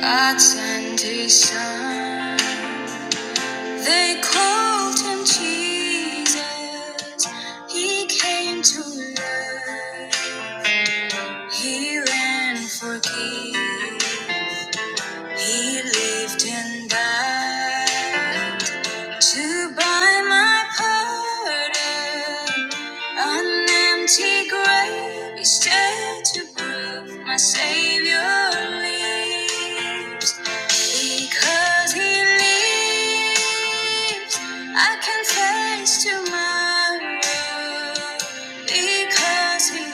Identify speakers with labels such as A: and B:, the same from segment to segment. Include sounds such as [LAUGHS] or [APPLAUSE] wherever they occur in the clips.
A: God sent his son. They called him Jesus. He came to love. He ran for king. He lived and died. To buy my pardon, an empty grave is there to prove my Savior lives. Because He lives, I can face tomorrow. Because He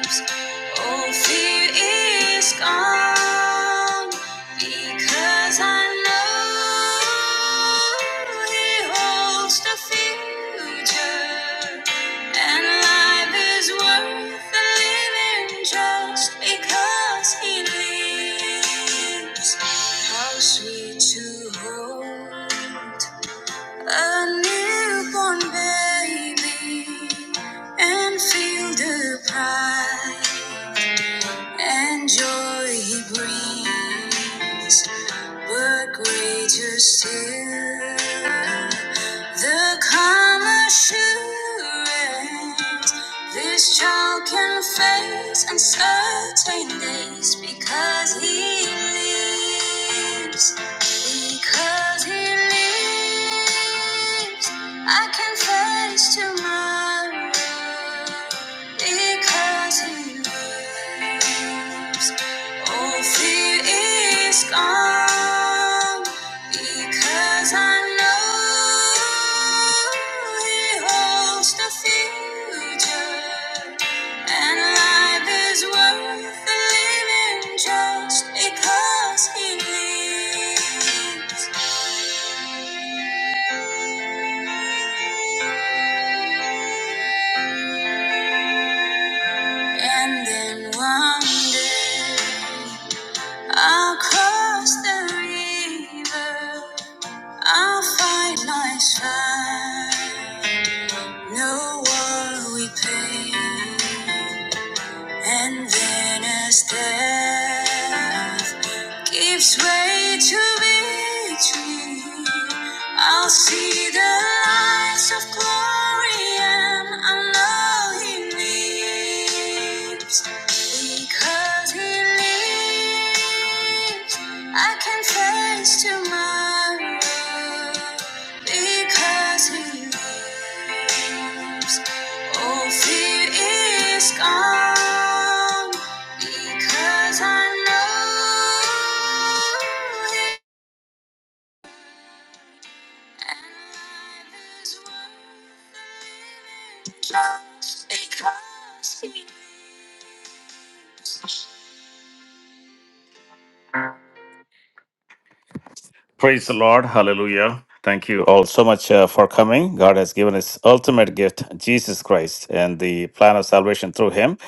A: lives. All fear is gone because I know He holds the future, and life is worth the living just because He lives. How sweet to hold a newborn baby and feel the pride and joy he brings, but greater still the calm assurance this child can face uncertain days because he lives. Because he lives, I can face tomorrow. Because he lives, all fear is gone. Because I know he holds the future. And life is worth living just because he lives. And then one day I'll cross the river. I'll fight life's fight. No war we pay. And then his death gives way to victory. I'll see the lights of glory, and I know he lives. Because he lives, I can face tomorrow. Because he lives. All fear is gone because I know Him. And life is worth living just because. Praise the Lord. Hallelujah. Thank you all so much uh, for coming. God has given his ultimate gift, Jesus Christ, and the plan of salvation through him.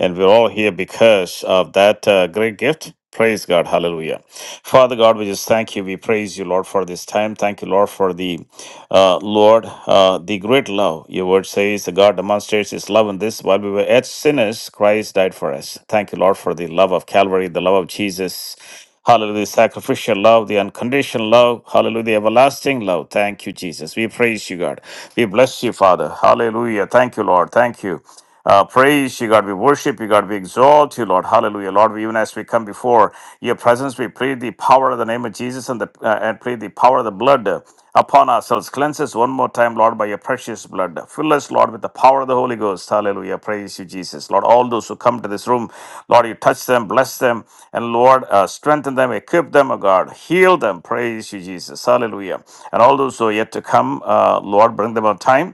A: And we're all here because of that uh, great gift. Praise God. Hallelujah. Father God, we just thank you. We praise you, Lord, for this time. Thank you, Lord, for the uh, Lord, uh, the great love. Your word says that God demonstrates his love in this while we were yet sinners, Christ died for us. Thank you, Lord, for the love of Calvary, the love of Jesus. Hallelujah, the sacrificial love, the unconditional love. Hallelujah, the everlasting love. Thank you, Jesus. We praise you, God. We bless you, Father. Hallelujah. Thank you, Lord. Thank you. Uh, praise you, God. We worship you, God. We exalt you, Lord. Hallelujah, Lord. We, even as we come before your presence, we plead the power of the name of Jesus and the uh, and plead the power of the blood blood upon ourselves. Cleanse us one more time, Lord, by your precious blood. Fill us, Lord, with the power of the Holy Ghost. Hallelujah. Praise you, Jesus. Lord, all those who come to this room, Lord, you touch them, bless them, and Lord, uh, strengthen them, equip them, O God. Heal them. Praise you, Jesus. Hallelujah. And all those who are yet to come, uh, Lord, bring them on time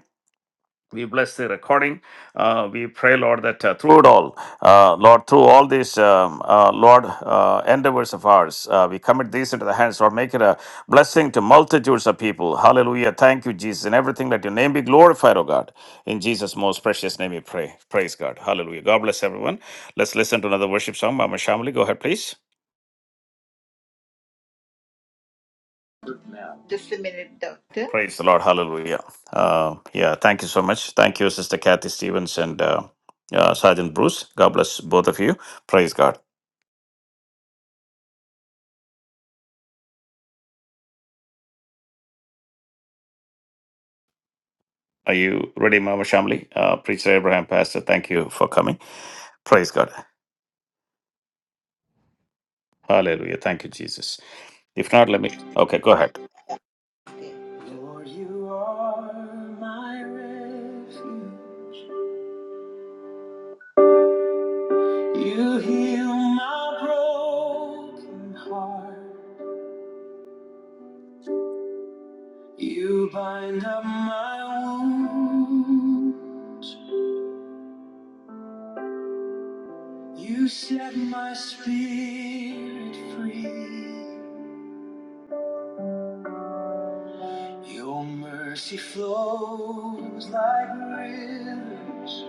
A: we bless the recording. Uh, we pray, Lord, that uh, through it all, uh, Lord, through all these, um, uh, Lord, uh, endeavors of ours, uh, we commit these into the hands, Lord. Make it a blessing to multitudes of people. Hallelujah. Thank you, Jesus. In everything, let your name be glorified, O God. In Jesus' most precious name we pray. Praise God. Hallelujah. God bless everyone. Let's listen to another worship song by Miss Shamali. Go ahead, please.
B: Just a minute, Doctor.
A: Praise the Lord. Hallelujah. Uh, yeah, thank you so much. Thank you, Sister Kathy Stevens and uh, uh, Sergeant Bruce. God bless both of you. Praise God. Are you ready, Mama Shamli? Uh, Preacher Abraham, Pastor, thank you for coming. Praise God. Hallelujah. Thank you, Jesus. If not, let me. Okay, go ahead.
B: Okay. Lord, you are my refuge. You heal my broken heart. You bind up my wound. You set my spirit free. Your mercy flows like rivers.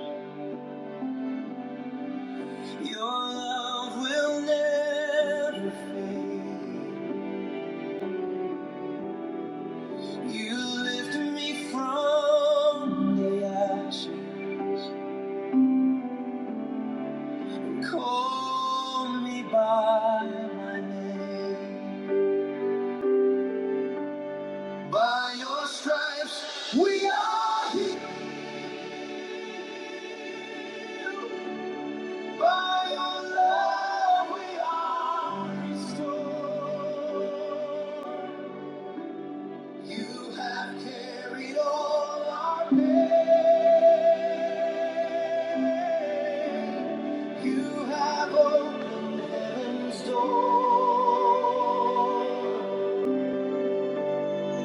B: Your love will never fade. You lifted me from the ashes. Call me by my name. By your stripes we are healed. By your love we are restored. You have carried all our pain. You have opened heaven's door.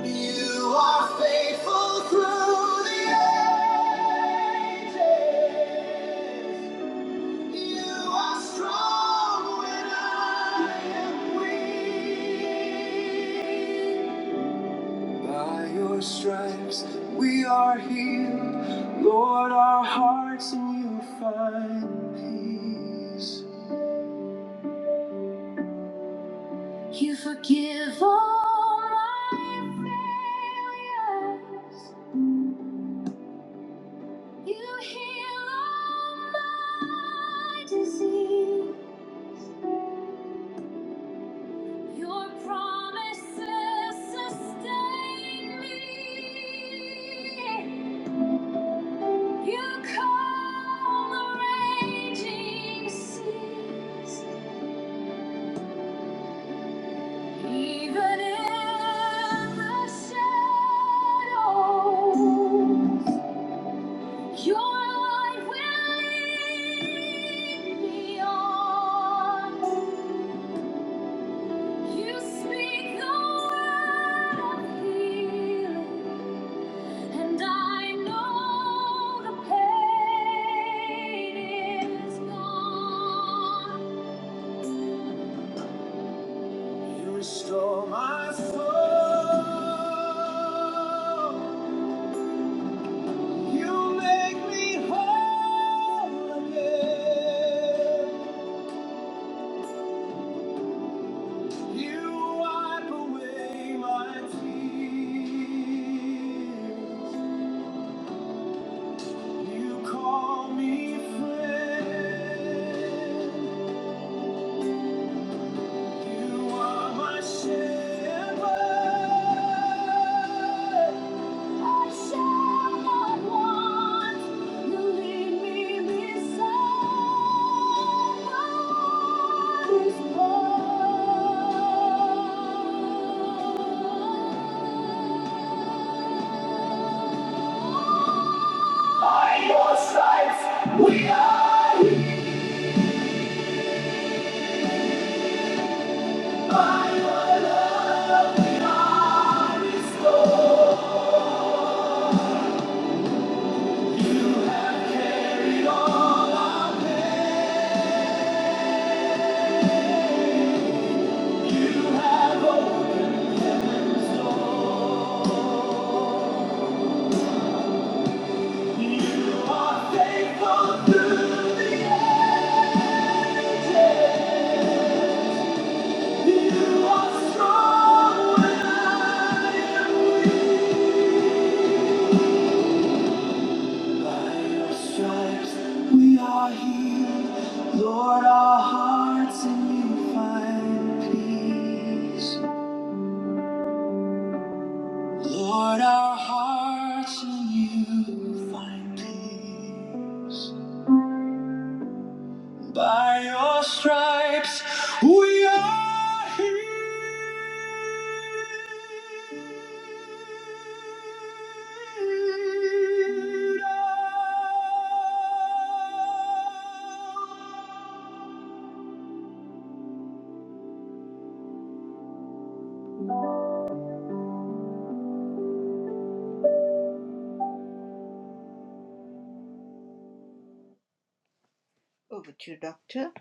B: You are faithful through the ages. You are strong when I am weak. By your stripes we are healed. Lord, our hearts in you find peace. You forgive all my failures. You heal all my disease. Your promises sustain me. You calm the raging seas, even in the shadows. Your light will lead me on. You speak the word of healing, and I know the pain is gone. You restore my soul. You make me whole again. You wipe away my tears. You call me friend. You are my shepherd. I shall not want. You lead me beside water's edge. By your stripes we are healed. By your You are strong when I am weak. By your stripes we are healed. Lord, our hearts in you find peace. Lord, our hearts in you find peace. By your stripes we are healed. Over to you, Doctor.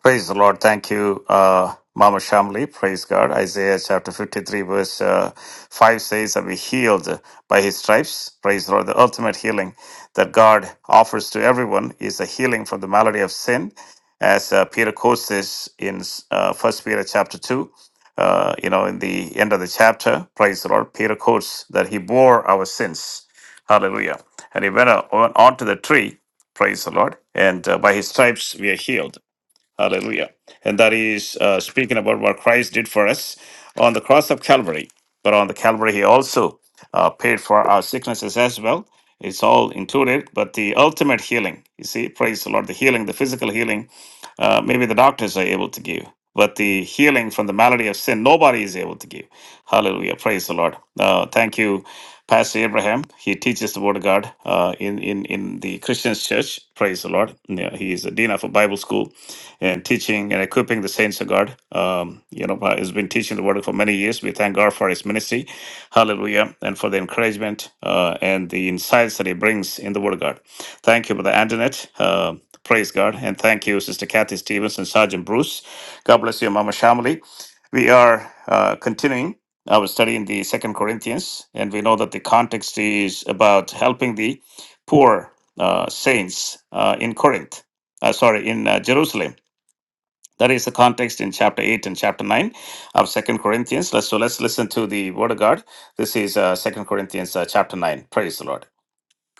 A: Praise the Lord. Thank you, uh, Mama Shamli. Praise God. Isaiah chapter 53, verse uh, 5 says that we healed by his stripes. Praise the Lord. The ultimate healing that God offers to everyone is a healing from the malady of sin. As uh, Peter quotes this in uh, 1 Peter chapter 2, uh, you know, in the end of the chapter, praise the Lord, Peter quotes that he bore our sins. Hallelujah. And he went on on to the tree, praise the Lord, and uh, by his stripes we are healed. Hallelujah. And that is uh, speaking about what Christ did for us on the cross of Calvary. But on the Calvary, he also uh, paid for our sicknesses as well. It's all included, but the ultimate healing, you see, praise the Lord, the healing, the physical healing uh, maybe the doctors are able to give, but the healing from the malady of sin, nobody is able to give. Hallelujah. Praise the Lord. Uh, thank you, Pastor Abraham. He teaches the Word of God uh, in, in, in the Christian church. Praise the Lord. Yeah, he is a dean of a Bible school and teaching and equipping the saints of God. Um, you know, uh, he's been teaching the Word for many years. We thank God for his ministry. Hallelujah. And for the encouragement uh, and the insights that he brings in the Word of God. Thank you, Brother Antoinette. Uh, Praise God. And thank you, Sister Kathy Stevens and Sergeant Bruce. God bless you, Mama Shamali. We are uh, continuing our study in the Second Corinthians, and we know that the context is about helping the poor uh, saints uh, in Corinth, uh, sorry, in uh, Jerusalem. That is the context in chapter 8 and chapter 9 of Second Corinthians. Let's, so let's listen to the Word of God. This is uh, 2 Corinthians uh, chapter 9. Praise the Lord.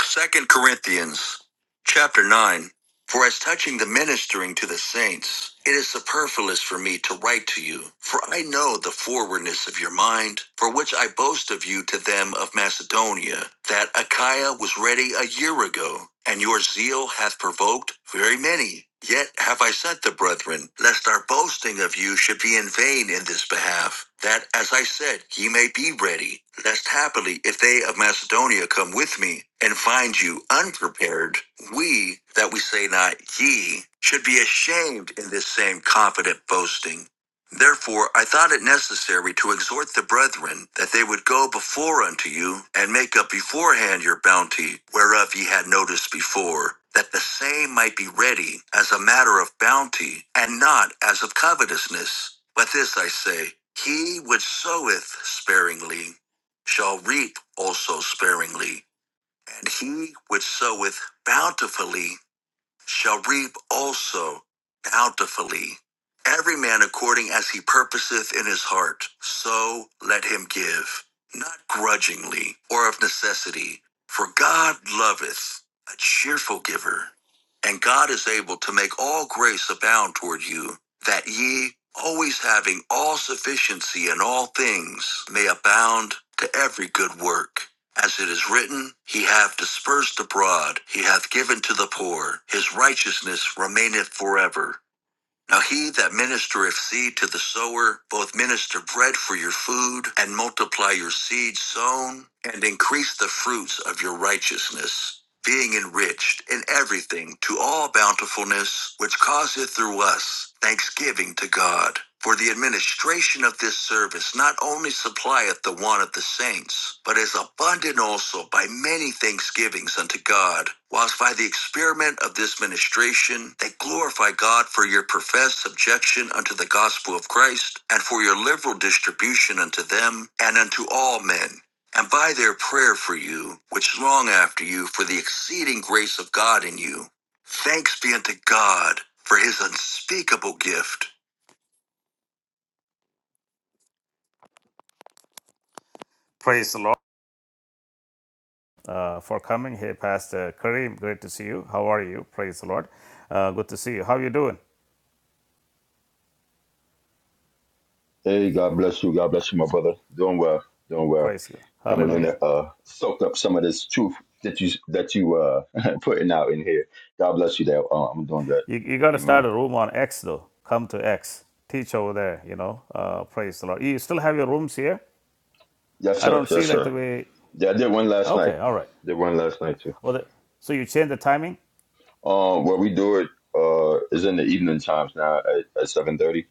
A: Second Corinthians chapter 9 For as touching the ministering to the saints, it is superfluous for me to write to you, for I know the forwardness of your mind, for which I boast of you to them of Macedonia, that Achaia was ready a year ago, and your zeal hath provoked very many. Yet have I sent the brethren, lest our boasting of you should be in vain in this behalf, that, as I said, ye may be ready, lest happily, if they of Macedonia come with me, and find you unprepared, we, that we say not ye, should be ashamed in this same confident boasting. Therefore, I thought it necessary to exhort the brethren that they would go before unto you and make up beforehand your bounty, whereof ye had notice before, that the same might be ready as a matter of bounty and not as of covetousness. But this I say He which soweth sparingly shall reap also sparingly, and he which soweth bountifully shall reap also bountifully. Every man according as he purposeth in his heart, so let him give, not grudgingly or of necessity, for God loveth a cheerful giver. And God is able to make all grace abound toward you, that ye, always having all sufficiency in all things, may abound to every good work. As it is written, He hath dispersed abroad, He hath given to the poor, His righteousness remaineth forever. Now he that ministereth seed to the sower, both minister bread for your food, and multiply your seed sown, and increase the fruits of your righteousness, being enriched in everything to all bountifulness, which causeth through us thanksgiving to God. For the administration of this service not only supplieth the want of the saints, but is abundant also by many thanksgivings unto God, whilst by the experiment of this ministration they glorify God for your professed subjection unto the gospel of Christ, and for your liberal distribution unto them and unto all men. And by their prayer for you, which long after you, for the exceeding grace of God in you, thanks be unto God for his unspeakable gift. Praise the Lord. uh, for coming. Hey, Pastor Kareem, great to see you. How are you? Praise the Lord. Uh, good to see you. How are you doing?
C: Hey, God bless you. God bless you, my brother. Doing well. Doing well.
A: Praise God.
C: Coming in
A: Hallelujah.
C: to uh, soak up some of this truth that you that you uh [LAUGHS] putting out in here. God bless you. there. uh, I'm doing good.
A: You, you got to
C: Amen.
A: start a room on X, though. Come to X. Teach over there, you know. Uh, praise the Lord. You still have your rooms here?
C: Yes,
A: I
C: sir.
A: don't see
C: Yes,
A: like the
C: sir.
A: way.
C: Yeah, I did one last night.
A: Okay, all right.
C: Did one last night too.
A: Well, the, so you change the timing?
C: Um, where we do it uh is in the evening times now at, at seven thirty.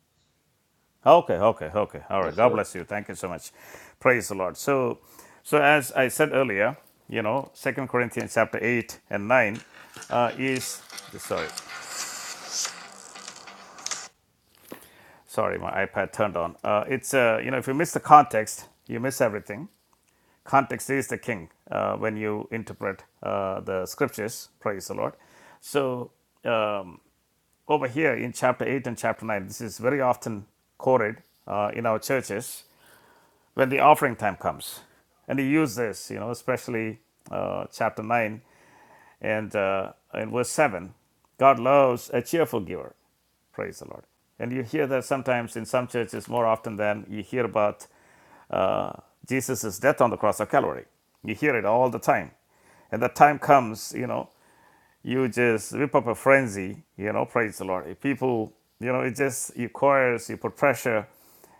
A: Okay, okay, okay. All right.
C: Yes,
A: God
C: sir.
A: bless you. Thank you so much. Praise the Lord. So, so as I said earlier, you know, Second Corinthians chapter eight and nine uh, is sorry. Sorry, my iPad turned on. Uh, it's uh, you know, if you miss the context, you miss everything. Context is the king uh, when you interpret uh, the scriptures. Praise the Lord. So um, over here in chapter eight and chapter nine, this is very often quoted uh, in our churches when the offering time comes. And he used this, you know, especially uh, chapter 9 and uh, in verse 7. God loves a cheerful giver. Praise the Lord. And you hear that sometimes in some churches more often than you hear about uh, Jesus' death on the cross of Calvary. You hear it all the time. And the time comes, you know, you just whip up a frenzy, you know, praise the Lord. If people, you know, it just, you coerce, you put pressure,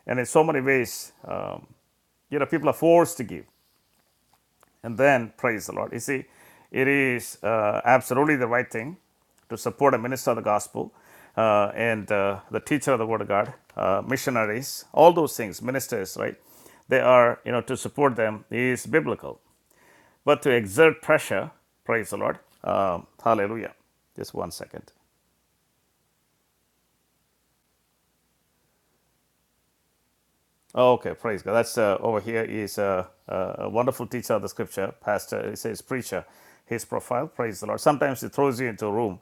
A: and in so many ways, um, you know, people are forced to give. And then, praise the Lord. You see, it is uh, absolutely the right thing to support a minister of the gospel uh, and uh, the teacher of the word of God, uh, missionaries, all those things, ministers, right? They are, you know, to support them is biblical but to exert pressure, praise the Lord. Um, hallelujah. Just one second. Oh, Okay, praise God. That's uh, over here is a, a wonderful teacher of the scripture, pastor. He says preacher. His profile, praise the Lord. Sometimes he throws you into a room.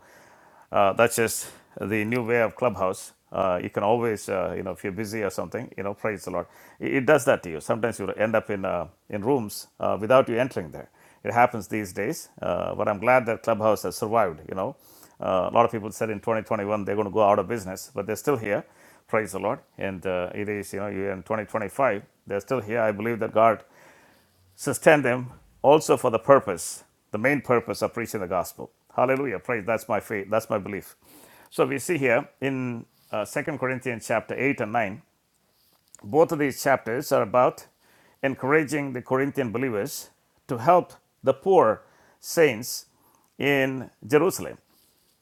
A: Uh, that's just the new way of clubhouse. Uh, you can always, uh, you know, if you're busy or something, you know, praise the Lord. It, it does that to you. Sometimes you end up in uh, in rooms uh, without you entering there. It happens these days. Uh, but I'm glad that clubhouse has survived. You know, uh, a lot of people said in 2021 they're going to go out of business, but they're still here Praise the Lord. And uh, it is, you know, in 2025, they're still here. I believe that God sustained them also for the purpose, the main purpose of preaching the gospel. Hallelujah. Praise. That's my faith. That's my belief. So we see here in uh, 2 Corinthians chapter 8 and 9, both of these chapters are about encouraging the Corinthian believers to help the poor saints in Jerusalem.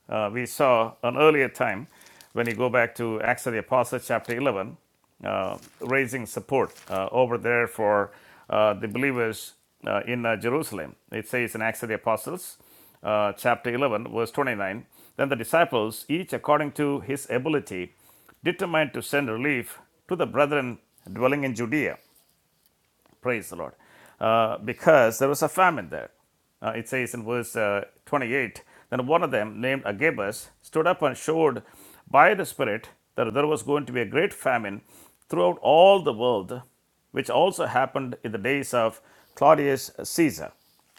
A: Uh, we saw an earlier time when you go back to Acts of the Apostles, chapter 11, uh, raising support uh, over there for uh, the believers uh, in uh, Jerusalem. It says in Acts of the Apostles, uh, chapter 11, verse 29, then the disciples, each according to his ability, determined to send relief to the brethren dwelling in Judea Praise the Lord. Uh, because there was a famine there. Uh, it says in verse uh, 28 Then one of them, named Agabus, stood up and showed by the Spirit that there was going to be a great famine throughout all the world, which also happened in the days of Claudius Caesar.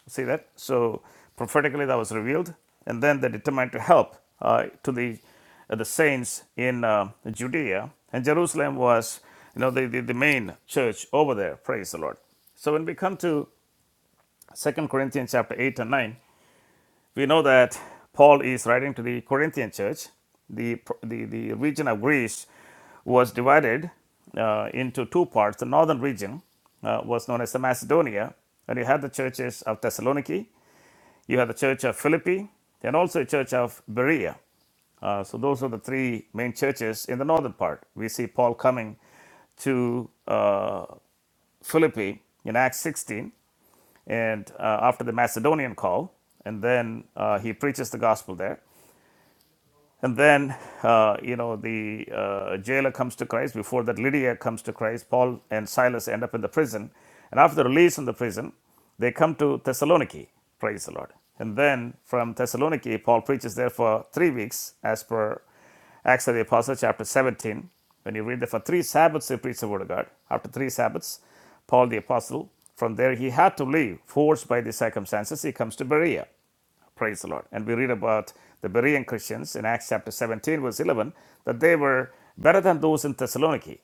A: See that? So prophetically that was revealed, and then they determined to help uh, to the uh, the saints in uh, Judea, and Jerusalem was you know the, the the main church over there. Praise the Lord. So when we come to Second Corinthians chapter eight and nine, we know that Paul is writing to the Corinthian church. The the the region of Greece was divided uh, into two parts. The northern region uh, was known as the Macedonia, and you had the churches of Thessaloniki you have the church of Philippi and also a church of Berea. Uh, so those are the three main churches in the northern part. We see Paul coming to uh, Philippi in Acts 16, and uh, after the Macedonian call, and then uh, he preaches the gospel there. And then, uh, you know, the uh, jailer comes to Christ. Before that, Lydia comes to Christ. Paul and Silas end up in the prison. And after the release from the prison, they come to Thessaloniki. Praise the Lord. And then from Thessaloniki, Paul preaches there for three weeks, as per Acts of the Apostles, chapter 17. When you read that, for three Sabbaths, he preached the word of God. After three Sabbaths, Paul the Apostle, from there he had to leave, forced by the circumstances, he comes to Berea. Praise the Lord. And we read about the Berean Christians in Acts chapter 17, verse 11, that they were better than those in Thessaloniki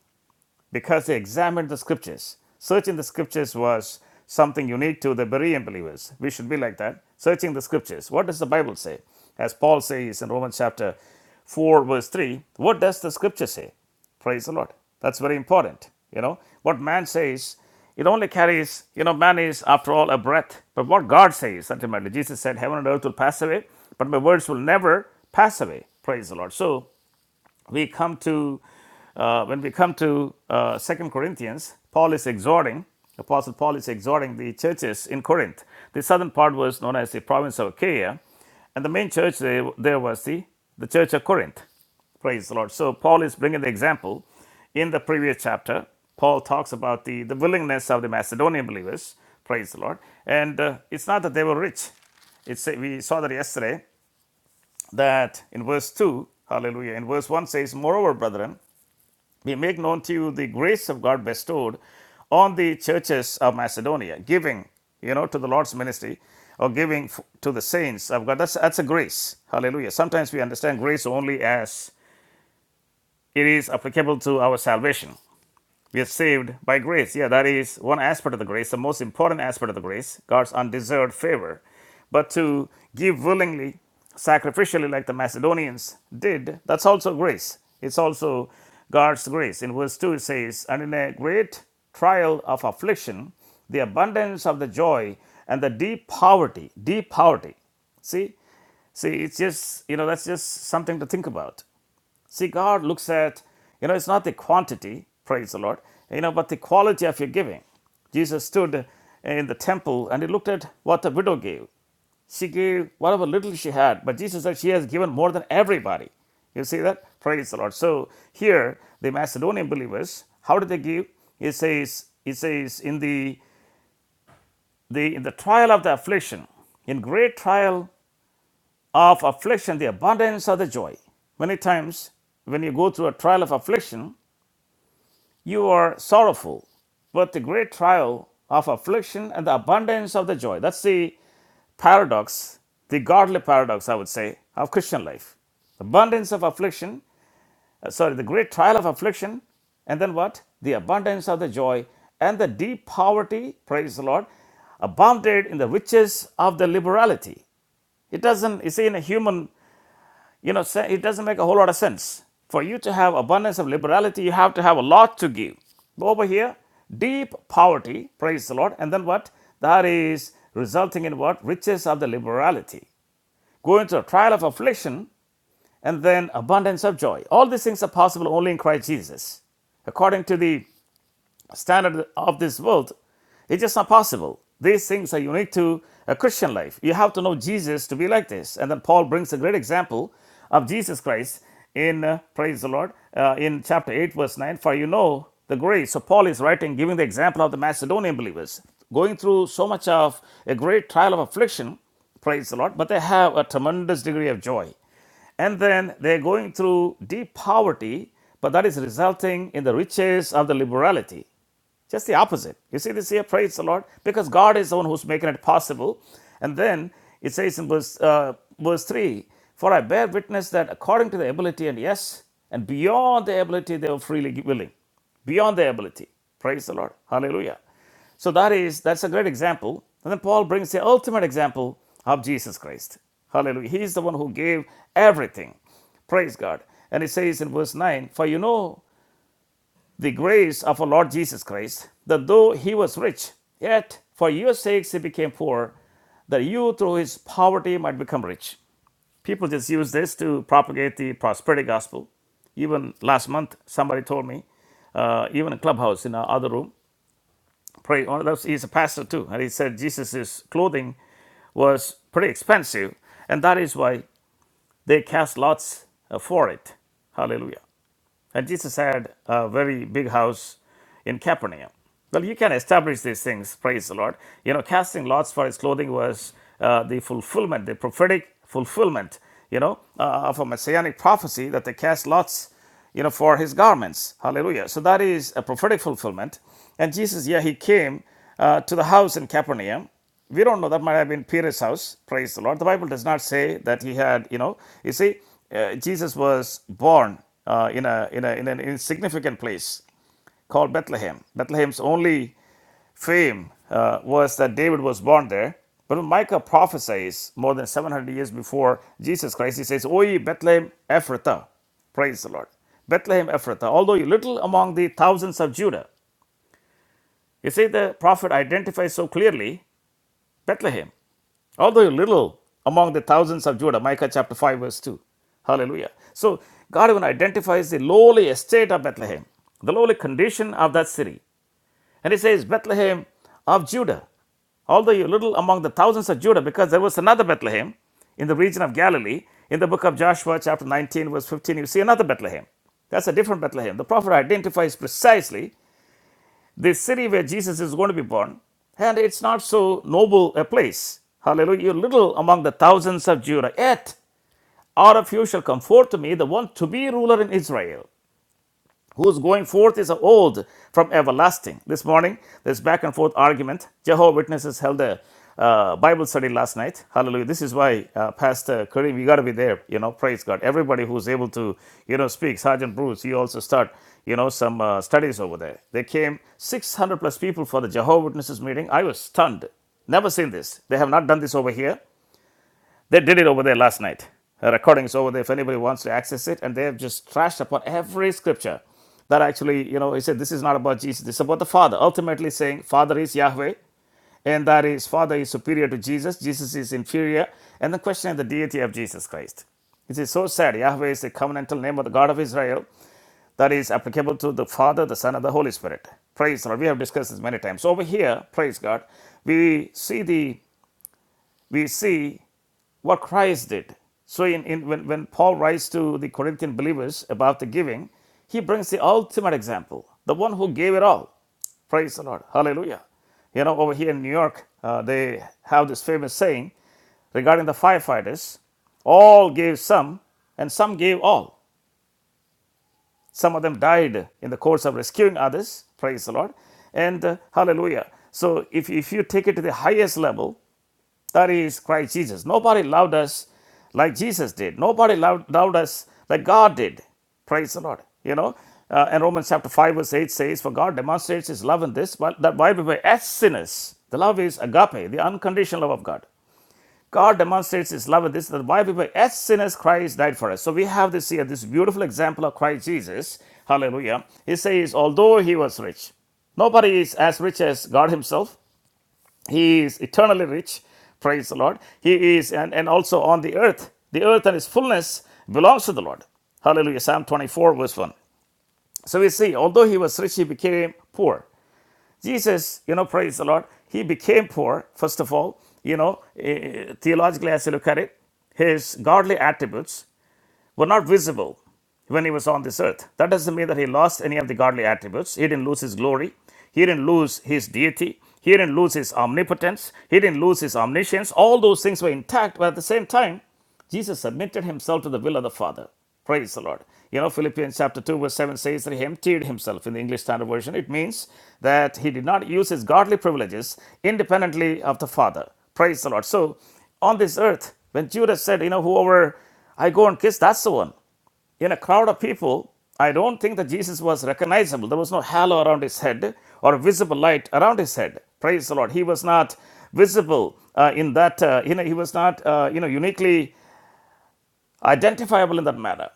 A: because they examined the scriptures. Searching the scriptures was something unique to the Berean believers. We should be like that. Searching the scriptures. What does the Bible say? As Paul says in Romans chapter 4, verse 3, what does the scripture say? Praise the Lord. That's very important. You know, what man says, it only carries, you know, man is after all a breath. But what God says, ultimately, Jesus said, heaven and earth will pass away, but my words will never pass away. Praise the Lord. So we come to uh, when we come to uh, 2 corinthians paul is exhorting apostle paul is exhorting the churches in corinth the southern part was known as the province of achaia and the main church there, there was the, the church of corinth praise the lord so paul is bringing the example in the previous chapter paul talks about the, the willingness of the macedonian believers praise the lord and uh, it's not that they were rich it's, we saw that yesterday that in verse 2, hallelujah, in verse 1 says, Moreover, brethren, we make known to you the grace of God bestowed on the churches of Macedonia, giving, you know, to the Lord's ministry or giving to the saints of God. That's, that's a grace, hallelujah. Sometimes we understand grace only as it is applicable to our salvation. We are saved by grace. Yeah, that is one aspect of the grace, the most important aspect of the grace, God's undeserved favor. But to give willingly, sacrificially, like the Macedonians did, that's also grace. It's also God's grace. In verse 2, it says, And in a great trial of affliction, the abundance of the joy and the deep poverty, deep poverty. See, See, it's just, you know, that's just something to think about. See, God looks at, you know, it's not the quantity, praise the Lord, you know, but the quality of your giving. Jesus stood in the temple and he looked at what the widow gave. She gave whatever little she had, but Jesus said she has given more than everybody. You see that? Praise the Lord. So here, the Macedonian believers, how did they give? It says, it says in the, the in the trial of the affliction, in great trial of affliction, the abundance of the joy. Many times, when you go through a trial of affliction, You are sorrowful, but the great trial of affliction and the abundance of the joy. That's the paradox, the godly paradox, I would say, of Christian life. Abundance of affliction, uh, sorry, the great trial of affliction, and then what? The abundance of the joy and the deep poverty, praise the Lord, abounded in the riches of the liberality. It doesn't, you see, in a human you know, it doesn't make a whole lot of sense. For you to have abundance of liberality, you have to have a lot to give. Over here, deep poverty, praise the Lord, and then what? That is resulting in what? Riches of the liberality. Go into a trial of affliction and then abundance of joy. All these things are possible only in Christ Jesus according to the standard of this world, it's just not possible. These things are unique to a Christian life. You have to know Jesus to be like this. And then Paul brings a great example of Jesus Christ in, uh, praise the Lord, uh, in chapter 8, verse 9, for you know the grace. So Paul is writing, giving the example of the Macedonian believers, going through so much of a great trial of affliction, praise the Lord, but they have a tremendous degree of joy. And then they're going through deep poverty, but that is resulting in the riches of the liberality. Just the opposite. You see this here? Praise the Lord. Because God is the one who's making it possible. And then it says in verse, uh, verse 3 For I bear witness that according to the ability, and yes, and beyond the ability, they were freely willing. Beyond the ability. Praise the Lord. Hallelujah. So that is that's a great example. And then Paul brings the ultimate example of Jesus Christ. Hallelujah. He is the one who gave everything. Praise God. And it says in verse 9, For you know the grace of our Lord Jesus Christ, that though he was rich, yet for your sakes he became poor, that you through his poverty might become rich. People just use this to propagate the prosperity gospel. Even last month, somebody told me, uh, even a clubhouse in our other room, pray. One of those, he's a pastor too, and he said Jesus' clothing was pretty expensive, and that is why they cast lots uh, for it. Hallelujah. And Jesus had a very big house in Capernaum. Well, you can establish these things, praise the Lord. You know, casting lots for his clothing was uh, the fulfillment, the prophetic fulfillment, you know, uh, of a messianic prophecy that they cast lots, you know, for his garments. Hallelujah. So that is a prophetic fulfillment. And Jesus, yeah, he came uh, to the house in Capernaum we don't know. That might have been Peter's house. Praise the Lord. The Bible does not say that he had, you know, you see, uh, Jesus was born uh, in, a, in, a, in an insignificant place called Bethlehem. Bethlehem's only fame uh, was that David was born there. But when Micah prophesies more than 700 years before Jesus Christ, he says, O ye Bethlehem Ephrathah, praise the Lord. Bethlehem Ephrathah, although you little among the thousands of Judah. You see, the prophet identifies so clearly Bethlehem although little among the thousands of Judah, Micah chapter 5, verse 2. Hallelujah. So God even identifies the lowly estate of Bethlehem, the lowly condition of that city. And he says, Bethlehem of Judah, although you're little among the thousands of Judah, because there was another Bethlehem in the region of Galilee. In the book of Joshua, chapter 19, verse 15, you see another Bethlehem. That's a different Bethlehem. The prophet identifies precisely the city where Jesus is going to be born, and it's not so noble a place. Hallelujah. You're little among the thousands of Judah, yet out of you shall come forth to me the one to be ruler in Israel whose going forth is of old from everlasting. This morning, this back and forth argument. Jehovah Witnesses held a uh, Bible study last night. Hallelujah. This is why uh, Pastor Kareem, you got to be there. You know, praise God. Everybody who's able to, you know, speak. Sergeant Bruce, you also start, you know, some uh, studies over there. They came 600 plus people for the Jehovah Witnesses meeting. I was stunned. Never seen this. They have not done this over here. They did it over there last night. A recording's over there if anybody wants to access it, and they have just trashed upon every scripture. That actually, you know, he said, this is not about Jesus, this is about the Father. Ultimately saying, Father is Yahweh, and that is Father is superior to Jesus, Jesus is inferior, and the question of the deity of Jesus Christ. It is so sad. Yahweh is the covenantal name of the God of Israel that is applicable to the Father, the Son, and the Holy Spirit. Praise the Lord. We have discussed this many times. So over here, praise God, we see the we see what Christ did. So, in, in, when, when Paul writes to the Corinthian believers about the giving, he brings the ultimate example, the one who gave it all. Praise the Lord. Hallelujah. You know, over here in New York, uh, they have this famous saying regarding the firefighters all gave some, and some gave all. Some of them died in the course of rescuing others. Praise the Lord. And uh, hallelujah. So, if, if you take it to the highest level, that is Christ Jesus. Nobody loved us like Jesus did. Nobody loved, loved us like God did. Praise the Lord. You know, uh, and Romans chapter 5, verse 8 says, For God demonstrates his love in this, while- that while we were as sinners, the love is agape, the unconditional love of God. God demonstrates his love in this, that while we were as sinners, Christ died for us. So we have this here, this beautiful example of Christ Jesus. Hallelujah. He says, Although he was rich, nobody is as rich as God himself. He is eternally rich, praise the Lord. He is, and, and also on the earth, the earth and its fullness belongs to the Lord. Hallelujah. Psalm 24, verse 1. So we see, although he was rich, he became poor. Jesus, you know, praise the Lord, he became poor, first of all. You know, eh, eh, theologically, as you look at it, his godly attributes were not visible when he was on this earth. That doesn't mean that he lost any of the godly attributes. He didn't lose his glory. He didn't lose his deity. He didn't lose his omnipotence. He didn't lose his omniscience. All those things were intact, but at the same time, Jesus submitted himself to the will of the Father. Praise the Lord. You know, Philippians chapter 2, verse 7 says that he emptied himself in the English Standard Version. It means that he did not use his godly privileges independently of the Father. Praise the Lord. So, on this earth, when Judas said, You know, whoever I go and kiss, that's the one. In a crowd of people, I don't think that Jesus was recognizable. There was no halo around his head or visible light around his head. Praise the Lord. He was not visible uh, in that, uh, you know, he was not, uh, you know, uniquely identifiable in that matter.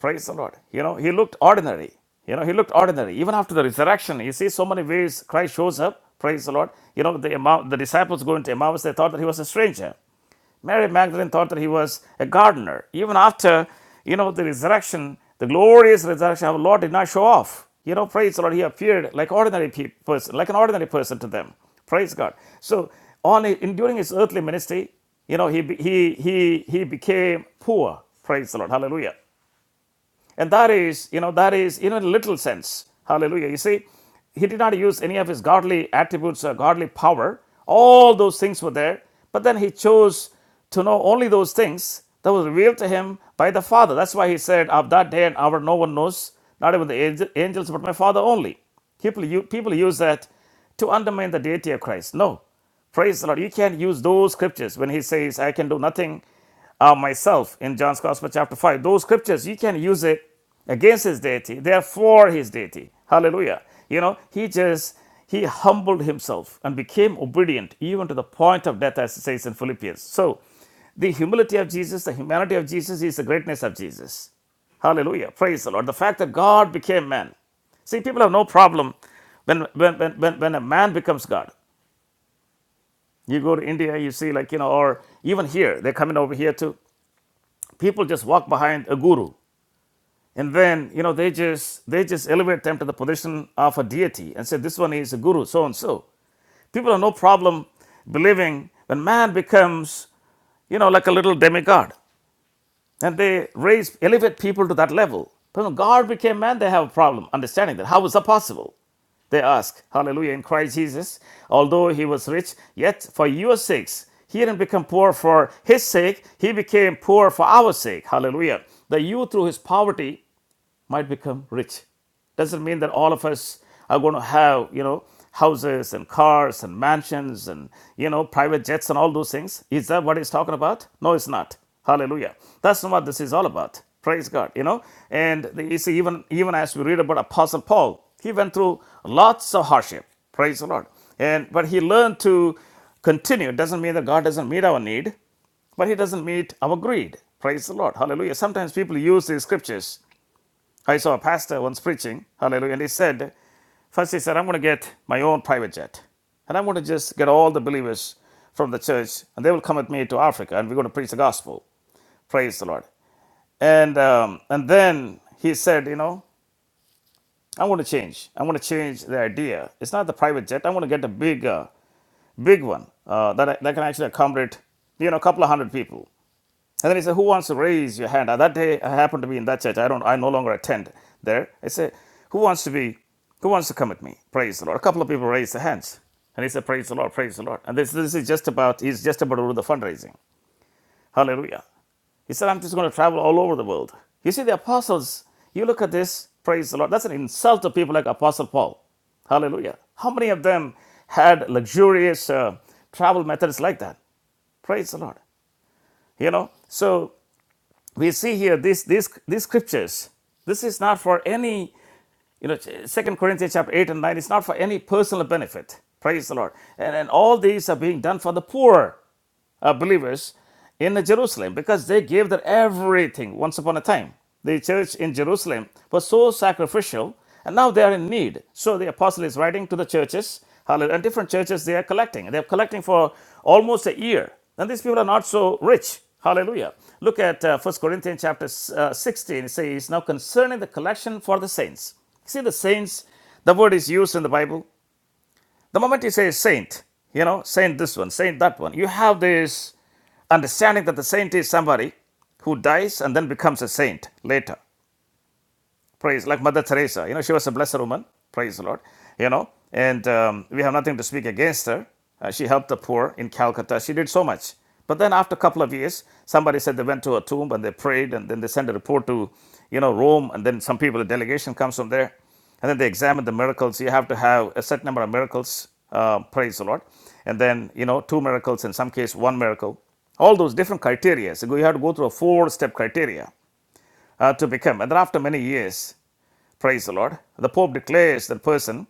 A: Praise the Lord. You know, he looked ordinary. You know, he looked ordinary. Even after the resurrection, you see so many ways Christ shows up. Praise the Lord. You know, the, Emma- the disciples go into Emmaus, they thought that he was a stranger. Mary Magdalene thought that he was a gardener. Even after, you know, the resurrection, the glorious resurrection, of our Lord did not show off. You know, praise the Lord, he appeared like ordinary pe- person, like an ordinary person to them. Praise God. So, on in, during his earthly ministry, you know, he, he, he, he became poor. Praise the Lord. Hallelujah. And that is, you know, that is in a little sense. Hallelujah. You see, he did not use any of his godly attributes or godly power. All those things were there. But then he chose to know only those things that was revealed to him by the Father. That's why he said, Of that day and hour, no one knows, not even the angels, but my Father only. People, people use that to undermine the deity of Christ. No. Praise the Lord. You can not use those scriptures when he says, I can do nothing of myself in John's Gospel, chapter 5. Those scriptures, you can use it against his deity. They are for his deity. Hallelujah. You know, he just, he humbled himself and became obedient even to the point of death, as it says in Philippians. So, the humility of Jesus, the humanity of Jesus is the greatness of Jesus. Hallelujah. Praise the Lord. The fact that God became man. See, people have no problem when, when, when, when a man becomes God. You go to India, you see, like, you know, or even here, they're coming over here too. People just walk behind a guru. And then, you know, they just they just elevate them to the position of a deity and say, this one is a guru, so and so. People have no problem believing when man becomes, you know, like a little demigod and they raise elevate people to that level. But when God became man, they have a problem understanding that. How is that possible? They ask, Hallelujah, in Christ Jesus, although he was rich, yet for your sakes, he didn't become poor for his sake, he became poor for our sake. Hallelujah. That you through his poverty might become rich. Doesn't mean that all of us are going to have, you know, houses and cars and mansions and, you know, private jets and all those things. Is that what he's talking about? No, it's not. Hallelujah. That's not what this is all about. Praise God, you know. And you see, even, even as we read about Apostle Paul, he went through lots of hardship. Praise the Lord. And but he learned to continue. It doesn't mean that God doesn't meet our need but he doesn't meet our greed. Praise the Lord. Hallelujah. Sometimes people use these scriptures I saw a pastor once preaching, hallelujah, and he said, first he said, I'm going to get my own private jet. And I'm going to just get all the believers from the church, and they will come with me to Africa, and we're going to preach the gospel. Praise the Lord. And, um, and then he said, you know, I want to change. I want to change the idea. It's not the private jet. I want to get a big, uh, big one uh, that, I, that can actually accommodate, you know, a couple of hundred people. And then he said, Who wants to raise your hand? Now, that day I happened to be in that church. I don't I no longer attend there. I said, Who wants to be who wants to come with me? Praise the Lord. A couple of people raised their hands. And he said, Praise the Lord, praise the Lord. And this this is just about he's just about to do the fundraising. Hallelujah. He said, I'm just going to travel all over the world. You see, the apostles, you look at this, praise the Lord. That's an insult to people like Apostle Paul. Hallelujah. How many of them had luxurious uh, travel methods like that? Praise the Lord. You know, so we see here this these these scriptures this is not for any you know second corinthians chapter 8 and 9 It's not for any personal benefit praise the lord and, and all these are being done for the poor uh, believers in Jerusalem because they gave their everything once upon a time. The church in Jerusalem was so sacrificial and now they are in need. So the apostle is writing to the churches hallelujah, and different churches they are collecting. They are collecting for almost a year. And these people are not so rich. Hallelujah. Look at uh, 1 Corinthians chapter uh, 16. It says, Now concerning the collection for the saints. See the saints, the word is used in the Bible the moment you say saint, you know, saint this one, saint that one, you have this understanding that the saint is somebody who dies and then becomes a saint later. Praise, like Mother Teresa. You know, she was a blessed woman. Praise the Lord. You know, and um, we have nothing to speak against her. Uh, she helped the poor in Calcutta. She did so much. But then after a couple of years, somebody said they went to a tomb and they prayed, and then they sent a report to, you know, Rome, and then some people, a delegation comes from there, and then they examine the miracles. You have to have a certain number of miracles. Uh, praise the Lord. And then you know, two miracles in some case, one miracle. All those different criteria. So you have to go through a four-step criteria uh, to become. And then after many years, Praise the Lord. The Pope declares that person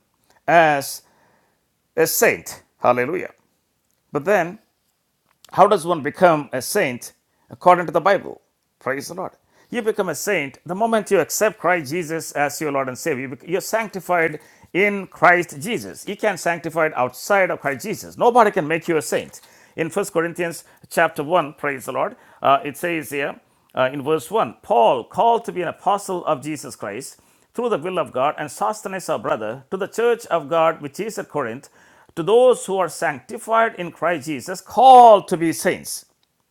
A: as a saint. Hallelujah. But then, how does one become a saint according to the Bible? Praise the Lord. You become a saint the moment you accept Christ Jesus as your Lord and Savior. You are sanctified in Christ Jesus. You can't sanctify it outside of Christ Jesus. Nobody can make you a saint. In First Corinthians chapter 1, praise the Lord, uh, it says here, uh, in verse 1 Paul, called to be an apostle of Jesus Christ through the will of God, and Sosthenes, our brother, to the church of God which is at Corinth, to those who are sanctified in Christ Jesus, called to be saints.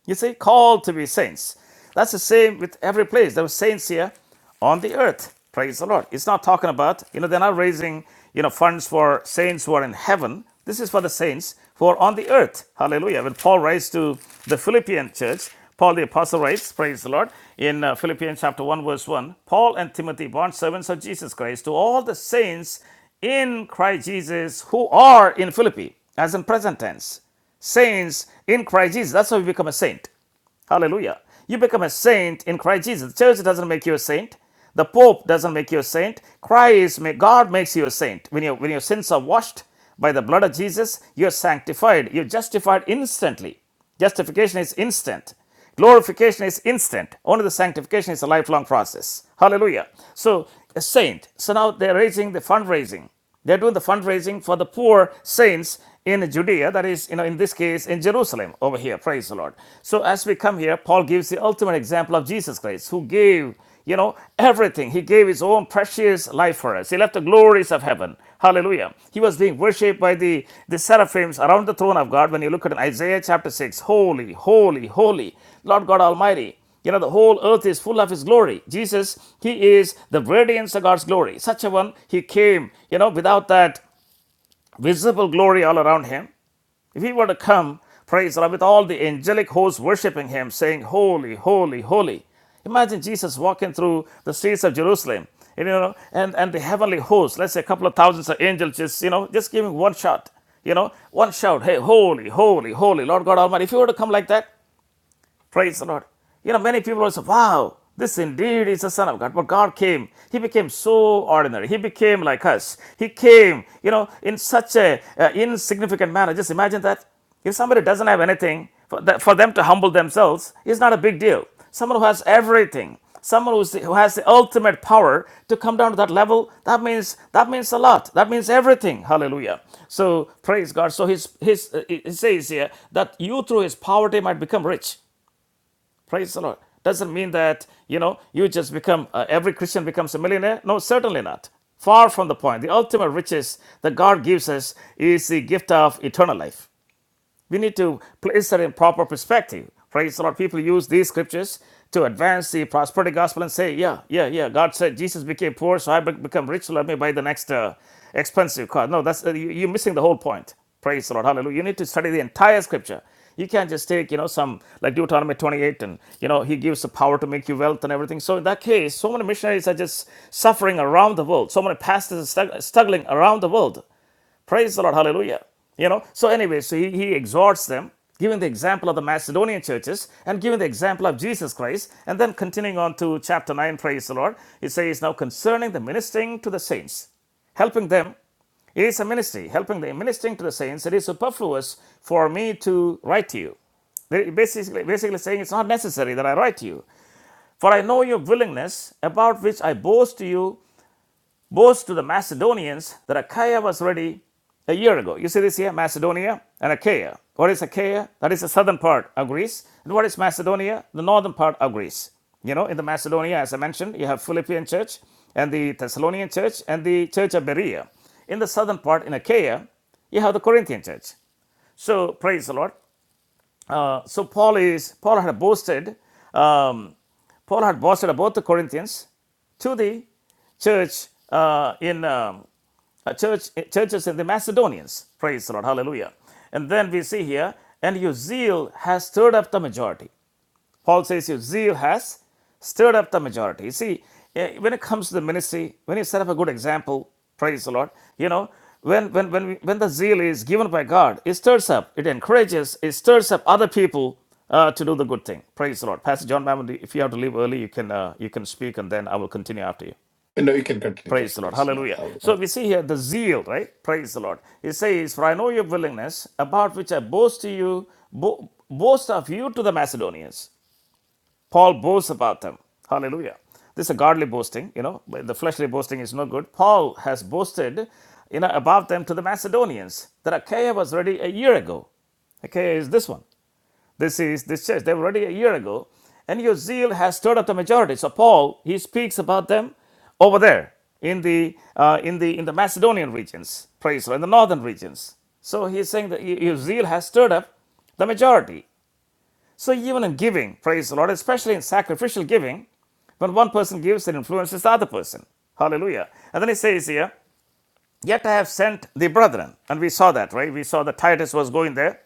A: You see, called to be saints. That's the same with every place. There were saints here on the earth. Praise the Lord. It's not talking about, you know, they're not raising, you know, funds for saints who are in heaven. This is for the saints who are on the earth. Hallelujah. When Paul writes to the Philippian church, Paul the apostle writes, praise the Lord, in uh, Philippians chapter 1 verse 1, Paul and Timothy, bond servants of Jesus Christ, to all the saints in Christ Jesus who are in Philippi, as in present tense saints in Christ Jesus. That's how you become a saint. Hallelujah. You become a saint in Christ Jesus. The church doesn't make you a saint. The Pope doesn't make you a saint. Christ, may God makes you a saint. When, you, when your sins are washed by the blood of Jesus, you're sanctified. You're justified instantly. Justification is instant. Glorification is instant. Only the sanctification is a lifelong process. Hallelujah. So, a saint. So now they're raising the fundraising. They're doing the fundraising for the poor saints in Judea, that is, you know, in this case, in Jerusalem over here. Praise the Lord. So, as we come here, Paul gives the ultimate example of Jesus Christ, who gave you know, everything. He gave his own precious life for us. He left the glories of heaven. Hallelujah. He was being worshipped by the, the seraphims around the throne of God. When you look at Isaiah chapter 6, holy, holy, holy, Lord God Almighty. You know, the whole earth is full of His glory. Jesus, He is the radiance of God's glory. Such a one, He came, you know, without that visible glory all around Him. If he were to come, praise God, with all the angelic hosts worshiping him, saying, Holy, holy, holy. Imagine Jesus walking through the streets of Jerusalem, you know, and, and the heavenly host, let's say a couple of thousands of angels, just, you know, just giving one shot, you know, one shout, hey, holy, holy, holy, Lord God Almighty. If he were to come like that, Praise the Lord. You know, many people also, wow, this indeed is the Son of God. But God came. He became so ordinary. He became like us. He came, you know, in such a uh, insignificant manner. Just imagine that. If somebody doesn't have anything, for, that, for them to humble themselves is not a big deal. Someone who has everything, someone who's, the, who has the ultimate power to come down to that level, that means that means a lot. That means everything. Hallelujah. So praise God. So his his uh, it says here that you through his poverty might become rich. Praise the Lord. Doesn't mean that, you know, you just become, uh, every Christian becomes a millionaire. No, certainly not. Far from the point. The ultimate riches that God gives us is the gift of eternal life. We need to place that in proper perspective. Praise the Lord. People use these scriptures to advance the prosperity gospel and say, yeah, yeah, yeah. God said Jesus became poor, so I become rich. so Let me buy the next uh, expensive car. No, that's uh, you- you're missing the whole point. Praise the Lord. Hallelujah. You need to study the entire scripture. You can't just take, you know, some like Deuteronomy 28 and, you know, he gives the power to make you wealth and everything. So in that case, so many missionaries are just suffering around the world. So many pastors are struggling around the world Praise the Lord. Hallelujah. You know, so anyway, so he, he exhorts them, giving the example of the Macedonian churches and giving the example of Jesus Christ. And then continuing on to chapter 9, praise the Lord, he says, Now concerning the ministering to the saints, helping them, it is a ministry, helping the ministering to the saints, it is superfluous for me to write to you. They're basically, basically saying it's not necessary that I write to you. For I know your willingness, about which I boast to you boasts to the Macedonians that Achaia was ready a year ago. You see this here Macedonia and Achaia. What is Achaia? That is the southern part of Greece. And what is Macedonia? The northern part of Greece. You know, in the Macedonia, as I mentioned, you have Philippian church and the Thessalonian church and the church of Berea. In the southern part in Achaia, you have the Corinthian church. So praise the Lord. Uh, so Paul is Paul had boasted, um, Paul had boasted about the Corinthians to the church uh, in um, uh, church eh, churches in the Macedonians. Praise the Lord, Hallelujah! And then we see here, and your zeal has stirred up the majority. Paul says your zeal has stirred up the majority. You see, eh, when it comes to the ministry, when you set up a good example, praise the Lord, you know, when, when, when, we, when the zeal is given by God, it stirs up, it encourages, it stirs up other people uh, to do the good thing. Praise the Lord. Pastor John Mammon, if you have to leave early, you can, uh, you can speak and then I will continue after you.
D: No, you can continue,
A: Praise the
D: Dr.
A: Lord.
D: Joseph. Yeah,
A: Hallelujah.
D: I'll,
A: So we see here the zeal, right? Praise the Lord. It says, For I know your willingness, about which I boast to you, bo- boast of you to the Macedonians. Paul boasts about them. Hallelujah. This is a godly boasting, you know, the fleshly boasting is no good. Paul has boasted, you know, about them to the Macedonians that Achaia was ready a year ago. Achaia is this one. This is this church. They were ready a year ago, and your zeal has stirred up the majority. So Paul he speaks about them over there in the uh, in the in the Macedonian regions, praise the in the northern regions. So he's saying that your zeal has stirred up the majority. So, even in giving, praise the Lord, especially in sacrificial giving, when one person gives, it influences the other person. Hallelujah. And then he says here, Yet I have sent the brethren. And we saw that, right? We saw that Titus was going there.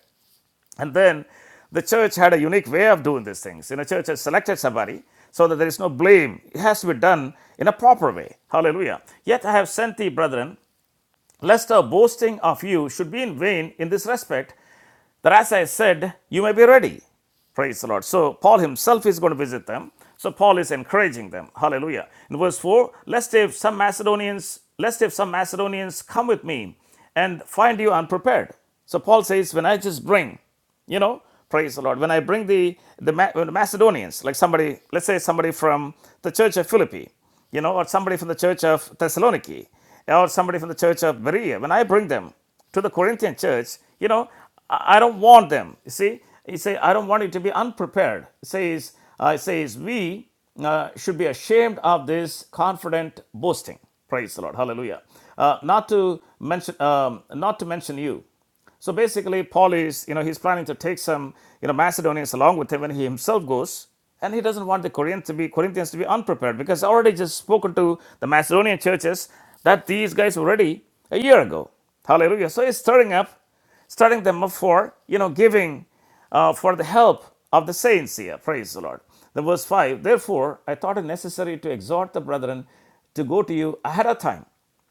A: And then the church had a unique way of doing these things. You know, church has selected somebody so that there is no blame. It has to be done in a proper way. Hallelujah. Yet I have sent thee, brethren, lest our boasting of you should be in vain in this respect, that as I said, you may be ready. Praise the Lord. So Paul himself is going to visit them. So Paul is encouraging them. Hallelujah. In verse 4, lest if some Macedonians, lest if some Macedonians come with me and find you unprepared. So Paul says, When I just bring you know praise the lord when i bring the the uh, macedonians like somebody let's say somebody from the church of philippi you know or somebody from the church of thessaloniki or somebody from the church of berea when i bring them to the corinthian church you know i I don't want them you see he say i don't want you to be unprepared It says uh, it says we uh, should be ashamed of this confident boasting praise the lord hallelujah uh, not to mention um, not to mention you so basically, Paul is, you know, he's planning to take some, you know, Macedonians along with him when he himself goes, and he doesn't want the Corinthians to be Corinthians to be unprepared because I already just spoken to the Macedonian churches that these guys were ready a year ago. Hallelujah! So he's stirring up, stirring them up for, you know, giving uh, for the help of the saints here. Praise the Lord. Then verse five. Therefore, I thought it necessary to exhort the brethren to go to you ahead of time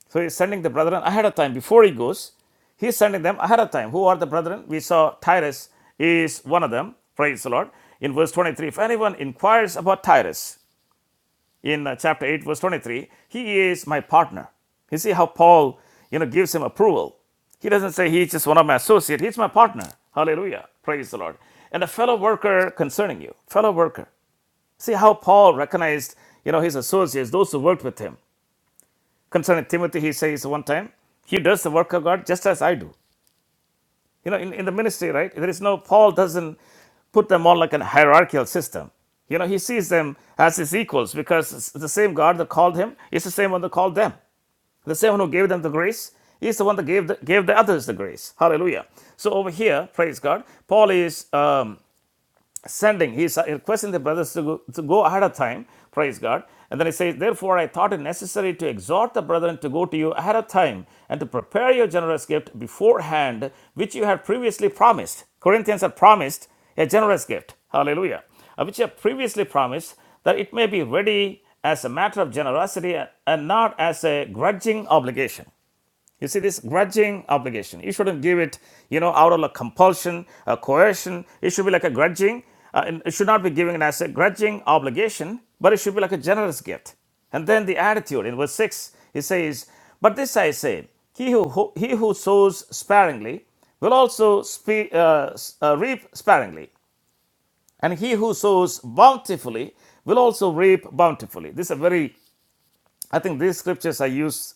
A: so he's sending the brethren ahead of time before he goes. He's sending them ahead of time. Who are the brethren? We saw Tyrus is one of them. Praise the Lord. In verse 23, if anyone inquires about Tyrus in uh, chapter 8, verse 23, he is my partner. You see how Paul, you know, gives him approval. He doesn't say he's just one of my associate. He's my partner. Hallelujah. Praise the Lord. And a fellow worker concerning you. Fellow worker. See how Paul recognized, you know, his associates, those who worked with him. Concerning Timothy, he says one time, he does the work of God just as I do. You know, in, in the ministry, right? There is no, Paul doesn't put them all like an hierarchical system. You know, he sees them as his equals because the same God that called him is the same one that called them. The same one who gave them the grace is the one that gave the, gave the others the grace. Hallelujah. So over here, praise God, Paul is um, sending. He's requesting the brothers to go, to go ahead of time. Praise God. And then he says, Therefore, I thought it necessary to exhort the brethren to go to you ahead of time and to prepare your generous gift beforehand, which you had previously promised. Corinthians had promised a generous gift. Hallelujah. Uh, Which you have previously promised that it may be ready as a matter of generosity and not as a grudging obligation. You see this grudging obligation. You shouldn't give it, you know, out of a compulsion, a coercion. It should be like a grudging. Uh, it should not be giving, as a grudging obligation, but it should be like a generous gift. And then the attitude in verse six, he says, "But this I say: He who, who- he who sows sparingly will also spe- uh, s- uh, reap sparingly, and he who sows bountifully will also reap bountifully." This is a very I think these scriptures I use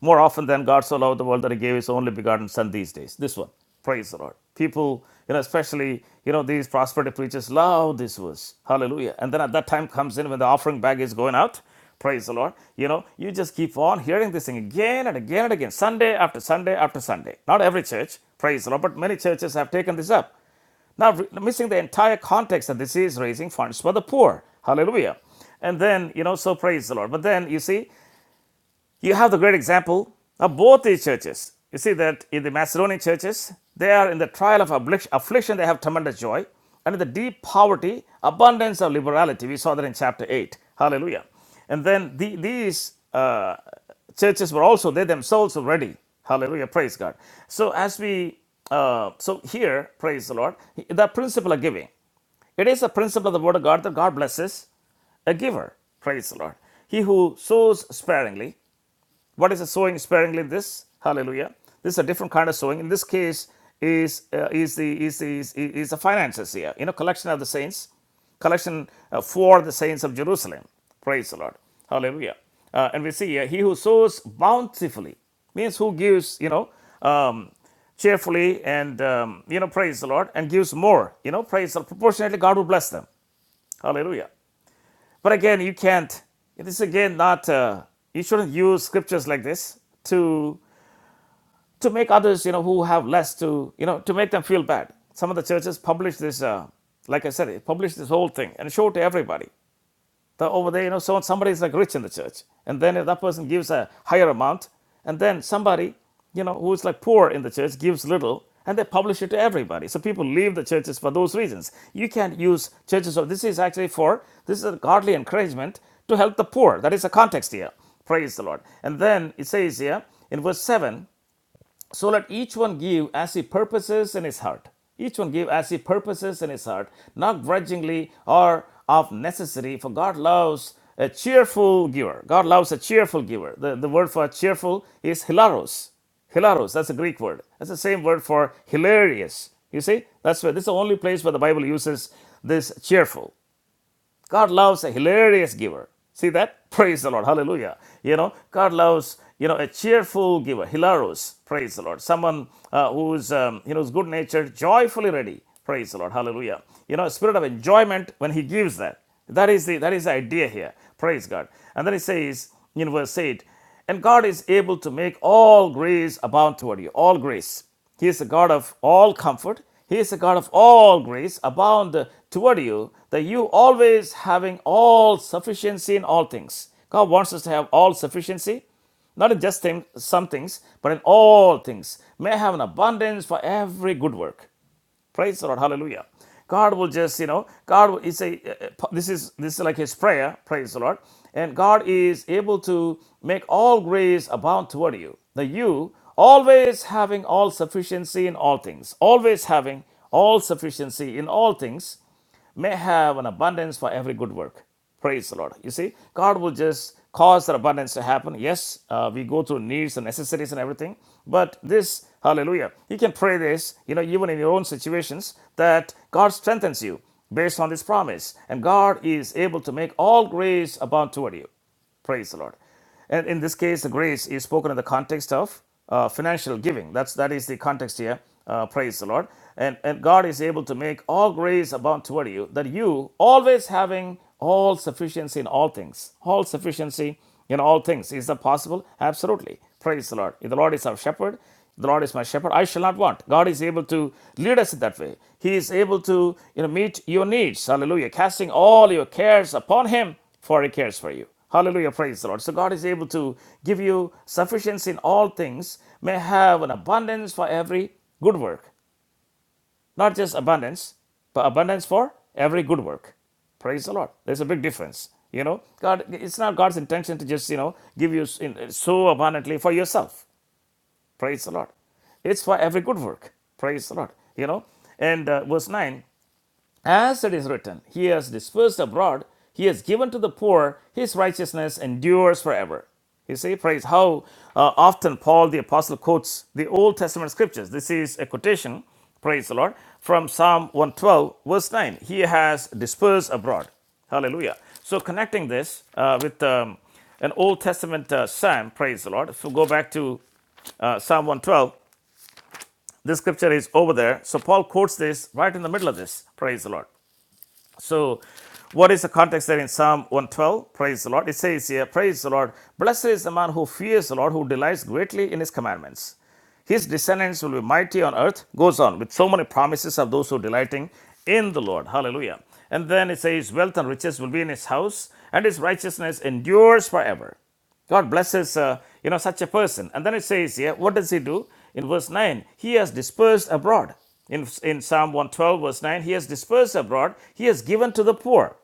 A: more often than God so loved the world that He gave His only begotten Son these days. This one. Praise the Lord. People, you know, especially, you know, these prosperity preachers love this verse. Hallelujah. And then at that time comes in when the offering bag is going out. Praise the Lord. You know, you just keep on hearing this thing again and again and again, Sunday after Sunday after Sunday. Not every church, praise the Lord, but many churches have taken this up. Now, missing the entire context that this is raising funds for the poor. Hallelujah. And then, you know, so praise the Lord. But then, you see, you have the great example of both these churches. You see that in the Macedonian churches, they are in the trial of affliction, they have tremendous joy, and in the deep poverty, abundance of liberality. We saw that in chapter 8. Hallelujah. And then the, these uh, churches were also, they themselves were ready. Hallelujah. Praise God. So, as we, uh, so here, praise the Lord, the principle of giving. It is the principle of the Word of God that God blesses a giver. Praise the Lord. He who sows sparingly what is the sowing sparingly? This hallelujah. This is a different kind of sowing. In this case, is uh, is the is the is, is the finances here. You know, collection of the saints, collection uh, for the saints of Jerusalem. Praise the Lord. Hallelujah. Uh, and we see here, he who sows bountifully means who gives. You know. Um, cheerfully and um, you know praise the lord and gives more you know praise the Lord. proportionately god will bless them hallelujah but again, you can't. This again not. Uh, you shouldn't use scriptures like this to to make others, you know, who have less to, you know, to make them feel bad. Some of the churches publish this. Uh, like I said, it published this whole thing and show to everybody the, over there, you know, so somebody is like rich in the church, and then if that person gives a higher amount, and then somebody, you know, who is like poor in the church gives little, and they publish it to everybody. So people leave the churches for those reasons. You can't use churches. So this is actually for this is a godly encouragement to help the poor. That is the context here. Praise the Lord. And then it says here in verse seven so let each one give as he purposes in his heart. Each one give as he purposes in his heart, not grudgingly or of necessity, for God loves a cheerful giver. God loves a cheerful giver. The, the word for cheerful is hilaros. Hilaros, that's a Greek word. That's the same word for hilarious. You see, that's where this is the only place where the Bible uses this cheerful. God loves a hilarious giver. See that? Praise the Lord. Hallelujah. You know, God loves, you know, a cheerful giver, hilarous. Praise the Lord. Someone uh, who's, um, you know, who's good natured, joyfully ready. Praise the Lord. Hallelujah. You know, a spirit of enjoyment when he gives that. That is the that is the idea here. Praise God. And then he says in verse 8, and God is able to make all grace abound toward you. All grace. He is the God of all comfort. He is the God of all grace abound toward you, that you always having all sufficiency in all things. God wants us to have all sufficiency, not in just some things, but in all things. May have an abundance for every good work. Praise the Lord. Hallelujah. God will just, you know, God will it's a uh, uh, this is this is like his prayer, praise the Lord. And God is able to make all grace abound toward you. The you always having all sufficiency in all things, always having all sufficiency in all things may have an abundance for every good work. Praise the Lord. You see, God will just cause that abundance to happen. Yes, uh, we go through needs and necessities and everything, but this, hallelujah, you can pray this, you know, even in your own situations, that God strengthens you based on this promise, and God is able to make all grace abound toward you. Praise the Lord. And in this case, the grace is spoken in the context of uh, financial giving. That's that is the context here. Uh, praise the Lord. And and God is able to make all grace abound toward you, that you always having all sufficiency in all things, all sufficiency in all things. Is that possible? Absolutely. Praise the Lord. If the Lord is our shepherd, the Lord is my shepherd, I shall not want. God is able to lead us in that way. He is able to you know meet your needs. Hallelujah. Casting all your cares upon him for he cares for you. Hallelujah, praise the Lord. So God is able to give you sufficiency in all things, may have an abundance for every good work. Not just abundance, but abundance for every good work. Praise the Lord. There's a big difference. You know, God, it's not God's intention to just, you know, give you so abundantly for yourself. Praise the Lord. It's for every good work. Praise the Lord. You know, and uh, verse 9 as it is written, He has dispersed abroad, He has given to the poor, His righteousness endures forever. You see, praise how uh, often Paul the Apostle quotes the Old Testament scriptures. This is a quotation, praise the Lord, from Psalm 112, verse 9. He has dispersed abroad. Hallelujah. So, connecting this uh, with um, an Old Testament uh, psalm, praise the Lord. So, go back to uh, Psalm 112. This scripture is over there. So Paul quotes this right in the middle of this. Praise the Lord. So, what is the context there in Psalm 112? Praise the Lord. It says here, Praise the Lord. Blessed is the man who fears the Lord, who delights greatly in his commandments. His descendants will be mighty on earth, goes on with so many promises of those who are delighting in the Lord. Hallelujah. And then it says, Wealth and riches will be in his house, and his righteousness endures forever. God blesses, uh, you know, such a person. And then it says here, what does he do? In verse 9, he has dispersed abroad. In, in Psalm 112, verse 9, he has dispersed abroad, he has given to the poor.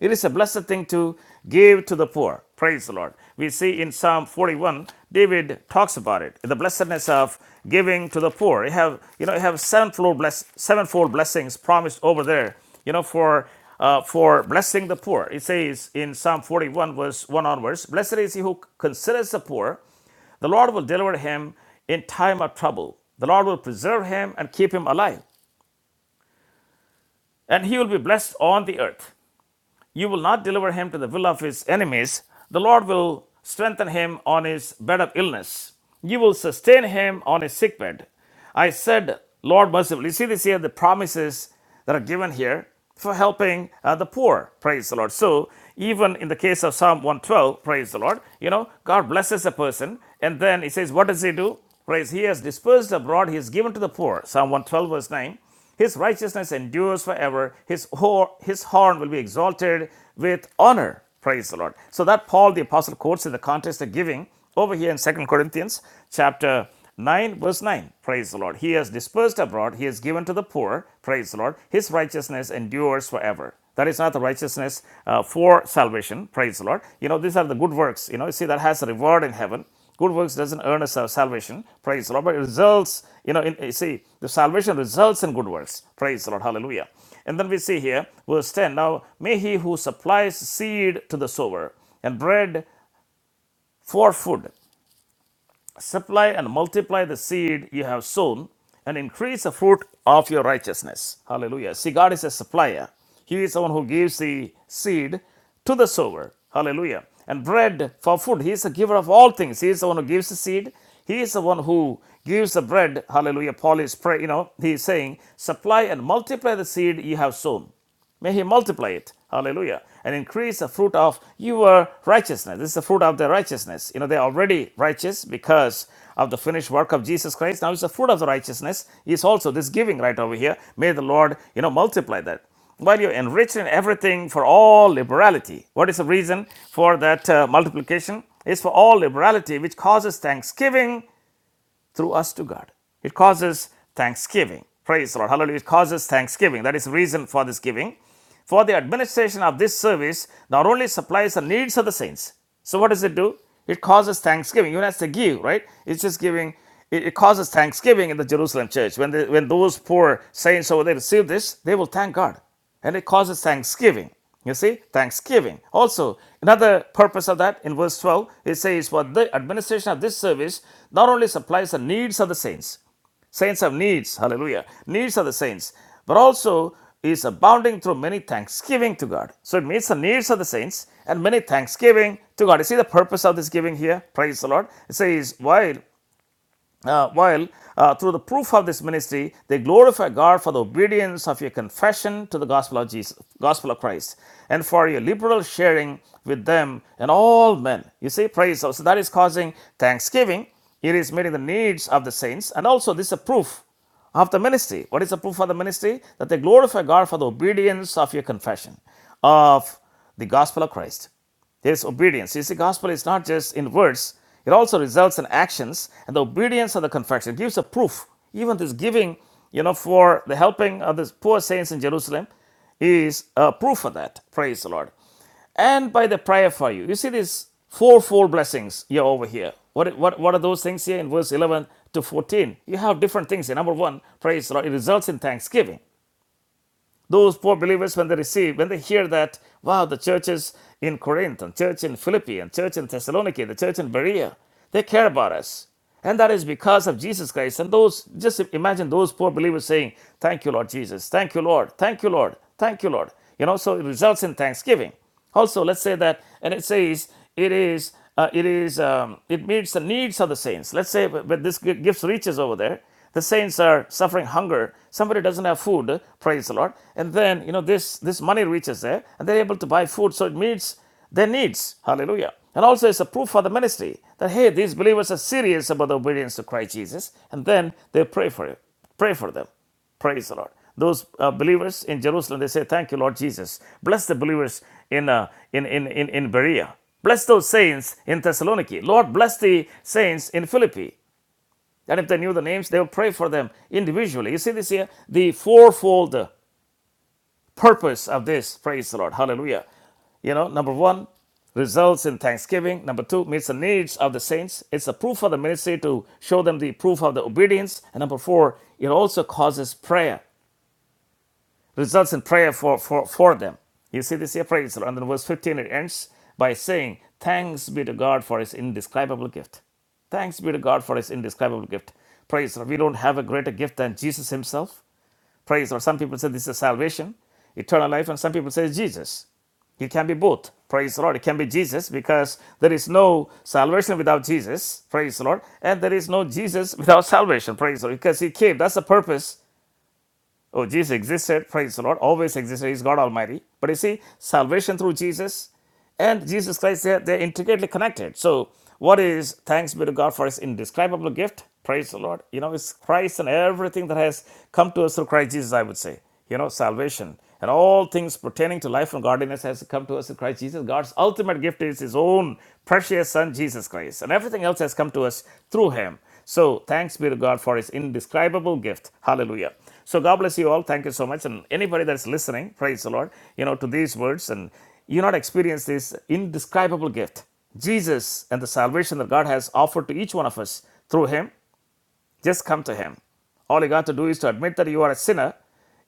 A: It is a blessed thing to give to the poor. Praise the Lord. We see in Psalm 41, David talks about it, the blessedness of giving to the poor. You have, you know, you have sevenfold, bless, sevenfold blessings promised over there, you know, for uh, for blessing the poor. It says in Psalm 41, verse 1 onwards, Blessed is he who considers the poor. The Lord will deliver him in time of trouble. The Lord will preserve him and keep him alive, and he will be blessed on the earth. You will not deliver him to the will of his enemies. The Lord will strengthen him on his bed of illness. You will sustain him on his sickbed. I said, Lord mercifully. You see this here, the promises that are given here for helping uh, the poor. Praise the Lord. So, even in the case of Psalm 112, praise the Lord, you know, God blesses a person and then he says, What does he do? Praise, he has dispersed abroad, he has given to the poor. Psalm 112, verse 9. His righteousness endures forever. His, ho his horn will be exalted with honor. Praise the Lord. So that Paul the apostle quotes in the context of giving over here in Second Corinthians chapter 9 verse 9. Praise the Lord. He has dispersed abroad. He has given to the poor. Praise the Lord. His righteousness endures forever. That is not the righteousness uh, for salvation. Praise the Lord. You know, these are the good works. You know, you see that has a reward in heaven. Good works doesn't earn us our salvation. Praise the Lord. But it results, you know, in, you see, the salvation results in good works. Praise the Lord. Hallelujah. And then we see here, verse 10 Now may he who supplies seed to the sower and bread for food supply and multiply the seed you have sown and increase the fruit of your righteousness. Hallelujah. See, God is a supplier. He is the one who gives the seed to the sower. Hallelujah. And bread for food. He is the giver of all things. He is the one who gives the seed. He is the one who gives the bread. Hallelujah. Paul is praying, you know, he is saying, supply and multiply the seed you have sown. May He multiply it. Hallelujah. And increase the fruit of your righteousness. This is the fruit of their righteousness. You know, they're already righteous because of the finished work of Jesus Christ. Now, it's the fruit of the righteousness, is also this giving right over here. May the Lord, you know, multiply that. While you're enriched in everything for all liberality. What is the reason for that uh, multiplication? Is for all liberality, which causes thanksgiving through us to God. It causes thanksgiving. Praise the Lord. Hallelujah. It causes thanksgiving. That is the reason for this giving. For the administration of this service not only supplies the needs of the saints. So what does it do? It causes thanksgiving. You have to give, right? It's just giving. It, it causes thanksgiving in the Jerusalem church. When, the, when those poor saints over there receive this, they will thank God and it causes thanksgiving. You see, thanksgiving. Also, another purpose of that in verse 12, it says, For the administration of this service not only supplies the needs of the saints, saints have needs, hallelujah, needs of the saints, but also is abounding through many thanksgiving to God. So it meets the needs of the saints and many thanksgiving to God. You see the purpose of this giving here? Praise the Lord. It says, While uh, while uh, through the proof of this ministry, they glorify God for the obedience of your confession to the gospel of Jesus, gospel of Christ, and for your liberal sharing with them and all men. You see, praise. God. So that is causing thanksgiving. It is meeting the needs of the saints, and also this is a proof of the ministry. What is the proof of the ministry? That they glorify God for the obedience of your confession of the gospel of Christ there is obedience. You see, gospel is not just in words, it also results in actions, and the obedience of the confession It gives a proof. Even this giving, you know, for the helping of the poor saints in Jerusalem is a proof of that. Praise the Lord. And by the prayer for you. You see these fourfold blessings here over here. What, what, what are those things here in verse 11 to 14? You have different things. here. Number one, praise the Lord, it results in thanksgiving. Those poor believers, when they receive, when they hear that, wow, the churches in Corinth, and church in Philippi, and church in Thessaloniki, the church in Berea, they care about us. And that is because of Jesus Christ. And those, just imagine those poor believers saying, Thank you, Lord Jesus. Thank you, Lord. Thank you, Lord. Thank you, Lord. You know, so it results in thanksgiving. Also, let's say that, and it says it is uh, it is um, it meets the needs of the saints. Let's say, but this gi- gives riches over there. The saints are suffering hunger. Somebody doesn't have food. Praise the Lord. And then you know this this money reaches there, and they're able to buy food. So it meets their needs. Hallelujah. And also, it's a proof for the ministry that hey, these believers are serious about the obedience to Christ Jesus, and then they pray for it, pray for them. Praise the Lord. Those uh, believers in Jerusalem, they say, Thank you, Lord Jesus. Bless the believers in, uh, in, in, in, in Berea. Bless those saints in Thessaloniki. Lord, bless the saints in Philippi. And if they knew the names, they would pray for them individually. You see this here? The fourfold purpose of this. Praise the Lord. Hallelujah. You know, number one, results in thanksgiving. Number two, meets the needs of the saints. It's a proof of the ministry to show them the proof of the obedience. And number four, it also causes prayer results in prayer for, for, for them. You see this here, praise the Lord. And then verse 15, it ends by saying, Thanks be to God for his indescribable gift. Thanks be to God for his indescribable gift. Praise the Lord. We don't have a greater gift than Jesus himself. Praise the Lord. Some people say this is salvation, eternal life, and some people say it's Jesus. It can be both. Praise the Lord. It can be Jesus because there is no salvation without Jesus. Praise the Lord. And there is no Jesus without salvation. Praise the Lord. Because He came. That's the purpose Oh, Jesus existed, praise the Lord, always existed, He's God Almighty. But you see, salvation through Jesus and Jesus Christ, they're, they're intricately connected. So, what is thanks be to God for His indescribable gift? Praise the Lord. You know, it's Christ and everything that has come to us through Christ Jesus, I would say. You know, salvation and all things pertaining to life and godliness has come to us through Christ Jesus. God's ultimate gift is His own precious Son, Jesus Christ. And everything else has come to us through Him. So thanks be to God for his indescribable gift. Hallelujah. So God bless you all. Thank you so much. And anybody that's listening, praise the Lord, you know, to these words and you not experience this indescribable gift, Jesus and the salvation that God has offered to each one of us through him just come to Him. All you got to do is to admit that you are a sinner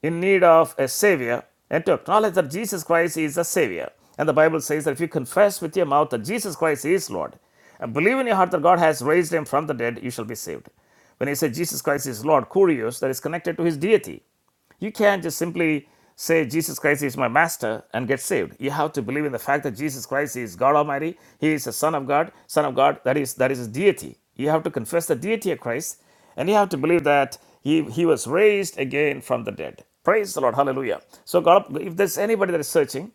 A: in need of a Savior and to acknowledge that Jesus Christ is a Savior. And the Bible says that if you confess with your mouth that Jesus Christ is Lord and believe in your heart that God has raised Him from the dead, you shall be saved. When you say Jesus Christ is Lord, kurios, that is connected to His deity. You can't just simply say Jesus Christ is my master and get saved. You have to believe in the fact that Jesus Christ is God Almighty. He is the Son of God. Son of God, that is that is his deity. You have to confess the deity of Christ, and you have to believe that he, he was raised again from the dead. Praise the Lord. Hallelujah. So God, if there's anybody that is searching,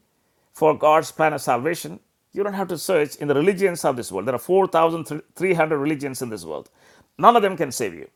A: for God's plan of salvation, you don't have to search in the religions of this world. There are 4,300 religions in this world. None of them can save you.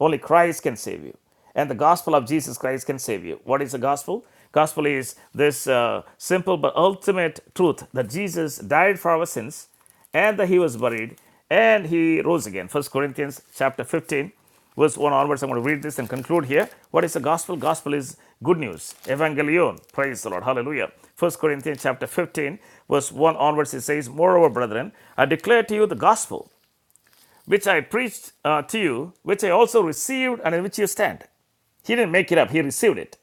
A: Only Christ can save you. And the gospel of Jesus Christ can save you. What is the gospel? Gospel is this uh, simple but ultimate truth that Jesus died for our sins and that he was buried and he rose again. First Corinthians chapter 15, verse 1 onwards. I'm going to read this and conclude here. What is the gospel? Gospel is good news. Evangelion. Praise the Lord. Hallelujah. First Corinthians chapter 15, verse 1 onwards, it says, Moreover, brethren, I declare to you the gospel which I preached uh, to you, which I also received, and in which you stand. He didn't make it up, he received it.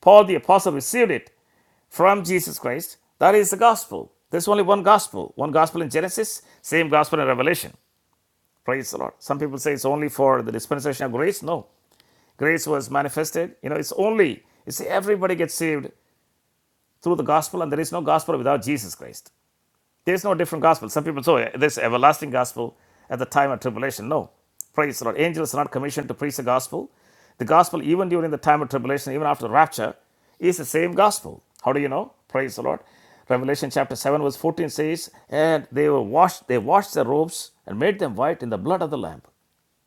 A: Paul the Apostle received it from Jesus Christ. That is the gospel. There's only one gospel. One gospel in Genesis, same gospel in Revelation. Praise the Lord. Some people say it's only for the dispensation of grace. No. Grace was manifested. You know, it's only, you see, everybody gets saved through the gospel, and there is no gospel without Jesus Christ. There's no different gospel. Some people say this everlasting gospel at the time of tribulation. No. Praise the Lord. Angels are not commissioned to preach the gospel. The gospel, even during the time of tribulation, even after the rapture, is the same gospel. How do you know? Praise the Lord. Revelation chapter 7, verse 14 says, And they were washed, they washed their robes and made them white in the blood of the Lamb.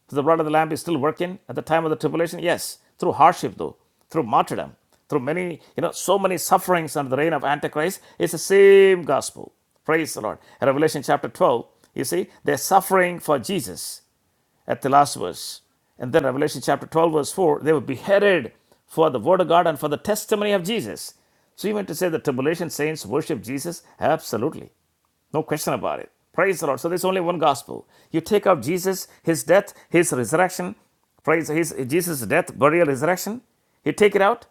A: So the blood of the Lamb is still working at the time of the tribulation? Yes. Through hardship, though, through martyrdom, through many, you know, so many sufferings under the reign of Antichrist, it's the same gospel. Praise the Lord. In Revelation chapter 12, you see, they're suffering for Jesus at the last verse. And then Revelation chapter 12, verse 4, they were beheaded for the word of God and for the testimony of Jesus. So you meant to say the tribulation saints worship Jesus? Absolutely. No question about it. Praise the Lord. So there's only one gospel. You take out Jesus, his death, his resurrection, praise his Jesus' death, burial, resurrection. You take it out.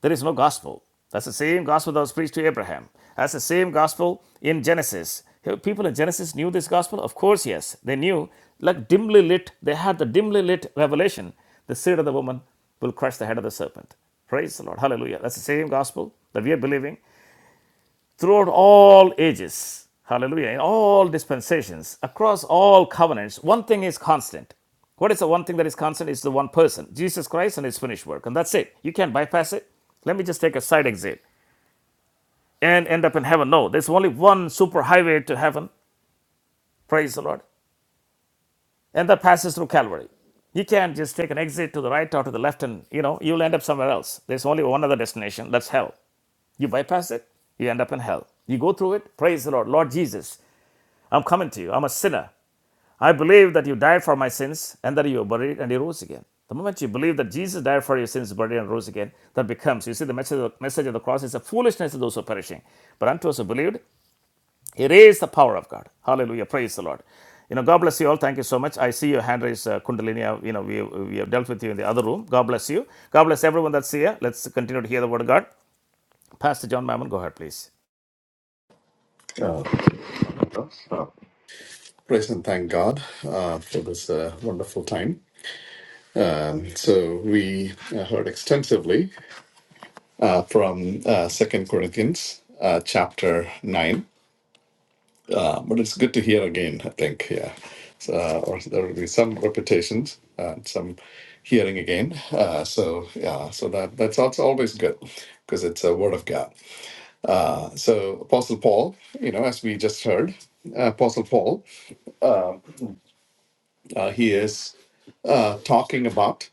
A: There is no gospel. That's the same gospel that was preached to Abraham. That's the same gospel in Genesis. People in Genesis knew this gospel? Of course, yes. They knew, like dimly lit, they had the dimly lit revelation the seed of the woman will crush the head of the serpent. Praise the Lord. Hallelujah. That's the same gospel that we are believing throughout all ages. Hallelujah. In all dispensations, across all covenants, one thing is constant. What is the one thing that is constant? It's the one person, Jesus Christ and his finished work. And that's it. You can't bypass it. Let me just take a side exit and end up in heaven. No, there's only one super highway to heaven. Praise the Lord. And that passes through Calvary. You can't just take an exit to the right or to the left and, you know, you'll end up somewhere else. There's only one other destination. That's hell. You bypass it, you end up in hell. You go through it, praise the Lord. Lord Jesus, I'm coming to you. I'm a sinner. I believe that you died for my sins and that you were buried and you rose again. The moment you believe that Jesus died for your sins, buried and rose again, that becomes, you see, the message of the, message of the cross is a foolishness to those who are perishing. But unto us who believed, it is the power of God. Hallelujah. Praise the Lord. You know, God bless you all. Thank you so much. I see your hand raised, uh, Kundalini. Uh, You know, we, we have dealt with you in the other room. God bless you. God bless everyone that's here. Let's continue to hear the word of God. Pastor John Mammon, go ahead, please.
D: I'll Uh, uh, praise and thank God uh, for this uh, wonderful time. Um, so we uh, heard extensively uh, from uh, Second Corinthians uh, chapter nine, uh, but it's good to hear again. I think, yeah, so, uh, or there will be some repetitions, uh, some hearing again. Uh, so yeah, so that that's also always good because it's a word of God. Uh, so Apostle Paul, you know, as we just heard, uh, Apostle Paul. uh, he is uh, talking about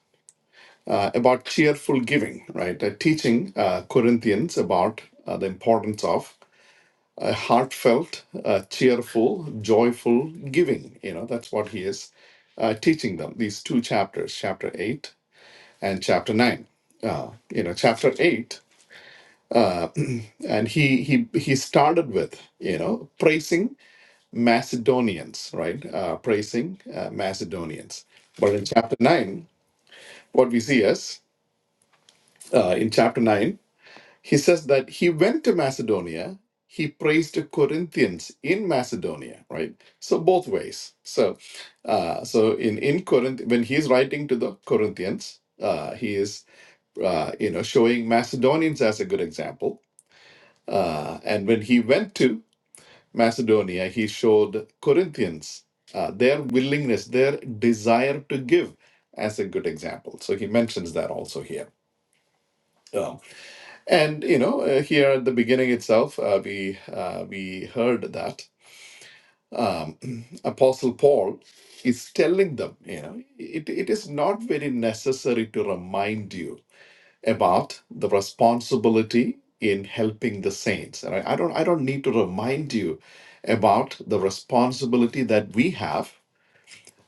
D: uh, about cheerful giving, right? Uh, teaching uh, Corinthians about uh, the importance of a heartfelt, uh, cheerful, joyful giving. You know, that's what he is uh, teaching them. These two chapters, chapter eight and chapter nine. Uh, you know, chapter eight, and he he he started with you know praising Macedonians, right? Uh, praising uh, Macedonians. But in chapter nine, what we see is uh, in chapter 9, he says that he went to Macedonia. He praised the Corinthians in Macedonia, right? So both ways. So, uh, so in in Corinth, when he's writing to the Corinthians, uh, he is, uh, you know, showing Macedonians as a good example. Uh, and when he went to Macedonia, he showed Corinthians uh, their willingness, their desire to give, as a good example. So he mentions that also here Um, And you know, uh, here at the beginning itself, uh, we uh, we heard that Apostle Paul is telling them, you know, it, it is not very necessary to remind you about the responsibility in helping the saints. And I, I don't I don't need to remind you about the responsibility that we have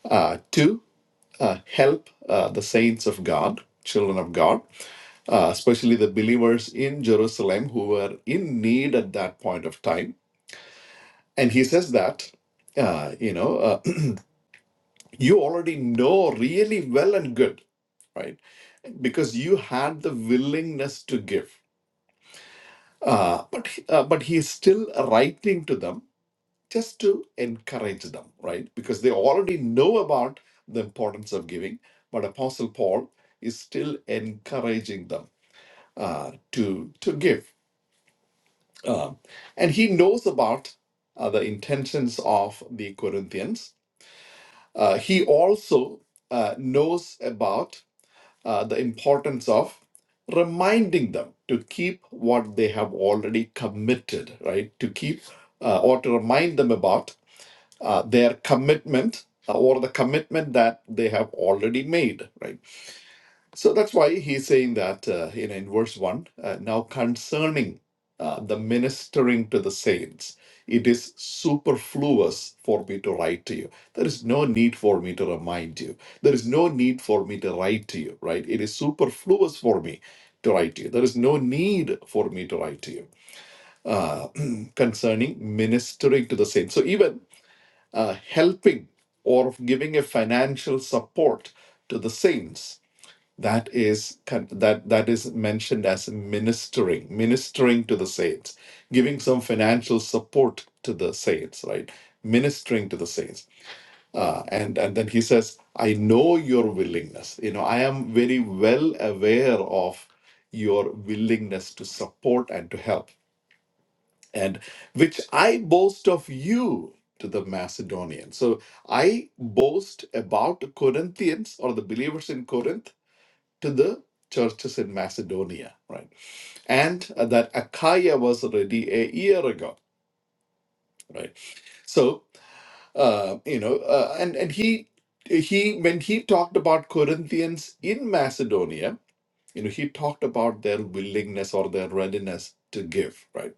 D: uh, to uh, help uh, the saints of God, children of God uh, especially the believers in Jerusalem who were in need at that point of time. And he says that, uh, you know, uh, [CLEARS THROAT] you already know really well and good, right? Because you had the willingness to give. Uh, but uh, but he is still writing to them just to encourage them, right? Because they already know about the importance of giving. But Apostle Paul is still encouraging them uh, to to give Um, and he knows about uh, the intentions of the Corinthians. Uh, he also uh, knows about uh, the importance of reminding them to keep what they have already committed, right? To keep uh, or to remind them about uh, their commitment uh, or the commitment that they have already made, right? So that's why he's saying that uh, you know in verse one. Uh, now concerning uh, the ministering to the saints, it is superfluous for me to write to you. There is no need for me to remind you. There is no need for me to write to you. Right? It is superfluous for me to write to you. There is no need for me to write to you uh, [CLEARS THROAT] concerning ministering to the saints. So even uh, helping or giving a financial support to the saints that is con- that that is mentioned as ministering ministering to the saints giving some financial support to the saints right ministering to the saints uh, and and then he says i know your willingness you know i am very well aware of your willingness to support and to help and which i boast of you to the macedonians so i boast about corinthians or the believers in corinth to the churches in Macedonia, right? And uh, that Achaia was ready a year ago, right? So uh, you know, uh, and and he he when he talked about Corinthians in Macedonia, you know, he talked about their willingness or their readiness to give, right?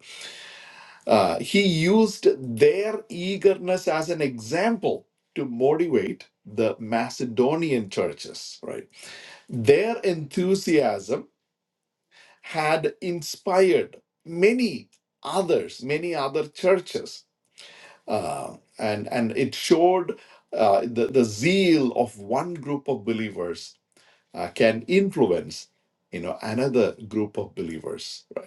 D: Uh, he used their eagerness as an example to motivate the Macedonian churches, right? Their enthusiasm had inspired many others, many other churches. Uh, and, and it showed uh, the, the zeal of one group of believers uh, can influence you know another group of believers right?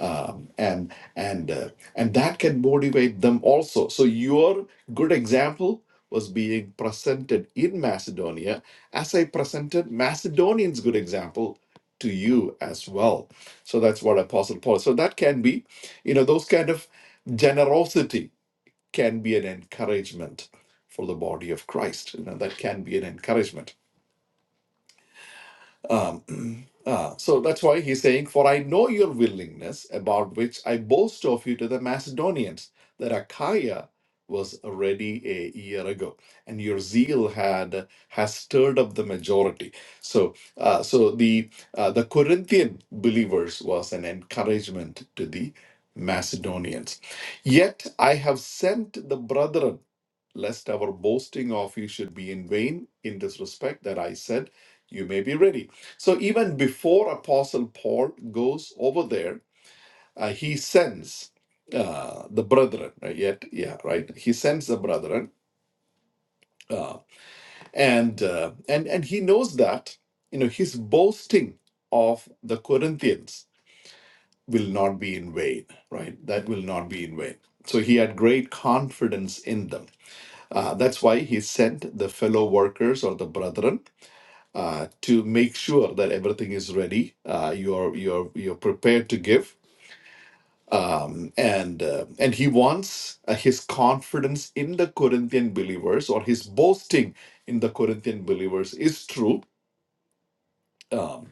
D: um, and and uh, and that can motivate them also. So your good example was being presented in Macedonia, as I presented Macedonians' good example to you as well. So that's what Apostle Paul. So that can be, you know, those kind of generosity can be an encouragement for the body of Christ. You know, that can be an encouragement. Um, [CLEARS THROAT] ah, so that's why he's saying, For I know your willingness, about which I boast of you to the Macedonians, that Achaia was ready a year ago, and your zeal had has stirred up the majority. So, uh, so the uh, the Corinthian believers was an encouragement to the Macedonians. Yet I have sent the brethren lest our boasting of you should be in vain in this respect that I said, you may be ready. So even before Apostle Paul goes over there, uh, he sends uh, the brethren. uh, yet, yeah, right. He sends the brethren, uh, and uh, and and he knows that you know his boasting of the Corinthians will not be in vain. Right, that will not be in vain. So he had great confidence in them Uh, that's why he sent the fellow workers or the brethren uh, to make sure that everything is ready. Uh, you're you're you're prepared to give, um, and uh, and he wants uh, his confidence in the Corinthian believers or his boasting in the Corinthian believers is true. Um,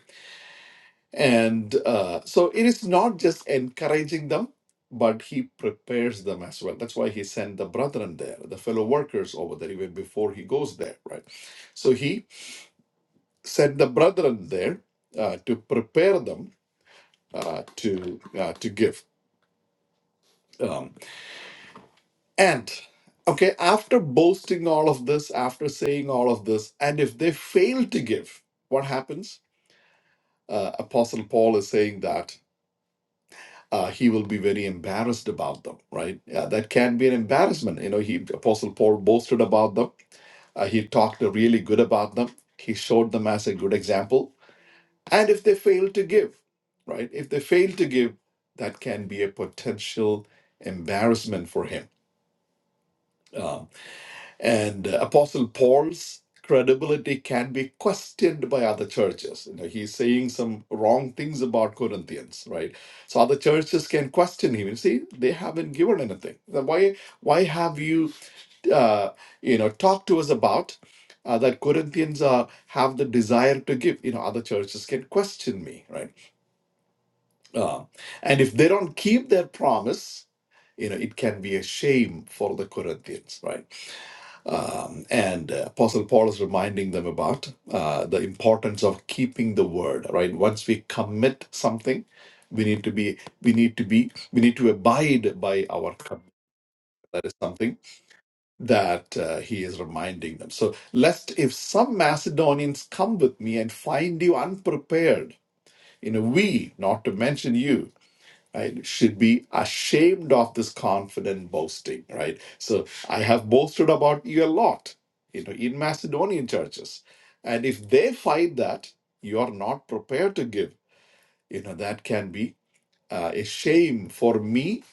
D: and uh, so it is not just encouraging them, but he prepares them as well. That's why he sent the brethren there, the fellow workers over there, even before he goes there, right? So he sent the brethren there uh, to prepare them uh, to uh, to give. Um, and okay, after boasting all of this, after saying all of this, and if they fail to give, what happens? Uh, Apostle Paul is saying that. Uh, he will be very embarrassed about them, right? Yeah, that can be an embarrassment. You know, he Apostle Paul boasted about them. Uh, he talked really good about them. He showed them as a good example And if they fail to give, right? If they fail to give, that can be a potential embarrassment for him. Um, and uh, Apostle Paul's credibility can be questioned by other churches. You know, he's saying some wrong things about Corinthians, right? So other churches can question him. You see, they haven't given anything. Then Why? Why have you, uh, you know, talked to us about? Uh, that Corinthians uh, have the desire to give. You know, other churches can question me, right? Uh, and if they don't keep their promise, you know, it can be a shame for the Corinthians, right? Um, and uh, Apostle Paul is reminding them about uh, the importance of keeping the word, right? Once we commit something, we need to be, we need to be, we need to abide by our commitment. That is something that uh, he is reminding them. So, lest if some Macedonians come with me and find you unprepared, you know, we, not to mention you, right should be ashamed of this confident boasting right so i have boasted about you a lot you know in macedonian churches and if they find that you are not prepared to give you know that can be uh, a shame for me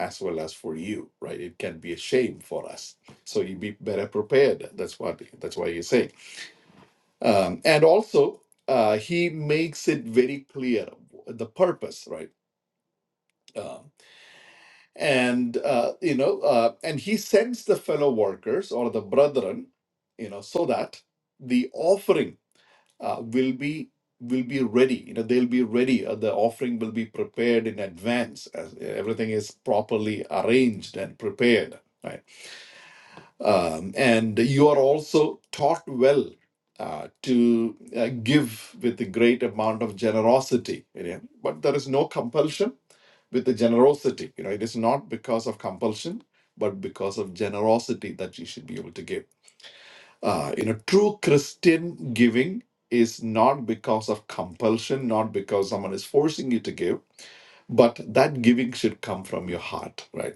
D: as well as for you right it can be a shame for us so you be better prepared that's what that's why he's saying um, and also uh, he makes it very clear the purpose right Um, and uh, you know uh, and he sends the fellow workers or the brethren you know so that the offering uh, will be will be ready you know they'll be ready uh, the offering will be prepared in advance as everything is properly arranged and prepared right um, and you are also taught well uh, to uh, give with a great amount of generosity you know, but there is no compulsion with the generosity. You know, it is not because of compulsion, but because of generosity that you should be able to give. Uh, you know, true Christian giving is not because of compulsion, not because someone is forcing you to give, but that giving should come from your heart, right?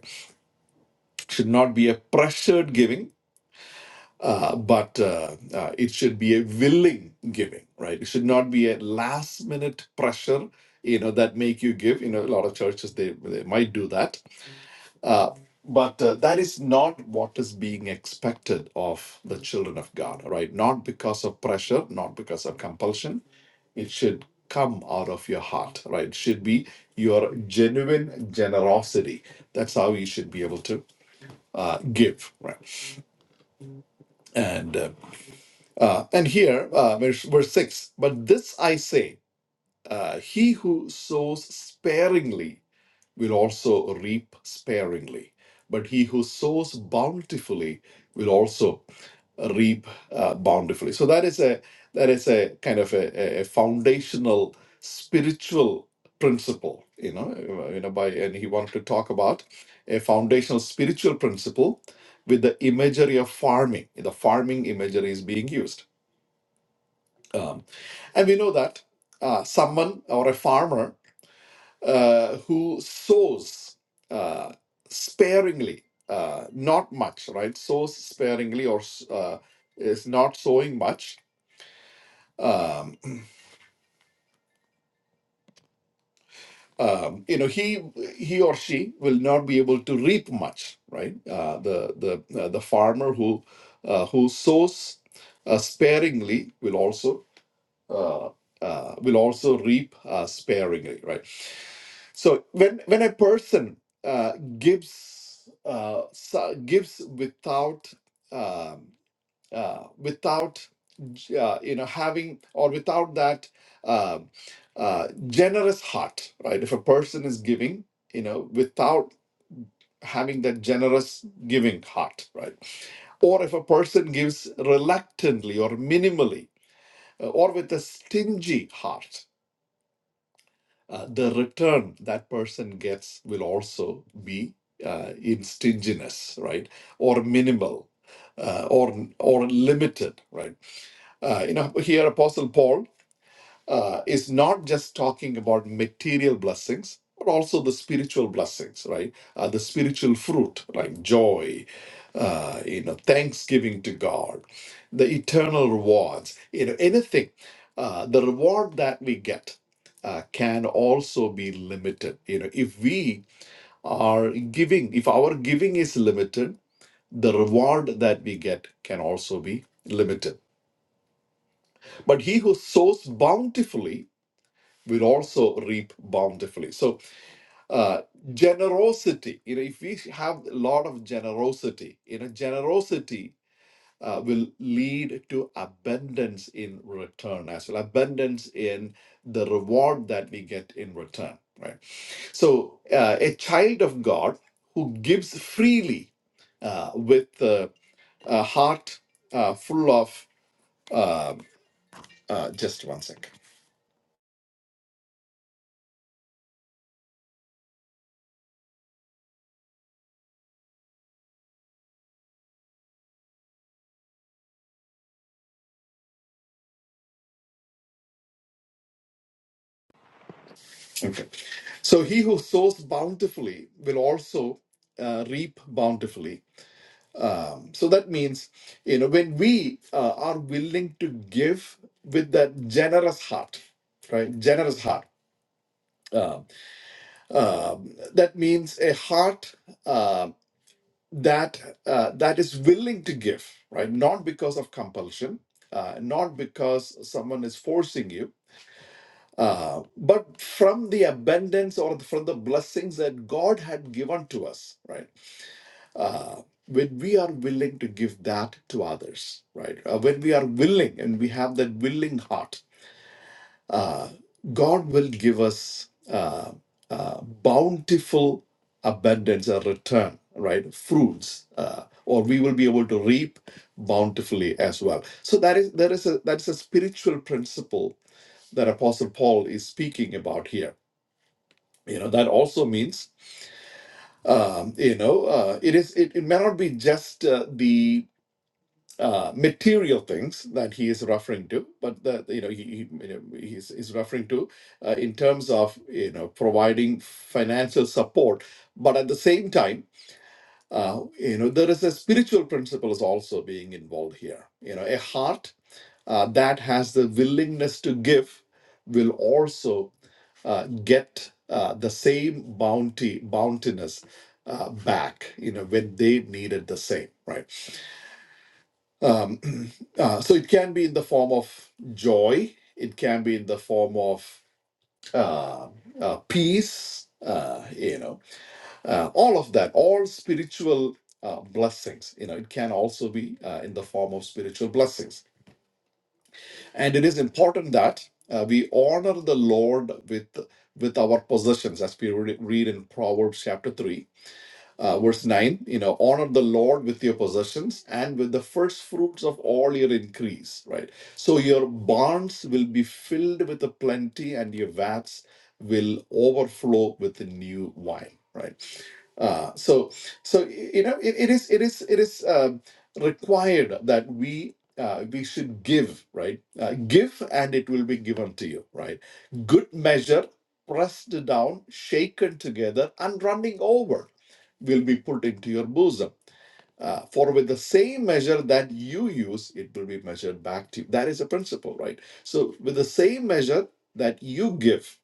D: Should not be a pressured giving, uh, but uh, uh, it should be a willing giving, right? It should not be a last minute pressure you know that make you give you know a lot of churches they, they might do that Uh, but uh, that is not what is being expected of the children of God, right? Not because of pressure, not because of compulsion. It should come out of your heart, right? It should be your genuine generosity. That's how you should be able to uh, give, right? And uh, uh, and here, uh, verse, verse six. But this I say, uh, he who sows sparingly will also reap sparingly. But he who sows bountifully will also reap uh, bountifully. So that is a that is a kind of a, a foundational spiritual principle, you know, uh, you know, by and he wanted to talk about a foundational spiritual principle with the imagery of farming. The farming imagery is being used. Um, and we know that uh, someone or a farmer uh, who sows uh, sparingly, uh, not much, right? Sows sparingly or uh, is not sowing much. Um, um, you know, he he or she will not be able to reap much, right? Uh, the the uh, the farmer who uh, who sows uh, sparingly will also uh, uh, will also reap uh, sparingly, right? So when when a person uh, gives uh, so- gives without um, uh, without j- uh, you know having or without that um uh, generous heart, right? If a person is giving, you know, without having that generous giving heart, right? Or if a person gives reluctantly or minimally, uh, or with a stingy heart, uh, the return that person gets will also be uh, in stinginess, right, or minimal, uh, or or limited, right? Uh, you know, here Apostle Paul uh, is not just talking about material blessings, but also the spiritual blessings, right? Uh, the spiritual fruit, like joy, uh, you know, thanksgiving to God, the eternal rewards, you know, anything. Uh, the reward that we get uh, can also be limited. You know, if we are giving, if our giving is limited, the reward that we get can also be limited. But he who sows bountifully will also reap bountifully. So uh, generosity, you know, if we have a lot of generosity, you know, generosity uh, will lead to abundance in return as well, abundance in the reward that we get in return, right? So uh, a child of God who gives freely uh, with uh, a heart uh, full of, um uh, just one second. Okay So he who sows bountifully will also uh, reap bountifully. Um, so that means, you know, when we uh, are willing to give with that generous heart, right? Generous heart. Um, um, that means a heart um that uh, that is willing to give, right? Not because of compulsion, uh, not because someone is forcing you, uh, but from the abundance or from the blessings that God had given to us, right? when we are willing to give that to others, right? Uh, when we are willing and we have that willing heart, God will give us uh, uh, bountiful abundance or return, right? Fruits, uh, or we will be able to reap bountifully as well. So that is there is a that's a spiritual principle that Apostle Paul is speaking about here. You know that also means um, you know uh, it is it, it may not be just uh, the uh, material things that he is referring to, but the you know he, he you know, he's, he's referring to uh, in terms of you know providing financial support, but at the same time, uh, you know there is a spiritual principle is also being involved here. You know, a heart uh, that has the willingness to give will also uh, get uh, the same bounty bountiness uh, back. You know when they needed the same right um, [CLEARS THROAT] uh, so it can be in the form of joy, it can be in the form of uh, uh, peace, uh, you know, uh, all of that, all spiritual uh, blessings. You know, it can also be uh, in the form of spiritual blessings. And it is important that uh, we honor the Lord with with our possessions, as we re- read in Proverbs chapter 3 uh, verse 9, you know, honor the Lord with your possessions and with the first fruits of all your increase, right? So your barns will be filled with a plenty and your vats will overflow with the new wine, right? Uh, so, so you know, it, it is, it is, it is um required that we uh, we should give, right? Uh, give and it will be given to you, right? Good measure, pressed down, shaken together, and running over will be put into your bosom. Uh, for with the same measure that you use, it will be measured back to you. That is a principle, right? So, with the same measure that you give,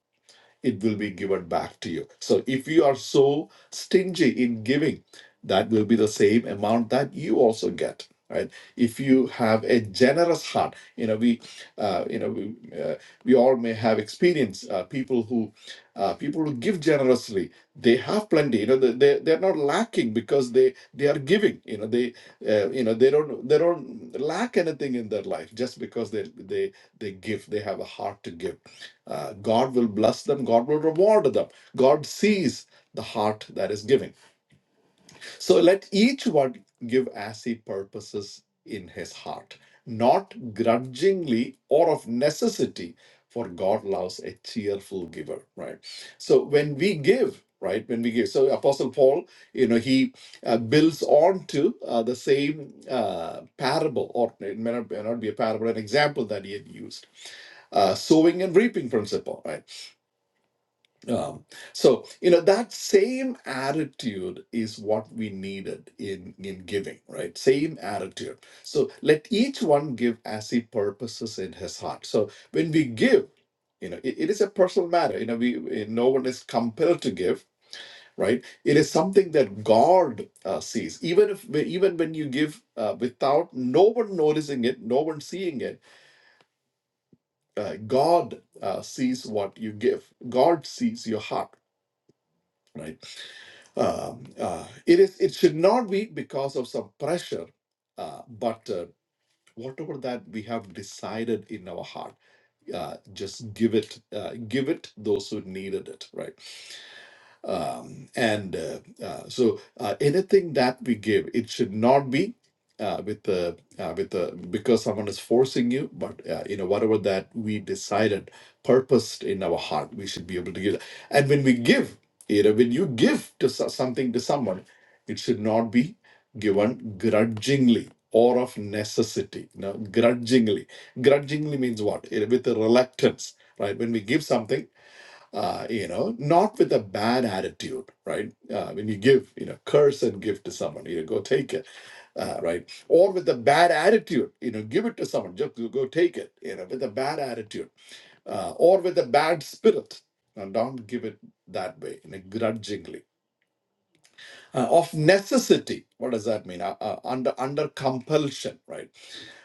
D: it will be given back to you. So if you are so stingy in giving, that will be the same amount that you also get. Right? If you have a generous heart, you know we, uh, you know we, uh, we all may have experienced uh, people who, uh, people who give generously. They have plenty. You know they they they're not lacking because they they are giving. You know they uh, you know they don't they don't lack anything in their life just because they they they give. They have a heart to give uh, God will bless them, God will reward them. God sees the heart that is giving. So let each one give as he purposes in his heart, not grudgingly or of necessity, for God loves a cheerful giver, right? So when we give, right, when we give, so Apostle Paul, you know, he uh, builds on to uh, the same uh, parable, or it may not, may not be a parable, an example that he had used uh, sowing and reaping principle, right? Um, so you know that same attitude is what we needed in in giving, right? Same attitude. So let each one give as he purposes in his heart. So when we give, you know, it it is a personal matter. You know, we we- no one is compelled to give, right? It is something that God uh, sees. Even if even when you give uh, without no one noticing it, no one seeing it, uh, God uh, sees what you give. God sees your heart, right? Um, uh, it is. It should not be because of some pressure, uh, but uh, whatever that we have decided in our heart, uh, just give it. Uh, give it those who needed it. Right um, and uh, uh, so uh, anything that we give, it should not be uh, with the uh, with the because someone is forcing you, but uh, you know whatever that we decided, purposed in our heart, we should be able to give. that. And when we give, you know, when you give to so- something to someone, it should not be given grudgingly or of necessity. You know, grudgingly, grudgingly means what? You know, With a reluctance, right? When we give something uh, you know, not with a bad attitude, right? Uh, when you give, you know, curse and give to someone, you know, go take it, uh, right? Or with a bad attitude, you know, give it to someone, just go take it, you know, with a bad attitude, uh, or with a bad spirit. Now, don't give it that way, you know, grudgingly. Uh, of necessity, what does that mean? Uh, uh, under under compulsion, right?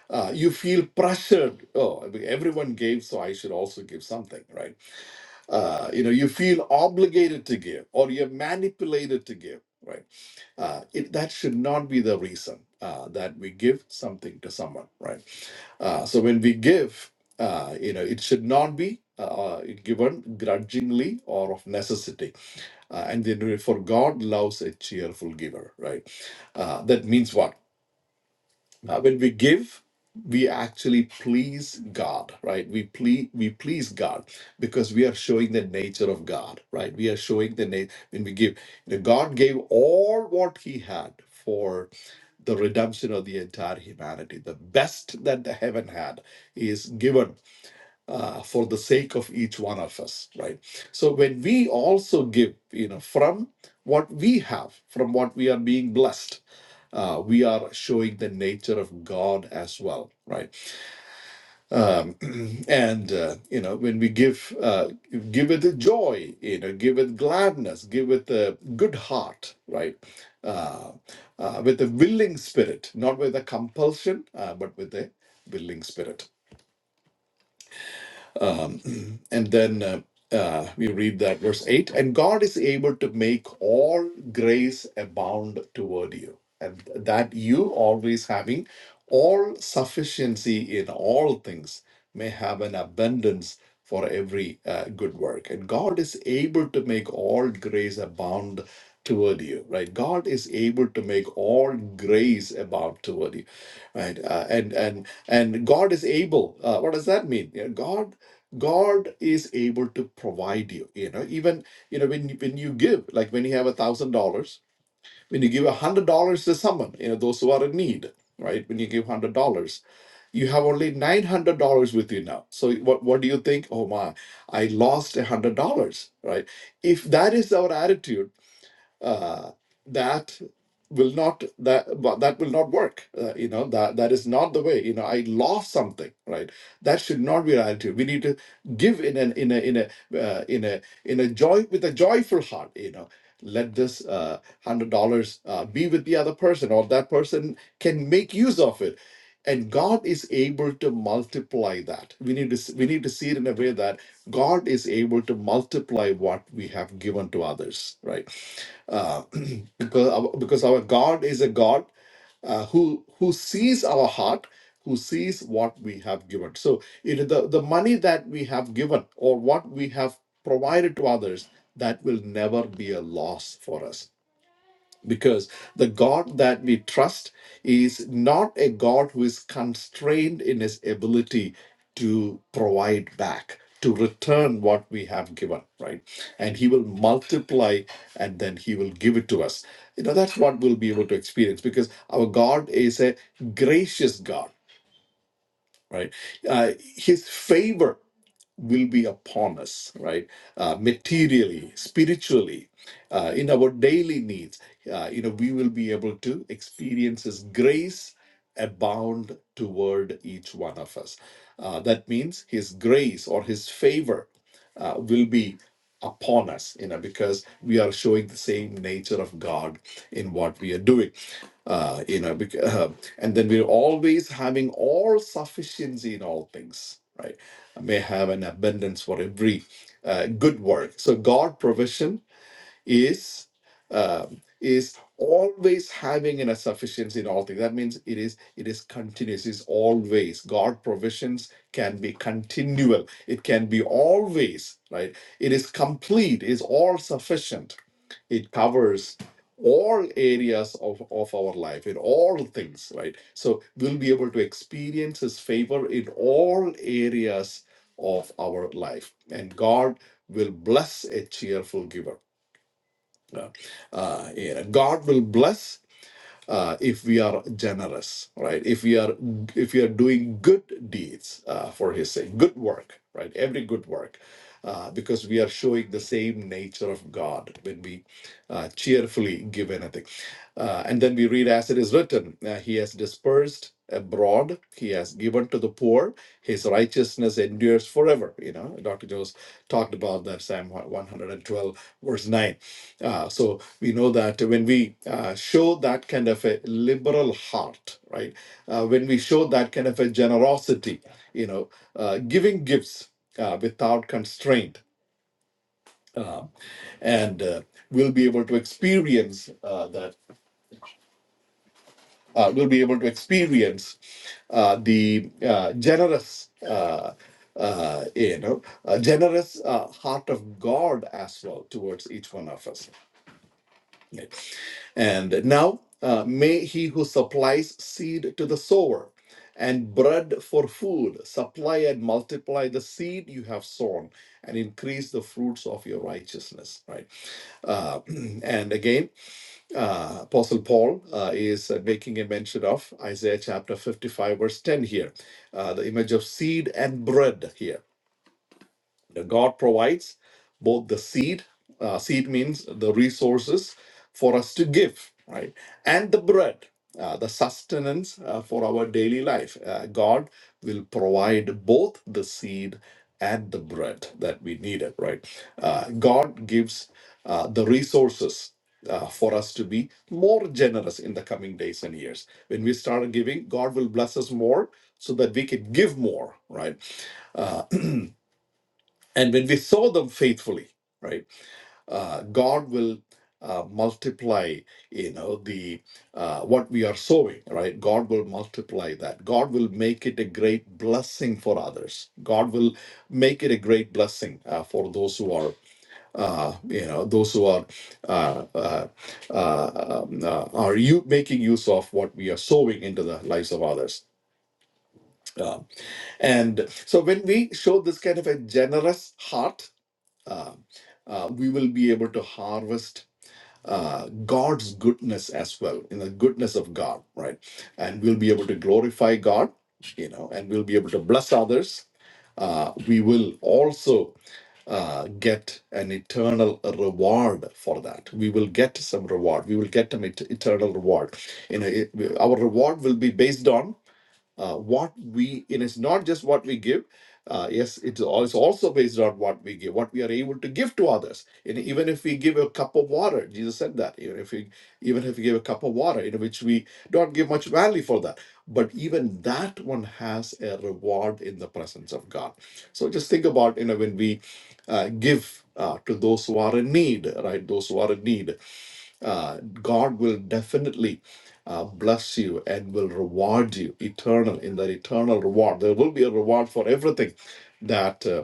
D: Uh, you feel pressured. Oh, everyone gave, so I should also give something, right? uh, you know you feel obligated to give or you're manipulated to give right uh, it, that should not be the reason uh, that we give something to someone right uh, so when we give uh, you know it should not be uh, uh, given grudgingly or of necessity uh, and then for god loves a cheerful giver right uh, that means what uh, when we give, we actually please God, right? We please we please God because we are showing the nature of God, right? We are showing the nature when we give. You know, God gave all what He had for the redemption of the entire humanity. The best that the heaven had is given uh, for the sake of each one of us, right? So when we also give, you know, from what we have, from what we are being blessed, uh, we are showing the nature of God as well, right? Um, [CLEARS THROAT] and uh, you know, when we give, uh, give with joy, you know, give with gladness, give with a good heart, right? Uh, uh, with a willing spirit, not with a compulsion, uh, but with a willing spirit. Um, and then uh, uh, we read that verse 8 and God is able to make all grace abound toward you, and that you always having all sufficiency in all things may have an abundance for every uh, good work. And God is able to make all grace abound toward you, right? God is able to make all grace abound toward you, right? Uh, and and and God is able. Uh, what does that mean? Yeah, God God is able to provide you. You know, even you know when when you give, like when you have a thousand dollars, when you give a hundred dollars to someone, you know those who are in need, right? When you give hundred dollars, you have only nine hundred dollars with you now. So what what do you think? Oh my, I lost a hundred dollars, right? If that is our attitude uh, that will not that but that will not work uh, you know that that is not the way you know i lost something right that should not be our attitude we need to give in an in a in a uh, in a in a joy with a joyful heart you know let this uh, hundred dollars uh, be with the other person or that person can make use of it and god is able to multiply that we need to s- we need to see it in a way that god is able to multiply what we have given to others right uh, [CLEARS THROAT] because our, because our God is a God uh, who who sees our heart, who sees what we have given. So it, the the money that we have given or what we have provided to others that will never be a loss for us because the God that we trust is not a God who is constrained in his ability to provide back, to return what we have given, right? And he will multiply and then he will give it to us. You know, that's what we'll be able to experience because our God is a gracious God, right? Uh, his favor will be upon us, right? Uh, materially, spiritually, uh, in our daily needs, uh, you know, we will be able to experience His grace abound toward each one of us. Uh, that means His grace or His favor uh, will be upon us, you know, because we are showing the same nature of God in what we are doing uh, you know, bec- [LAUGHS] uh, and then we're always having all sufficiency in all things, right? may have an abundance for every uh, good work. So God provision is um, is always having in a sufficiency in all things. That means it is it is continuous. Is always God provisions can be continual. It can be always right. It is complete. Is all sufficient. It covers all areas of, of our life in all things right so we'll be able to experience his favor in all areas of our life and god will bless a cheerful giver no. Uh, you God will bless uh, if we are generous, right? If we are if we are doing good deeds uh, for His sake, good work, right? Every good work, uh, because we are showing the same nature of God when we uh, cheerfully give anything. Uh, and then we read, as it is written, uh, He has dispersed abroad, He has given to the poor, His righteousness endures forever. You know, Dr. Jones talked about that Psalm 112 verse 9. Uh, so we know that when we uh, show that kind of a liberal heart, right, uh, when we show that kind of a generosity, you know, uh, giving gifts uh, without constraint, and uh, we'll be able to experience uh, that. Uh, we'll be able to experience uh, the uh, generous, uh, uh, you know, uh, generous uh, heart of God as well towards each one of us. right? And now uh, may he who supplies seed to the sower and bread for food supply and multiply the seed you have sown and increase the fruits of your righteousness right uh, [CLEARS THROAT] and again uh, apostle paul uh, is uh, making a mention of isaiah chapter 55 verse 10 here uh, the image of seed and bread here you know, God provides both the seed, uh, seed means the resources for us to give, right? And the bread, uh, the sustenance uh, for our daily life. Uh, God will provide both the seed and the bread that we needed, right? Uh, God gives uh, the resources. Uh, for us to be more generous in the coming days and years. When we start giving, God will bless us more so that we can give more, right? Uh, and when we sow them faithfully, right, uh, God will uh, multiply, you know, the uh, what we are sowing, right? God will multiply that. God will make it a great blessing for others. God will make it a great blessing uh, for those who are, uh, you know, those who are uh, uh, uh, um, uh, are you making use of what we are sowing into the lives of others. Uh, and so when we show this kind of a generous heart uh, uh, we will be able to harvest uh, God's goodness as well, in the goodness of God, right? And we'll be able to glorify God, you know, and we'll be able to bless others. Uh, we will also uh, get an eternal reward for that. We will get some reward. We will get an et- eternal reward. You know, it, our reward will be based on uh, what we and it's not just what we give uh, yes it's, al- it's also based on what we give what we are able to give to others and even if we give a cup of water jesus said that even if we even if we give a cup of water in which we don't give much value for that but even that one has a reward in the presence of god so just think about you know when we uh, give uh, to those who are in need right those who are in need uh, God will definitely uh, bless you and will reward you eternal in that eternal reward. There will be a reward for everything that uh,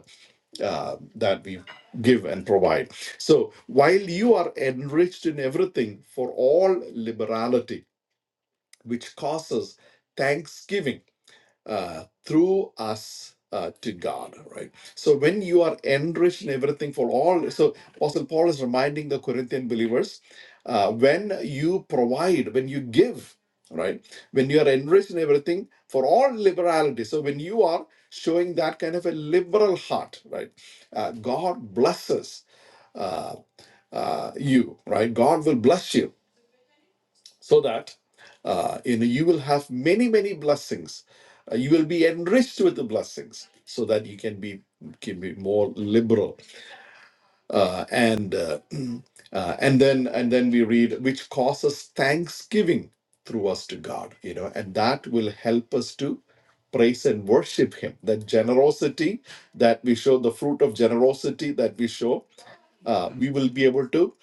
D: uh, that we give and provide. So while you are enriched in everything for all liberality, which causes thanksgiving uh, through us uh, to God, right? So when you are enriched in everything for all, so Apostle Paul is reminding the Corinthian believers, uh, when you provide, when you give, right? When you are enriched in everything for all liberality. So when you are showing that kind of a liberal heart, right? Uh, God blesses uh, you, right? God will bless you so that uh, you know you will have many many blessings Uh, you will be enriched with the blessings so that you can be can be more liberal uh, and uh, [CLEARS THROAT] uh, and then and then we read which causes thanksgiving through us to God, you know, and that will help us to praise and worship Him. That generosity that we show, the fruit of generosity that we show, uh, we will be able to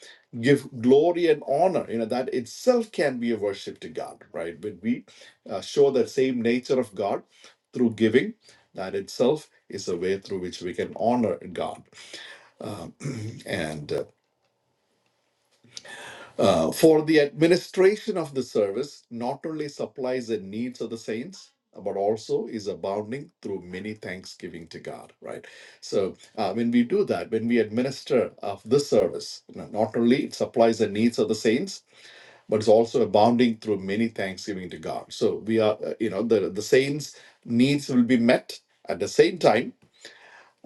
D: give glory and honor. You know that itself can be a worship to God, right? When we uh, show that same nature of God through giving, that itself is a way through which we can honor God and. uh, Uh, for the administration of the service, not only supplies the needs of the saints, but also is abounding through many thanksgiving to God, right? So uh, when we do that, when we administer of this service, you know, not only it supplies the needs of the saints, but it's also abounding through many thanksgiving to God. So we are, uh, you know, the, the saints' needs will be met at the same time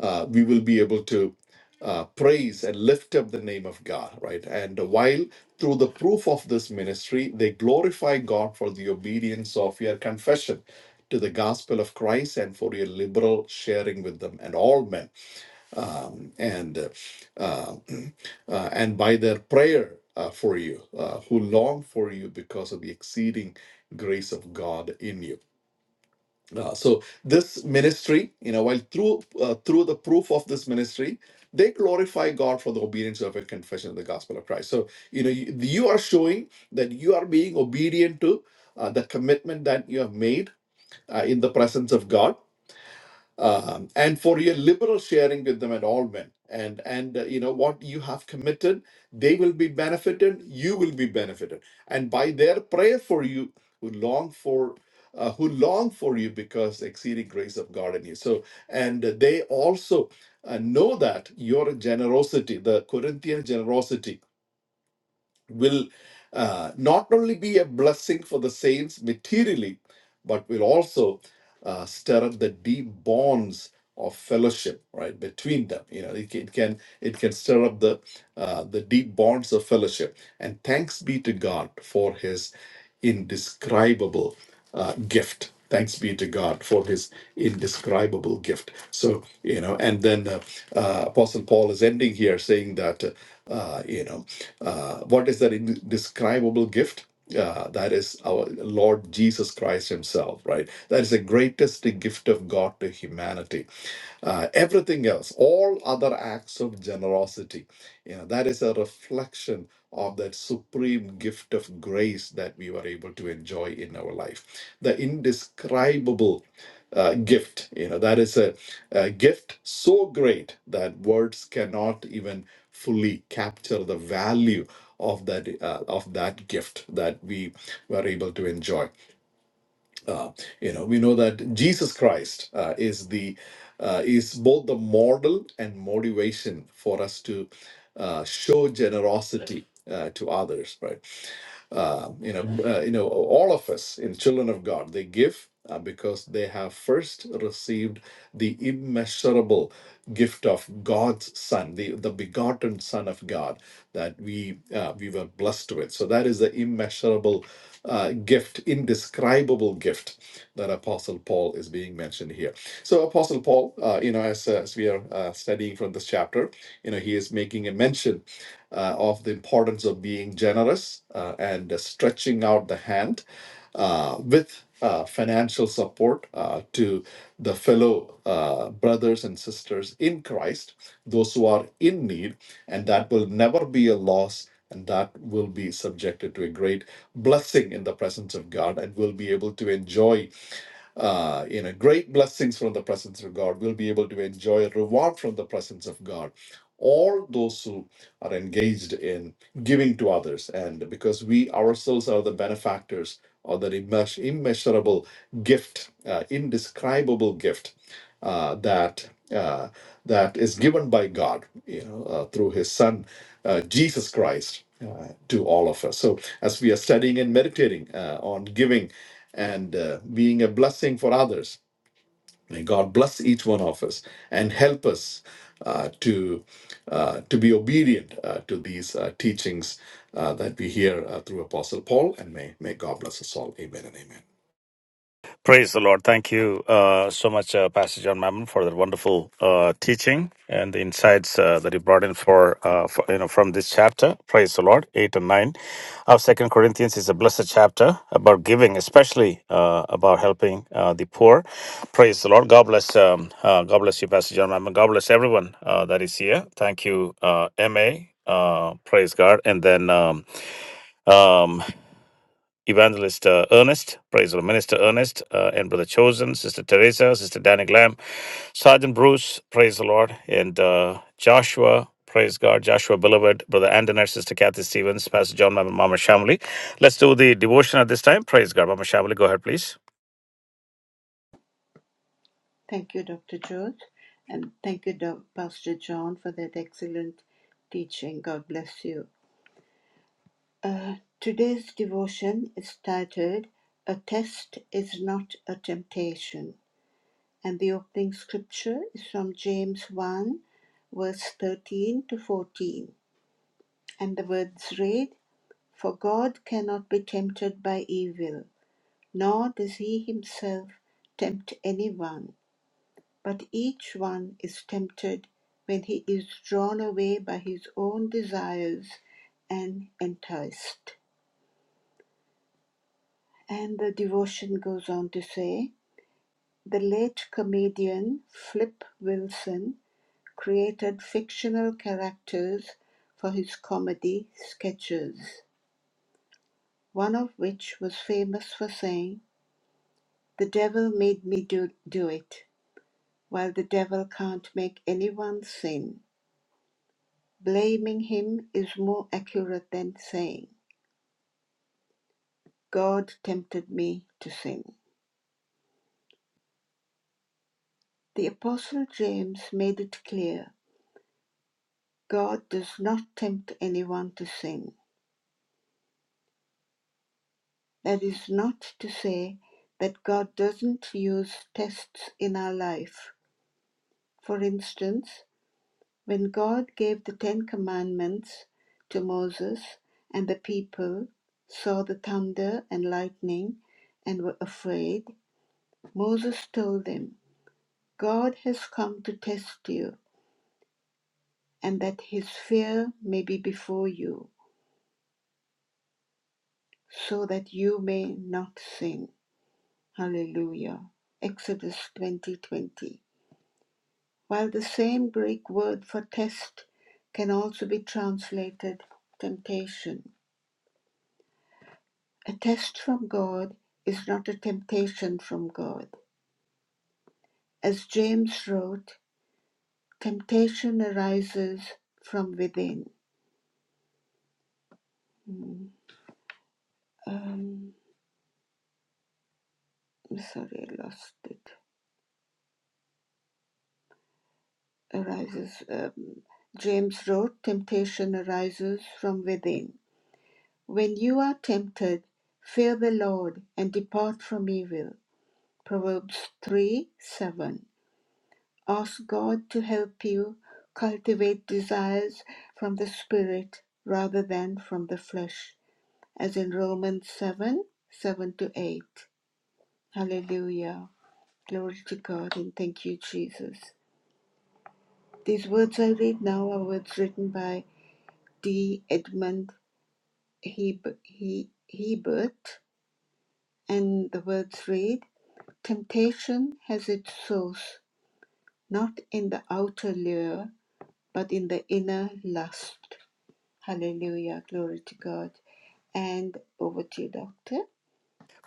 D: uh, we will be able to uh, praise and lift up the name of God, right? And while through the proof of this ministry, they glorify God for the obedience of your confession to the gospel of Christ and for your liberal sharing with them and all men, and uh, uh, [CLEARS THROAT] uh, and by their prayer uh, for you, uh, who long for you because of the exceeding grace of God in you. Uh, so this ministry, you know, while through uh, through the proof of this ministry, they glorify God for the obedience of a confession of the gospel of Christ. So you know, you, you are showing that you are being obedient to uh, the commitment that you have made uh, in the presence of God um, and for your liberal sharing with them at all men and and uh, you know what you have committed they will be benefited you will be benefited and by their prayer for you who long for uh, who long for you because the exceeding grace of god in you so and they also uh, know that your generosity the corinthian generosity will uh, not only be a blessing for the saints materially but will also uh, stir up the deep bonds of fellowship right between them you know it, can- it can it can stir up the uh, the deep bonds of fellowship and thanks be to god for his indescribable uh, gift thanks be to god for his indescribable gift so you know and then uh, uh, apostle paul is ending here saying that uh, uh, you know uh, what is that indescribable gift uh, that is our Lord Jesus Christ Himself, right? That is the greatest gift of God to humanity. Uh, everything else, all other acts of generosity, you know, that is a reflection of that supreme gift of grace that we were able to enjoy in our life. The indescribable uh, gift. You know, that is a, a gift so great that words cannot even fully capture the value of that uh, of that gift that we were able to enjoy. Uh, you know, we know that Jesus Christ uh, is the uh, is both the model and motivation for us to uh, show generosity uh, to others, right? uh, you know, uh, you know, all of us in children of God, they give uh, because they have first received the immeasurable gift of God's Son, the, the begotten Son of God that we uh, we were blessed with. So that is the immeasurable uh, gift, indescribable gift that Apostle Paul is being mentioned here. So Apostle Paul, uh, you know, as as we are uh, studying from this chapter, you know, he is making a mention uh, of the importance of being generous uh, and uh, stretching out the hand uh, with uh, financial support uh, to the fellow uh, brothers and sisters in Christ, those who are in need and that will never be a loss and that will be subjected to a great blessing in the presence of god and will be able to enjoy uh, you know great blessings from the presence of god we will be able to enjoy a reward from the presence of god all those who are engaged in giving to others and because we ourselves are the benefactors of the immeas- immeasurable gift uh, indescribable gift uh, that uh, that is given by God, you know, uh, through His Son, uh, Jesus Christ, uh, to all of us. So as we are studying and meditating uh, on giving and uh, being a blessing for others, may God bless each one of us and help us uh, to uh, to be obedient uh, to these uh, teachings uh, that we hear uh, through Apostle Paul. And may may God bless us all. Amen and amen.
A: Praise the Lord. Thank you uh, so much, uh, Pastor John Mammon, for that wonderful uh, teaching and the insights uh, that you brought in for, uh, for you know from this chapter. Praise the Lord, eight and nine of Second Corinthians is a blessed chapter about giving, especially uh, about helping uh, the poor. Praise the Lord. God bless. Um, uh, God bless you, Pastor John Mammon. God bless everyone uh, that is here. Thank you, uh, Ma. Uh, praise God. And then um, um, Evangelist uh, Ernest, praise the Lord, Minister Ernest, uh, and Brother Chosen, Sister Teresa, Sister Danny Glam, Sergeant Bruce, praise the Lord, and uh, Joshua, praise God, Joshua Beloved, Brother Andoner, Sister Kathy Stevens, Pastor John, Mama Mama Shamli. Let's do the devotion at this time. Praise God, Mama Shamli, go ahead, please.
B: Thank you, Dr. George. And thank you, Doc- Pastor John, for that excellent teaching. God bless you. Uh, today's devotion is titled A Test is Not a Temptation. And the opening scripture is from James 1, verse 13 to 14. And the words read For God cannot be tempted by evil, nor does he himself tempt anyone. But each one is tempted when he is drawn away by his own desires and enticed. And the devotion goes on to say the late comedian Flip Wilson created fictional characters for his comedy sketches, one of which was famous for saying, The devil made me do, do it, while the devil can't make anyone sin. Blaming him is more accurate than saying, God tempted me to sin. The Apostle James made it clear God does not tempt anyone to sin. That is not to say that God doesn't use tests in our life. For instance, when God gave the Ten Commandments to Moses and the people saw the thunder and lightning and were afraid, Moses told them, God has come to test you, and that his fear may be before you, so that you may not sin. Hallelujah. Exodus 20:20. While the same Greek word for test can also be translated temptation. A test from God is not a temptation from God. As James wrote, temptation arises from within. Hmm. Um, sorry, I lost it. arises. Um, James wrote, Temptation arises from within. When you are tempted, fear the Lord and depart from evil. Proverbs 3 7. Ask God to help you cultivate desires from the Spirit rather than from the flesh, as in Romans 7 7 to 8. Hallelujah. Glory to God and thank you, Jesus. These words I read now are words written by D. Edmund He, he, Hebert, and the words read Temptation has its source not in the outer lure, but in the inner lust. Hallelujah, glory to God. And over to you, Doctor.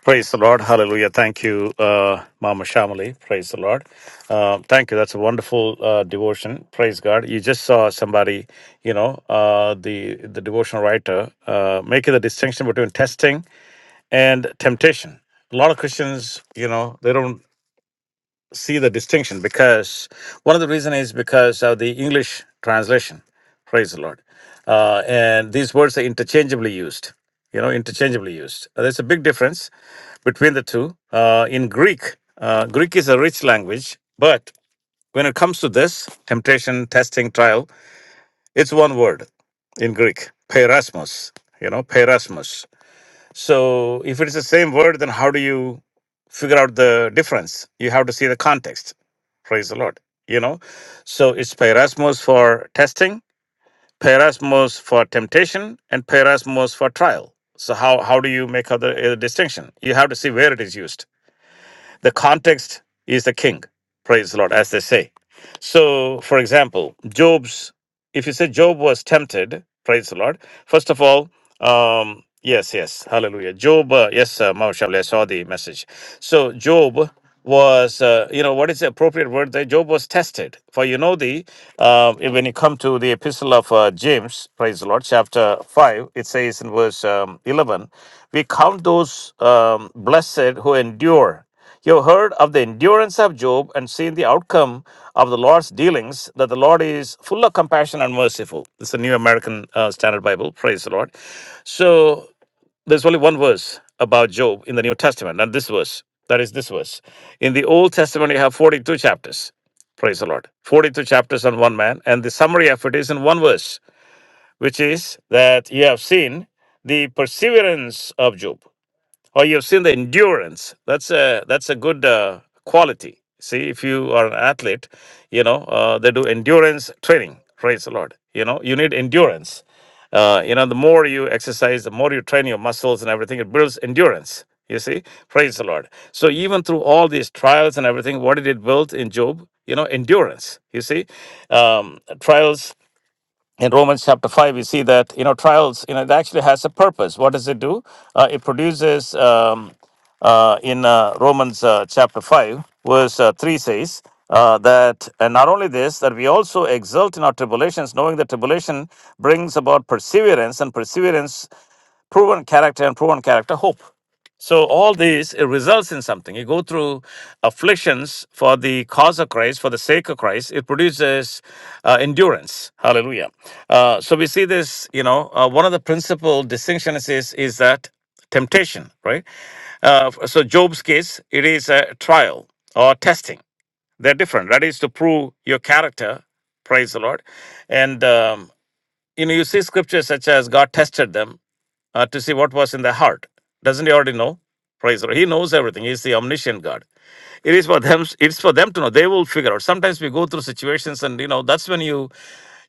A: Praise the Lord. Hallelujah. Thank you, uh, Mama Shamali. Praise the Lord. Uh, thank you. That's a wonderful uh, devotion. Praise God. You just saw somebody, you know, uh, the, the devotional writer uh, making the distinction between testing and temptation. A lot of Christians, you know, they don't see the distinction because one of the reason is because of the English translation. Praise the Lord. Uh, and these words are interchangeably used. You know, interchangeably used. Uh, There's a big difference between the two. Uh, in Greek, uh, Greek is a rich language, but when it comes to this temptation, testing, trial, it's one word in Greek, perasmos. You know, perasmos. So if it is the same word, then how do you? figure out the difference. You have to see the context. Praise the Lord. You know, so it's perasmos for testing, perasmos for temptation, and perasmos for trial. So how how do you make out the uh, distinction? You have to see where it is used. The context is the king. Praise the Lord, as they say. So, for example, Job's. If you say Job was tempted, praise the Lord. First of all. Um, yes, yes, hallelujah. Job, uh, yes, uh, Mashallah, I saw the message. So, Job was, uh, you know, what is the appropriate word there? Job was tested. For you know, the uh, when you come to the epistle of uh, James, praise the Lord, chapter 5, it says in verse um, 11, we count those um, blessed who endure. You have heard of the endurance of Job and seen the outcome of the Lord's dealings, that the Lord is full of compassion and merciful. This is a New American uh, Standard Bible. Praise the Lord. So there's only one verse about Job in the New Testament, and this verse. That is this verse. In the Old Testament, you have 42 chapters. Praise the Lord. 42 chapters on one man. And the summary of it is in one verse, which is that you have seen the perseverance of Job or you've seen the endurance. That's a that's a good uh, quality. See, if you are an athlete, you know uh, they do endurance training. Praise the Lord. You know you need endurance. Uh, you know the more you exercise, the more you train your muscles and everything. It builds endurance. You see, praise the Lord. So even through all these trials and everything, what did it build in Job? You know, endurance. You see, um, trials in Romans chapter 5, we see that, you know, trials, you know, it actually has a purpose. What does it do? Uh, it produces, um, uh, in uh, Romans uh, chapter 5, verse uh, 3 says, uh, that, and not only this, that we also exult in our tribulations, knowing that tribulation brings about perseverance, and perseverance, proven character, and proven character, hope. So all this it results in something. You go through afflictions for the cause of Christ, for the sake of Christ. It produces uh, endurance. Hallelujah. Uh, so we see this. You know, uh, one of the principal distinctions is is that temptation, right? Uh, so Job's case, it is a trial or testing. They're different. That is to prove your character. Praise the Lord. And um, you know, you see scriptures such as God tested them uh, to see what was in the heart. Doesn't he already know? Praise the Lord. He knows everything. He's the omniscient God. It is for them. It's for them to know. They will figure out. Sometimes we go through situations, and you know that's when you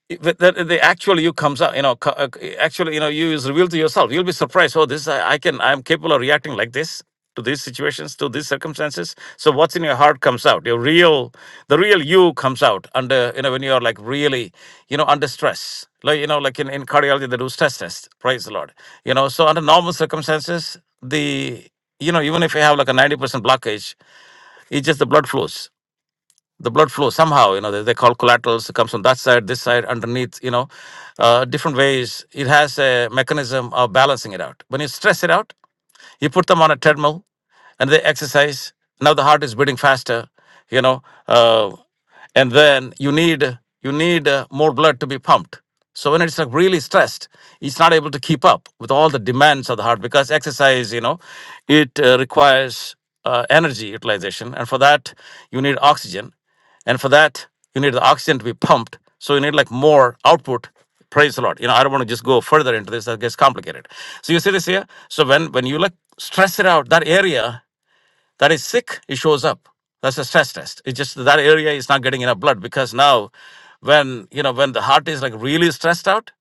A: it- the, the, the actual you comes out you know co- uh, actually you know you is revealed to yourself you'll be surprised oh this I, I can i'm capable of reacting like this to these situations to these circumstances so what's in your heart comes out your real the real you comes out under you know when you're like really you know under stress like you know like in, in cardiology they do stress test praise the lord you know so under normal circumstances the you know even if you have like a 90% blockage it's just the blood flows the blood flow somehow you know they, they call collaterals it comes from that side this side underneath you know uh, different ways it has a mechanism of balancing it out when you stress it out you put them on a treadmill and they exercise now the heart is beating faster you know uh, and then you need you need uh, more blood to be pumped so when it's like really stressed it's not able to keep up with all the demands of the heart because exercise you know it uh, requires uh, energy utilization and for that you need oxygen and for that, you need the oxygen to be pumped. So you need like more output. Praise the Lord. You know, I don't want to just go further into this. That gets complicated. So you see this here? So when when you like stress it out, that area that is sick, it shows up. That's a stress test. It's just that area is not getting enough blood because now when you know when the heart is like really stressed out,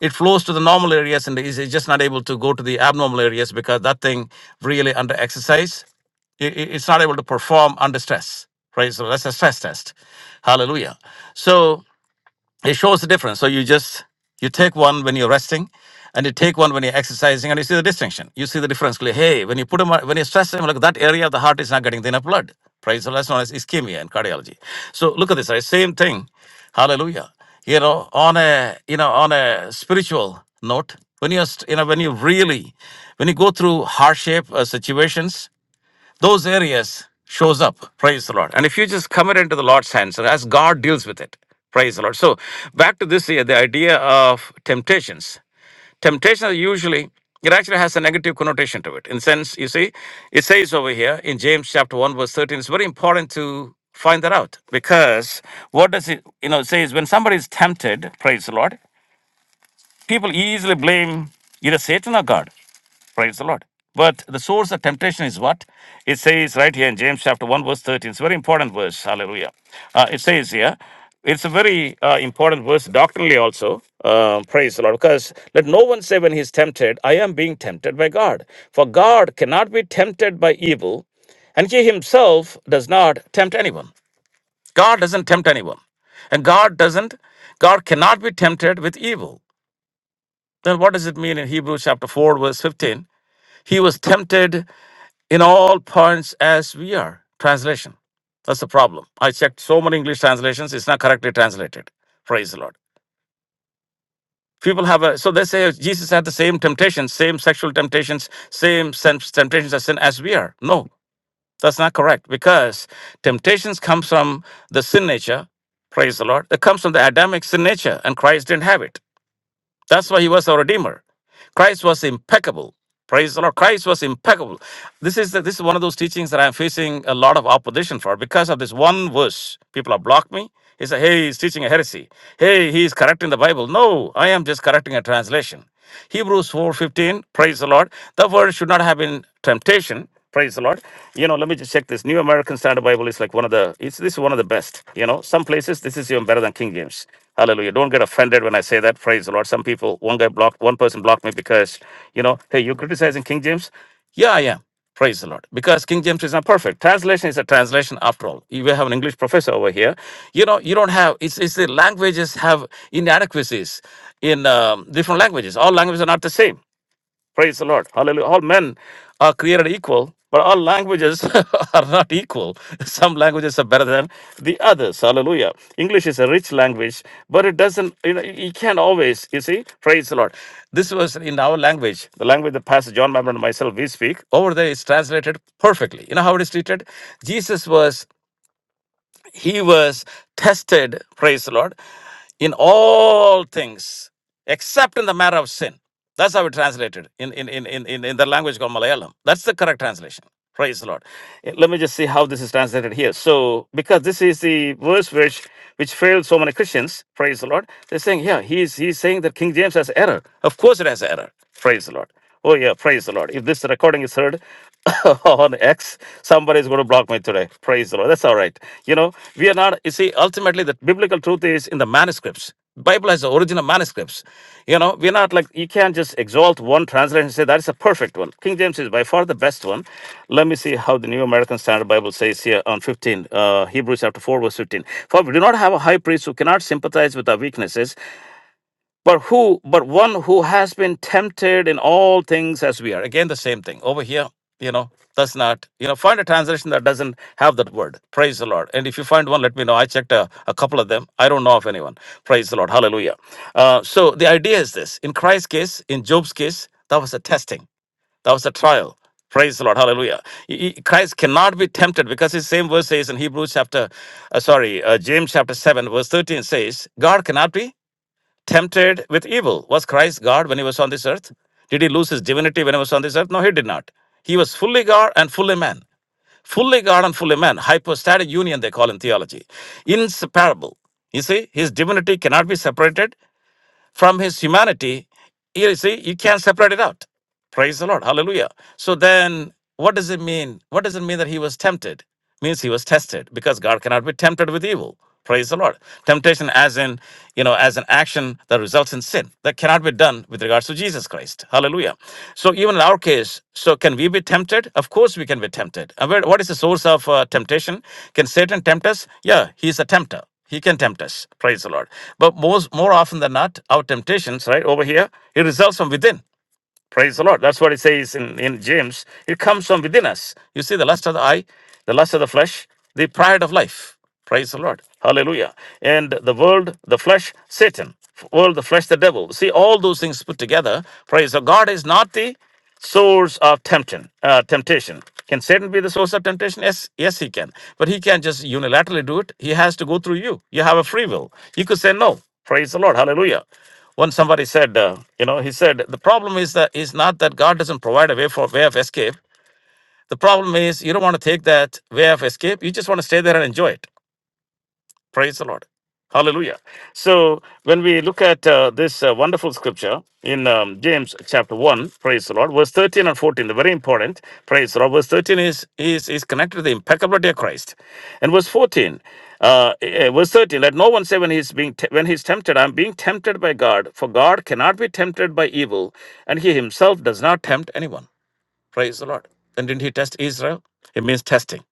A: it flows to the normal areas and is is just not able to go to the abnormal areas because that thing really under exercise, it, it's not able to perform under stress. Right. So that's a stress test. Hallelujah. So it shows the difference. So you just you take one when you're resting, and you take one when you're exercising, and you see the distinction. You see the difference clearly. Hey, when you put them when you stress them, like that area of the heart is not getting enough blood. Praise the Lord, that's known as ischemia in cardiology. So look at this, right? Same thing. Hallelujah. You know, on a you know on a spiritual note, when you're st- you know when you really when you go through hardship uh, situations those areas shows up praise the lord and if you just commit it into the lord's hands and as god deals with it praise the lord so back to this here the idea of temptations temptations are usually it actually has a negative connotation to it in sense you see it says over here in james chapter 1 verse 13 it's very important to find that out because what does it you know it says when somebody is tempted praise the lord People easily blame either Satan or God. Praise the Lord. But the source of temptation is what? It says right here in James chapter 1, verse 13. It's a very important verse. Hallelujah. Uh, it says here, it's a very uh, important verse doctrinally also. Uh, praise the Lord. Because let no one say when he's tempted, I am being tempted by God. For God cannot be tempted by evil, and he himself does not tempt anyone. God doesn't tempt anyone. And God doesn't, God cannot be tempted with evil. Then what does it mean in Hebrews chapter 4, verse 15? He was tempted in all points as we are. Translation. That's the problem. I checked so many English translations, it's not correctly translated. Praise the Lord. People have a, so they say Jesus had the same temptations, same sexual temptations, same sen- temptations of sin as we are. No, that's not correct because temptations comes from the sin nature. Praise the Lord. That comes from the Adamic sin nature, and Christ didn't have it. That's why he was our redeemer. Christ was impeccable. Praise the Lord. Christ was impeccable. This is the, this is one of those teachings that I'm facing a lot of opposition for because of this one verse. People have blocked me. He said, "Hey, he's teaching a heresy. Hey, he's correcting the Bible." No, I am just correcting a translation. Hebrews 4:15. Praise the Lord. The word should not have been temptation. Praise the Lord. You know, let me just check this. New American Standard Bible is like one of the. It's this is one of the best. You know, some places this is even better than King James. Hallelujah. Don't get offended when I say that. Praise the Lord. Some people, one guy blocked, one person blocked me because, you know, hey, you're criticizing King James. Yeah, I am. Praise the Lord. Because King James is not perfect. Translation is a translation after all. You will have an English professor over here. You know, you don't have, it's, it's the languages have inadequacies in um, different languages. All languages are not the same. Praise the Lord. Hallelujah. All men are created equal, but all languages [LAUGHS] are not equal. Some languages are better than the others. Hallelujah. English is a rich language, but it doesn't, you know, you can't always, you see, praise the Lord. This was in our language, the language that Pastor John Mammon and myself, we speak. Over there, it's translated perfectly. You know how it is treated? Jesus was he was tested, praise the Lord, in all things except in the matter of sin. That's how it translated in, in, in, in, in in the language called Malayalam. That's the correct translation. Praise the Lord. Eh, Let me just see how this is translated here. So, because this is the verse which which failed so many Christians, praise the Lord. They're saying, yeah, he's he's saying that King James has error. Of course it has error. Praise the Lord. Oh yeah, praise the Lord. If this recording is heard, [LAUGHS] on X, somebody is going to block me today. Praise the Lord. That's all right. You know, we are not, you see, ultimately the biblical truth is in the manuscripts. Bible has the original manuscripts. You know, we're not like, you can't just exalt one translation and say that is a perfect one. King James is by far the best one. Let me see how the New American Standard Bible says here on 15, uh, Hebrews chapter 4, verse 15. For we do not have a high priest who cannot sympathize with our weaknesses, but who but one who has been tempted in all things as we are again the same thing over here you know that's not you know find a translation that doesn't have that word praise the lord and if you find one let me know i checked a, a couple of them i don't know of anyone praise the lord hallelujah uh, so the idea is this in christ's case in job's case that was a testing that was a trial Praise the Lord. Hallelujah. He- he- Christ cannot be tempted because his same verse says in Hebrews chapter, uh, sorry, uh, James chapter 7, verse 13 says, God cannot be tempted with evil. Was Christ God when he was on this earth? Did he lose his divinity when he was on this earth? No, he did not. He was fully God and fully man. Fully God and fully man. Hypostatic union, they call in theology. Inseparable. You see, his divinity cannot be separated from his humanity, you see, you can't separate it out. Praise the Lord. Hallelujah. So then what does it mean? What does it mean that he was tempted? Means he was tested because God cannot be tempted with evil. Praise the Lord. Temptation as in, you know, as an action that results in sin. That cannot be done with regards to Jesus Christ. Hallelujah. So even in our case, so can we be tempted? Of course we can be tempted. And where- What is the source of uh, temptation? Can Satan tempt us? Yeah, he's a tempter. He can tempt us. Praise the Lord. But most more often than not, our temptations, right over here, it results from within. Praise the Lord. That's what it says in, in James. It comes from within us. You see, the lust of the eye, the lust of the flesh, the pride of life. Praise the Lord. Hallelujah. And the world, the flesh, Satan. World, the flesh, the devil. See, all those things put together. Praise the God is not the source of temptation. Uh, temptation. Can Satan be the source of temptation? Yes, yes, he can. But he can't just unilaterally do it. He has to go through you. You have a free will. You could say no. Praise the Lord. Hallelujah. When somebody said, uh, you know, he said the problem is that is not that God doesn't provide a way for way of escape. The problem is you don't want to take that way of escape. You just want to stay there and enjoy it. Praise the Lord. Hallelujah. So when we look at uh, this uh, wonderful scripture in um, James chapter 1, praise the Lord, verse 13 and 14, they're very important. Praise the Lord. Verse 13 is, is, is connected to the impeccability of Christ. And verse 14, uh, eh, eh, verse 13, let no one say when he's being te- when he's tempted, I'm being tempted by God, for God cannot be tempted by evil, and he himself does not tempt anyone. Praise the Lord. And didn't he test Israel? It means testing.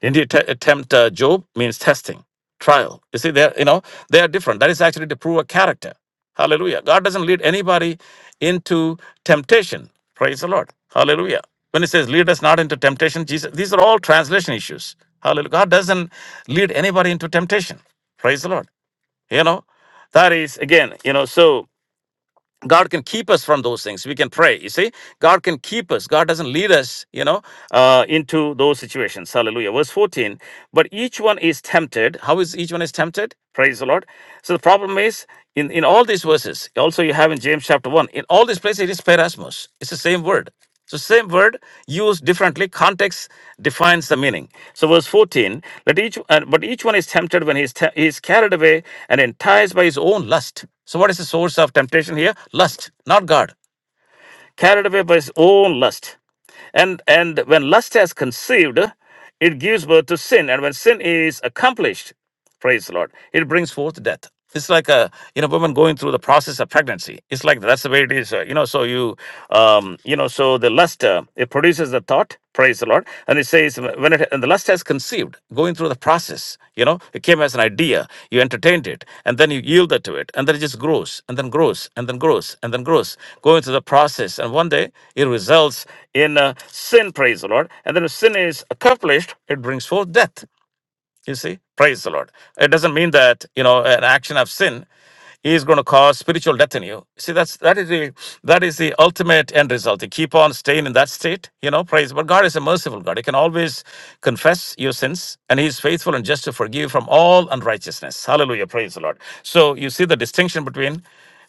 A: Didn't he te- tempt uh, Job? Means testing, trial. You see, they're, you know, they are different. That is actually to prove a character. Hallelujah. God doesn't lead anybody into temptation. Praise the Lord. Hallelujah. When he says, lead us not into temptation, Jesus, these are all translation issues. Hallelujah. God doesn't lead anybody into temptation. Praise the Lord. You know, that is, again, you know, so God can keep us from those things. We can pray. You see, God can keep us. God doesn't lead us, you know, uh, into those situations. Hallelujah. Verse 14. But each one is tempted. How is each one is tempted? Praise the Lord. So the problem is in, in all these verses, also you have in James chapter 1, in all these places it is perasmos. It's the same word. So, same word used differently. Context defines the meaning. So, verse 14, let each, uh, but each one is tempted when he is, te- he is carried away and enticed by his own lust. So, what is the source of temptation here? Lust, not God carried away by his own lust. And, and when lust has conceived, it gives birth to sin. And when sin is accomplished, praise the Lord, it brings forth death. It's like a you know woman going through the process of pregnancy. It's like that's the way it is. uh, you know, so you um, you know, so the lust uh, it produces the thought, praise the Lord, and the says when it, and the lust has conceived, going through the process, you know, it came as an idea, you entertained it, and then you yielded to it, and then it just grows, and then grows, and then grows, and then grows, going through the process, and one day it results in uh, sin. Praise the Lord, and then if sin is accomplished, it brings forth death. You see, praise the Lord. It doesn't mean that you know an action of sin is going to cause spiritual death in you. See, that's that is the that is the ultimate end result. You keep on staying in that state, you know. Praise, but God is a merciful God. He can always confess your sins, and He is faithful and just to forgive you from all unrighteousness. Hallelujah, praise the Lord. So you see the distinction between.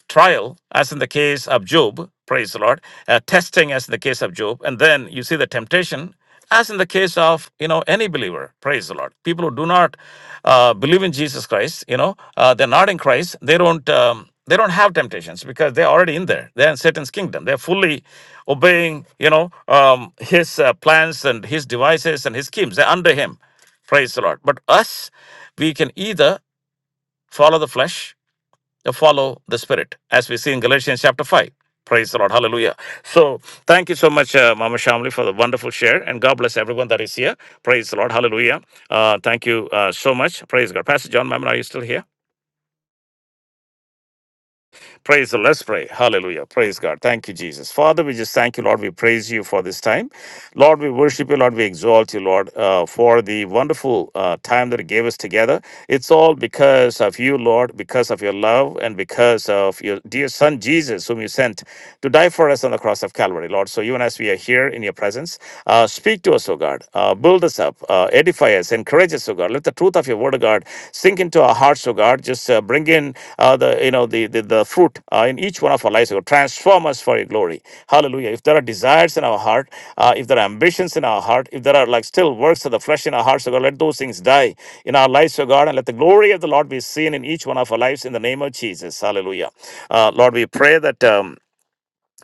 A: Trial, as in the case of Job, praise the Lord, uh, testing, as in the case of Job, and then you see the temptation, as in the case of you know any believer, praise the Lord. People who do not uh, believe in Jesus Christ, you know, uh, they're not in Christ. They don't. Um, they don't have temptations because they're already in there. They're in Satan's kingdom. They're fully obeying, you know, um, his uh, plans and his devices and his schemes. They're under him. Praise the Lord. But us, we can either follow the flesh follow the Spirit, as we see in Galatians chapter 5. Praise the Lord. Hallelujah. So, thank you so much, uh, Mama Shamli, for the wonderful share. And God bless everyone that is here. Praise the Lord. Hallelujah. Uh, thank you uh, so much. Praise God. Pastor John Mammon, are you still here? Praise the Let's pray. Hallelujah. Praise God. Thank you, Jesus. Father, we just thank you, Lord. We praise you for this time. Lord, we worship you, Lord. We exalt you, Lord, uh, for the wonderful uh, time that you gave us together. It's all because of you, Lord, because of your love and because of your dear Son, Jesus, whom you sent to die for us on the cross of Calvary, Lord. So even as we are here in your presence, uh, speak to us, O God. Uh, build us up. Uh, edify us, encourage us, O God. Let the truth of your word, O God, sink into our hearts, O God. Just uh, bring in uh, the you know the the, the fruit uh, in each one of our lives, O God. Transform us for your glory. Hallelujah. If there are desires in our heart, uh, if there are ambitions in our heart, if there are like still works of the flesh in our hearts, O God, let those things die in our lives, O God, and let the glory of the Lord be seen in each one of our lives in the name of Jesus. Hallelujah. Uh, Lord, we pray that. Um,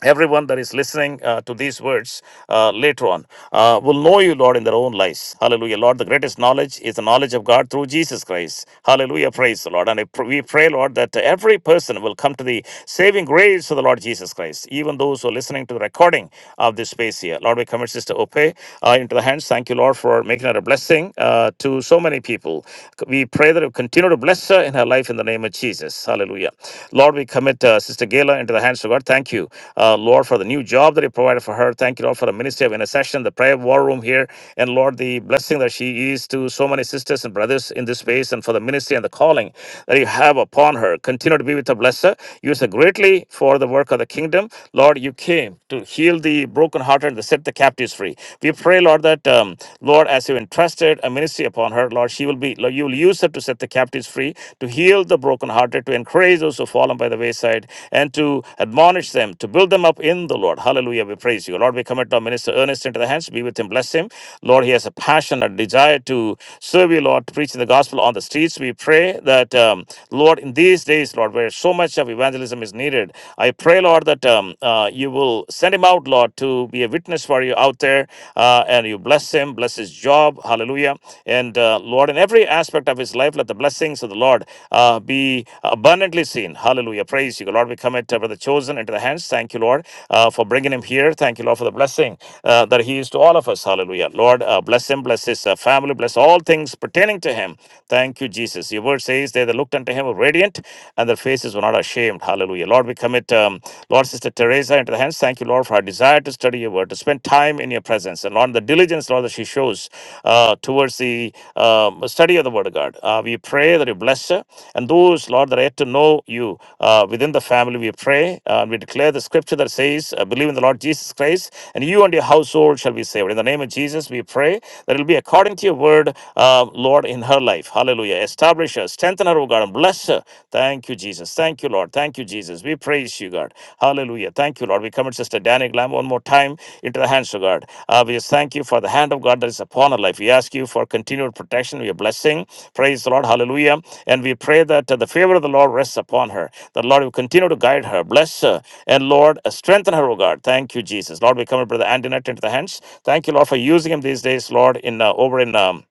A: everyone that is listening uh, to these words uh, later on uh, will know you lord in their own lives hallelujah lord the greatest knowledge is the knowledge of god through jesus christ hallelujah praise the lord and I pr- we pray lord that every person will come to the saving grace of the lord jesus christ even those who are listening to the recording of this space here lord we commit sister ope uh, into the hands thank you lord for making her a blessing uh, to so many people we pray that you continue to bless her in her life in the name of jesus Jesus. Hallelujah. Lord, we commit uh, Sister Gayla into the hands of God. Thank you, uh, Lord, for the new job that you provided for her. Thank you, Lord, for the ministry of intercession, the prayer war room here. And Lord, the blessing that she is to so many sisters and brothers in this space and for the ministry and the calling that you have upon her. Continue to be with her, bless her. Use her greatly for the work of the kingdom. Lord, you came to heal the brokenhearted and to set the captives free. We pray, Lord, that, um, Lord, as you entrusted a ministry upon her, Lord. She will be, you will use her to set the captives free, to heal the brokenhearted, to encourage those who fallen by the wayside, and to admonish them, to build them up in the Lord. Hallelujah. We praise you. Lord, we commit our minister Ernest into the hands. Be with him. Bless him. Lord, he has a passion, a desire to serve you, Lord, preaching the gospel on the streets. We pray that, um, Lord, in these days, Lord, where so much of evangelism is needed, I pray, Lord, that um, uh, you will send him out, Lord, to be a witness for you out there there uh, and you bless him, bless his job. Hallelujah. And uh, Lord, in every aspect of his life, let the blessings of the Lord uh, be abundantly seen. Hallelujah. Praise you. Lord, we commit uh, Brother Chosen into the hands. Thank you, Lord, uh, for bringing him here. Thank you, Lord, for the blessing uh, that he is to all of us. Hallelujah. Lord, uh, bless him, bless his uh, family, bless all things pertaining to him. Thank you, Jesus. Your word says, They that looked unto him were radiant, and their faces were not ashamed. Hallelujah. Lord, we commit. Um, Lord, Sister Teresa, into the hands. Thank you, Lord, for her desire to study your word, to spend time in your presence. And Lord, the diligence, Lord, that she shows uh, towards the um, study of the word of God. Uh, we pray that you bless her. And those, Lord, that are yet to know you uh, within the family, we pray. Uh, we declare the scripture that says, uh, Believe in the Lord Jesus Christ, and you and your household shall be saved. In the name of Jesus, we pray that it will be according to your word, uh, Lord, in her life. Hallelujah. Establish her, strengthen her, O God, and bless bless her. Thank you, Jesus. Thank you, Lord. Thank you, Jesus. We praise you, God. Hallelujah. Thank you, Lord. We commit Sister Danny Glam one more time into the hands of God. Uh, we just thank you for the hand of God that is upon her life. We ask you for continued protection, your blessing. Praise the Lord. Hallelujah. And we pray that uh, the favor of the Lord rests upon her. The Lord will continue to guide her, bless her, and Lord, uh, strengthen her, O God. Thank you, Jesus. Lord, we commit Brother Antoinette into the hands. Thank you, Lord, for using him these days, Lord, in uh, over in. Um,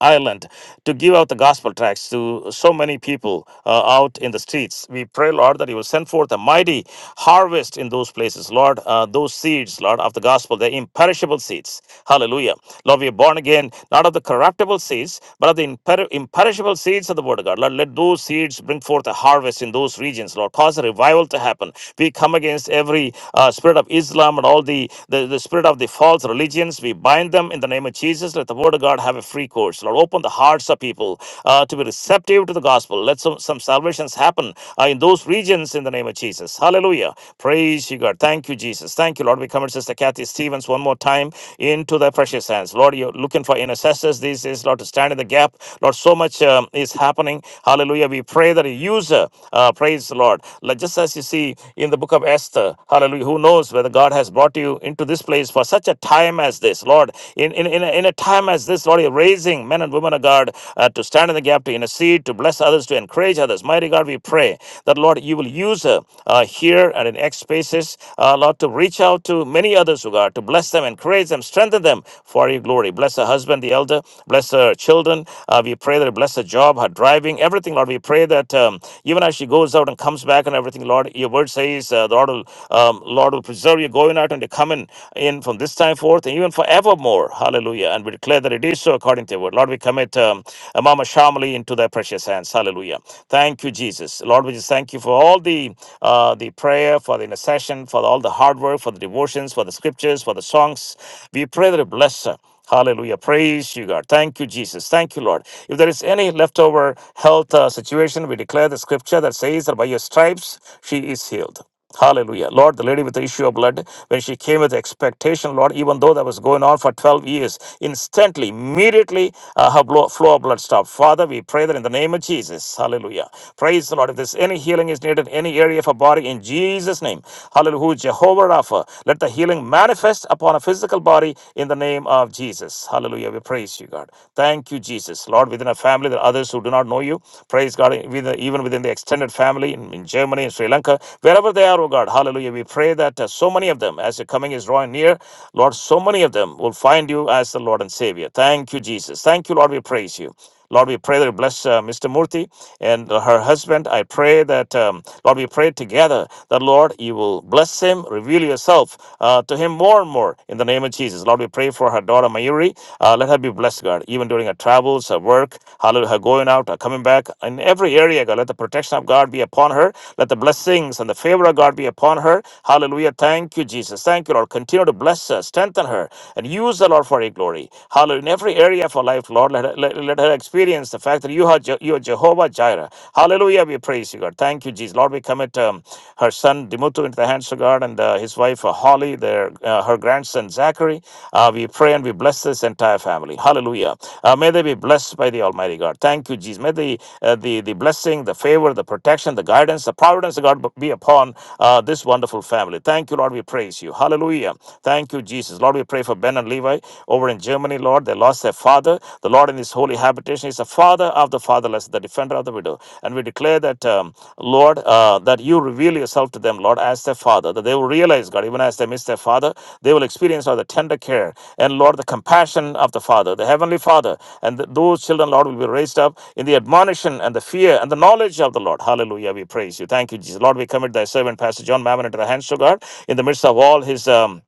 A: Ireland to give out the gospel tracts to so many people uh, out in the streets. We pray, Lord, that you will send forth a mighty harvest in those places, Lord. Uh, those seeds, Lord, of the gospel, the imperishable seeds. Hallelujah. Lord, we are born again, not of the corruptible seeds, but of the imper- imperishable seeds of the word of God. Lord, let those seeds bring forth a harvest in those regions, Lord. Cause a revival to happen. We come against every uh, spirit of Islam and all the, the, the spirit of the false religions. We bind them in the name of Jesus. Let the word of God have a a free course. Lord, open the hearts of people uh, to be receptive to the gospel. Let some, some salvations happen uh, in those regions in the name of Jesus. Hallelujah. Praise you, God. Thank you, Jesus. Thank you, Lord. We commit Sister Kathy Stevens one more time into thy precious hands. Lord, you're looking for intercessors these days, Lord, to stand in the gap. Lord, so much um, is happening. Hallelujah. We pray that a user, uh, praise the Lord. Like just as you see in the book of Esther, hallelujah, who knows whether God has brought you into this place for such a time as this, Lord. In, in, in, a, in a time as as this, Lord, you're raising men and women of God uh, to stand in the gap, to intercede, to bless others, to encourage others. Mighty God, we pray that, Lord, you will use her uh, here and in X spaces, uh, Lord, to reach out to many others, oh God, to bless them, encourage them, strengthen them for your glory. Bless her husband, the elder. Bless her children. Uh, we pray that you bless her job, her driving, everything, Lord. We pray that um, even as she goes out and comes back and everything, Lord, your word says, uh, the Lord will, um, Lord will preserve you going out and you coming in from this time forth and even forevermore. Hallelujah. Hallelujah. And we declare that it is so according to your word. Lord, we commit um, uh, Mama Shamali into thy precious hands. Hallelujah. Thank you, Jesus. Lord, we just thank you for all the uh, the prayer, for the intercession, for all the hard work, for the devotions, for the scriptures, for the songs. We pray that you bless her. Hallelujah. Praise you, God. Thank you, Jesus. Thank you, Lord. If there is any leftover health uh, situation, we declare the scripture that says that by your stripes she is healed. Hallelujah. Lord, the lady with the issue of blood, when she came with expectation, Lord, even though that was going on for 12 years, instantly, immediately, uh, her blow, flow of blood stopped. Father, we pray that in the name of Jesus. Hallelujah. Praise the Lord. If there's any healing is needed, in any area of her body, in Jesus' name. Hallelujah. who is Jehovah Rapha, let the healing manifest upon a physical body in the name of Jesus. Hallelujah. We praise you, God. Thank you, Jesus. Lord, within a family, there are others who do not know you. Praise God, even within the extended family in, in Germany and Sri Lanka, wherever they are, oh God, hallelujah. We pray that uh, so many of them, as your coming is drawing near, Lord, so many of them will find you as the Lord and Savior. Thank you, Jesus. Thank you, Lord. We praise you. Lord, we pray that you bless uh, Mr. Murthy and uh, her husband. I pray that, um, Lord, we pray together that, Lord, you will bless him, reveal yourself uh, to him more and more in the name name of Jesus. Lord, we pray for her daughter Mayuri. Uh, let her be blessed, God, even during her travels, her work, hallelujah, her going out, her coming back. In every area, God, let the protection of God be upon her. Let the blessings and the favor of God be upon her. Hallelujah. Thank you, Jesus. Thank you, Lord. Continue to bless her, strengthen her, and use the Lord for your glory. Hallelujah. In every area of her life, Lord, let her, let, let her experience the fact that you are, Je- you are Jehovah Jireh. Hallelujah. We praise you, God. Thank you, Jesus. Lord, we commit commit um, her son Dimutu into the hands of God and uh, his wife uh, Holly, their uh, her grandson Zachary. Uh, we pray and we bless this entire family. Hallelujah. Uh, may they be blessed by the Almighty God. Thank you, Jesus. May the uh, the the blessing, the favor, the protection, the guidance, the providence of God be upon uh, this wonderful family. Thank you, Lord. We praise you. Hallelujah. Thank you, Jesus. Lord, we pray for Ben and Levi over in Germany. Lord, they lost their father. The Lord in His holy holy habitation. He's the father of the fatherless, the defender of the widow. And we declare that, um, Lord, uh, that you reveal yourself to them, Lord, as their father, that they will realize, God, even as they miss their father, they will experience all the tender care and, Lord, the compassion of the father, the heavenly father. And th- those children, Lord, will be raised up in the admonition and the fear and the knowledge of the Lord. Hallelujah. We praise you. Thank you, Jesus. Lord, we commit thy servant, Pastor John Mammon, into the hands of God in the midst of all his. Um,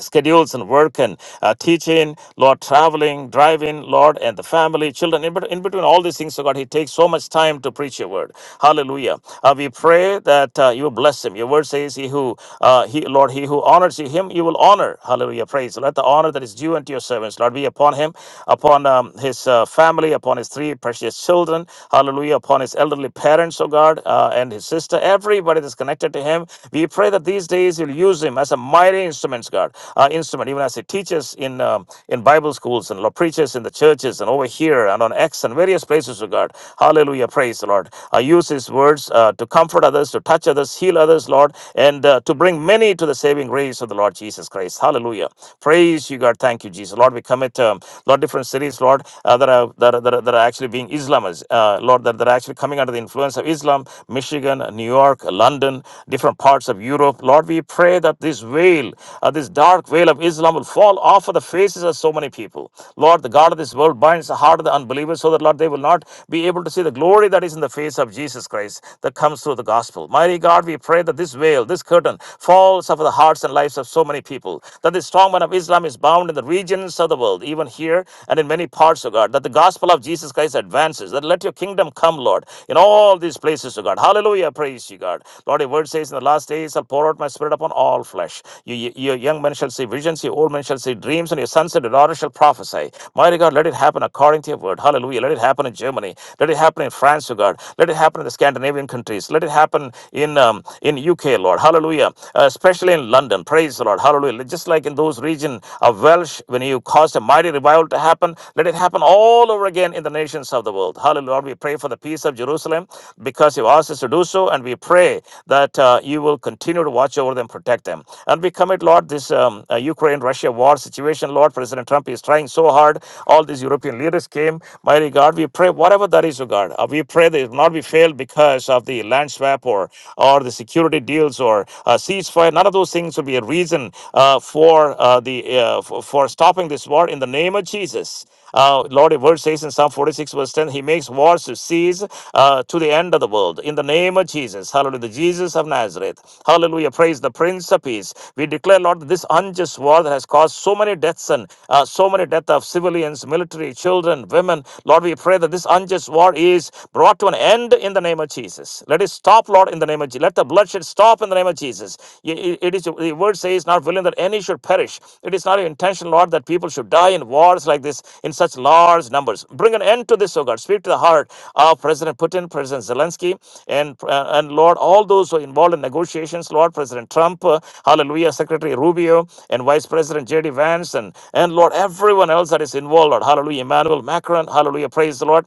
A: schedules and work and uh, teaching, Lord, traveling, driving, Lord, and the family, children, in, bet- in between all these things, so God, He takes so much time to preach Your word. Hallelujah. Uh, we pray that uh, You will bless Him. Your word says, "He who, uh, He Lord, He who honors You, Him You will honor." Hallelujah. Praise. Let the honor that is due unto Your servants, Lord, be upon Him, upon um, His uh, family, upon His three precious children. Hallelujah. Upon His elderly parents, oh God, uh, and His sister, everybody that's connected to Him him. We pray that these days you'll use him as a mighty instrument, God, uh, instrument, even as he teaches in um, in Bible schools and preaches in the churches and over here and on X and various places, oh God. Hallelujah. Praise the Lord. Uh, use his words uh, to comfort others, to touch others, heal others, Lord, and uh, to bring many to the saving grace of the Lord Jesus Christ. Hallelujah. Praise you, God. Thank you, Jesus. Lord, we commit, um, Lord, different cities, Lord, uh, that, are, that, are, that, are, that are actually being Islamists, uh, Lord, that, that are actually coming under the the influence of Islam, Michigan, New York, London, different parts of Europe. Lord, we pray that this veil, uh, this dark veil of Islam, will fall off of the faces of so many people. Lord, the God of this world binds the heart of the unbelievers so that, Lord, they will not be able to see the glory that is in the face of Jesus Christ that comes through the gospel. Mighty God, we pray that this veil, this curtain, falls off of the hearts and lives of so many people, that the strong man of Islam is bound in the regions of the world, even here and in many parts of God, that the gospel of Jesus Christ advances, that let your kingdom come, Lord, in all these places, O God. Hallelujah. Praise you, God. Lord, your word says, In the last days I'll pour out my spirit upon all flesh. You, you- your young men shall see visions, your old men shall see dreams, and your sons and your daughters shall prophesy. Mighty God, let it happen according to your word. Hallelujah. Let it happen in Germany. Let it happen in France, O God. Let it happen in the Scandinavian countries. Let it happen in um, in UK, Lord. Hallelujah. Uh, especially in London. Praise the Lord. Hallelujah. Just like in those regions of of Welsh, when you caused a mighty revival to happen, let it happen all over again in the nations of the world. Hallelujah. Lord, we pray for the peace of Jerusalem because you asked us to do so, and we pray that uh, you will continue to watch over them, protect them. And we commit, Lord, this um, uh, Ukraine Russia war situation. Lord, President Trump is trying so hard. All these European leaders came. Mighty God, we pray whatever that is, O God. Uh, we pray that it will not be failed because of the land swap or, or the security deals or uh, ceasefire Zechariah, none of those things would be a reason uh, for uh, the uh, for, for stopping this war in the name of Jesus. Uh, Lord, your word says in Psalm 46, verse 10, He makes wars to cease uh, to the end of the world. In the name of Jesus. Hallelujah. The Jesus of Nazareth. Hallelujah. Praise the Prince of Peace. We declare, Lord, that this unjust war that has caused so many deaths and uh, so many deaths of civilians, military, children, women. Lord, we pray that this unjust war is brought to an end in the name of Jesus. Let let it stop, Lord, in the name of Jesus. Let the bloodshed stop in the name of Jesus. It it is the word says, not willing that any should perish. It is not your intention, Lord, that people should die in wars like this in such large numbers. Bring an end to this, O God. Speak to the heart of President Putin, President Zelensky, and uh, and Lord, all those who are involved in negotiations, Lord, President Trump, uh, Hallelujah, Secretary Rubio, and Vice President J.D. Vance, and and Lord, everyone else that is involved, Lord, Hallelujah, Emmanuel Macron, Hallelujah, praise the Lord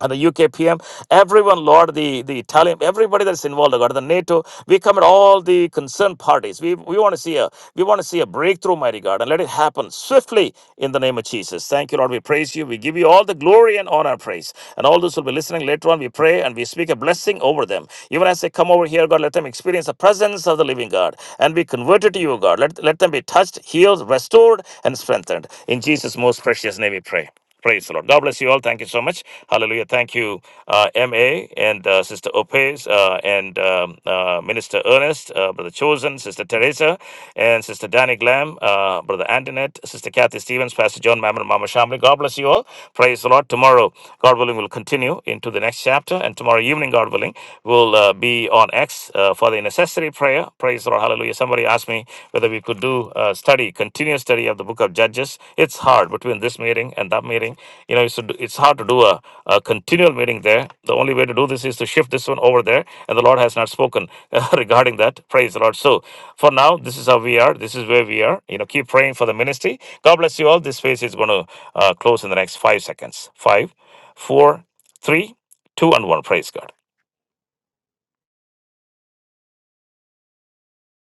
A: and the UKPM, everyone, Lord, the, the Italian, everybody that's involved, Lord, the NATO, we come at all the concerned parties. We we want to see a we want to see a breakthrough, mighty God, and let it happen swiftly in the name of Jesus. Thank you, Lord. We praise you. We give you all the glory and honor, and praise. And all those who'll be listening later on, we pray and we speak a blessing over them. Even as they come over here, God, let them experience the presence of the living God and be converted to you, God. Let, let them be touched, healed, restored, and strengthened. In Jesus' most precious name we pray. Praise the Lord. God bless you all. Thank you so much. Hallelujah. Thank you, uh, M.A. and uh, Sister Opes uh, and um, uh, Minister Ernest, uh, Brother Chosen, Sister Teresa, and Sister Danny Glam, uh, Brother Antoinette, Sister Kathy Stevens, Pastor John Mammon, and Mama Shamli. God bless you all. Praise the Lord. Tomorrow, God willing, we'll continue into the next chapter. And tomorrow evening, God willing, we'll uh, be on X uh, for for the necessary prayer. Praise the Lord. Hallelujah. Somebody asked me whether we could do a study, continuous study of the book of Judges. It's hard between this meeting and that meeting. You know, it's, it's hard to do a, a continual meeting there. The only way to do this is to shift this one over there. And the Lord has not spoken [LAUGHS] regarding that. Praise the Lord. So for now, this is how we are. This is where we are. You know, keep praying for the ministry. God bless you all. This phase is going to uh, close in the next five seconds. Five, four, three, two, and one. Praise God.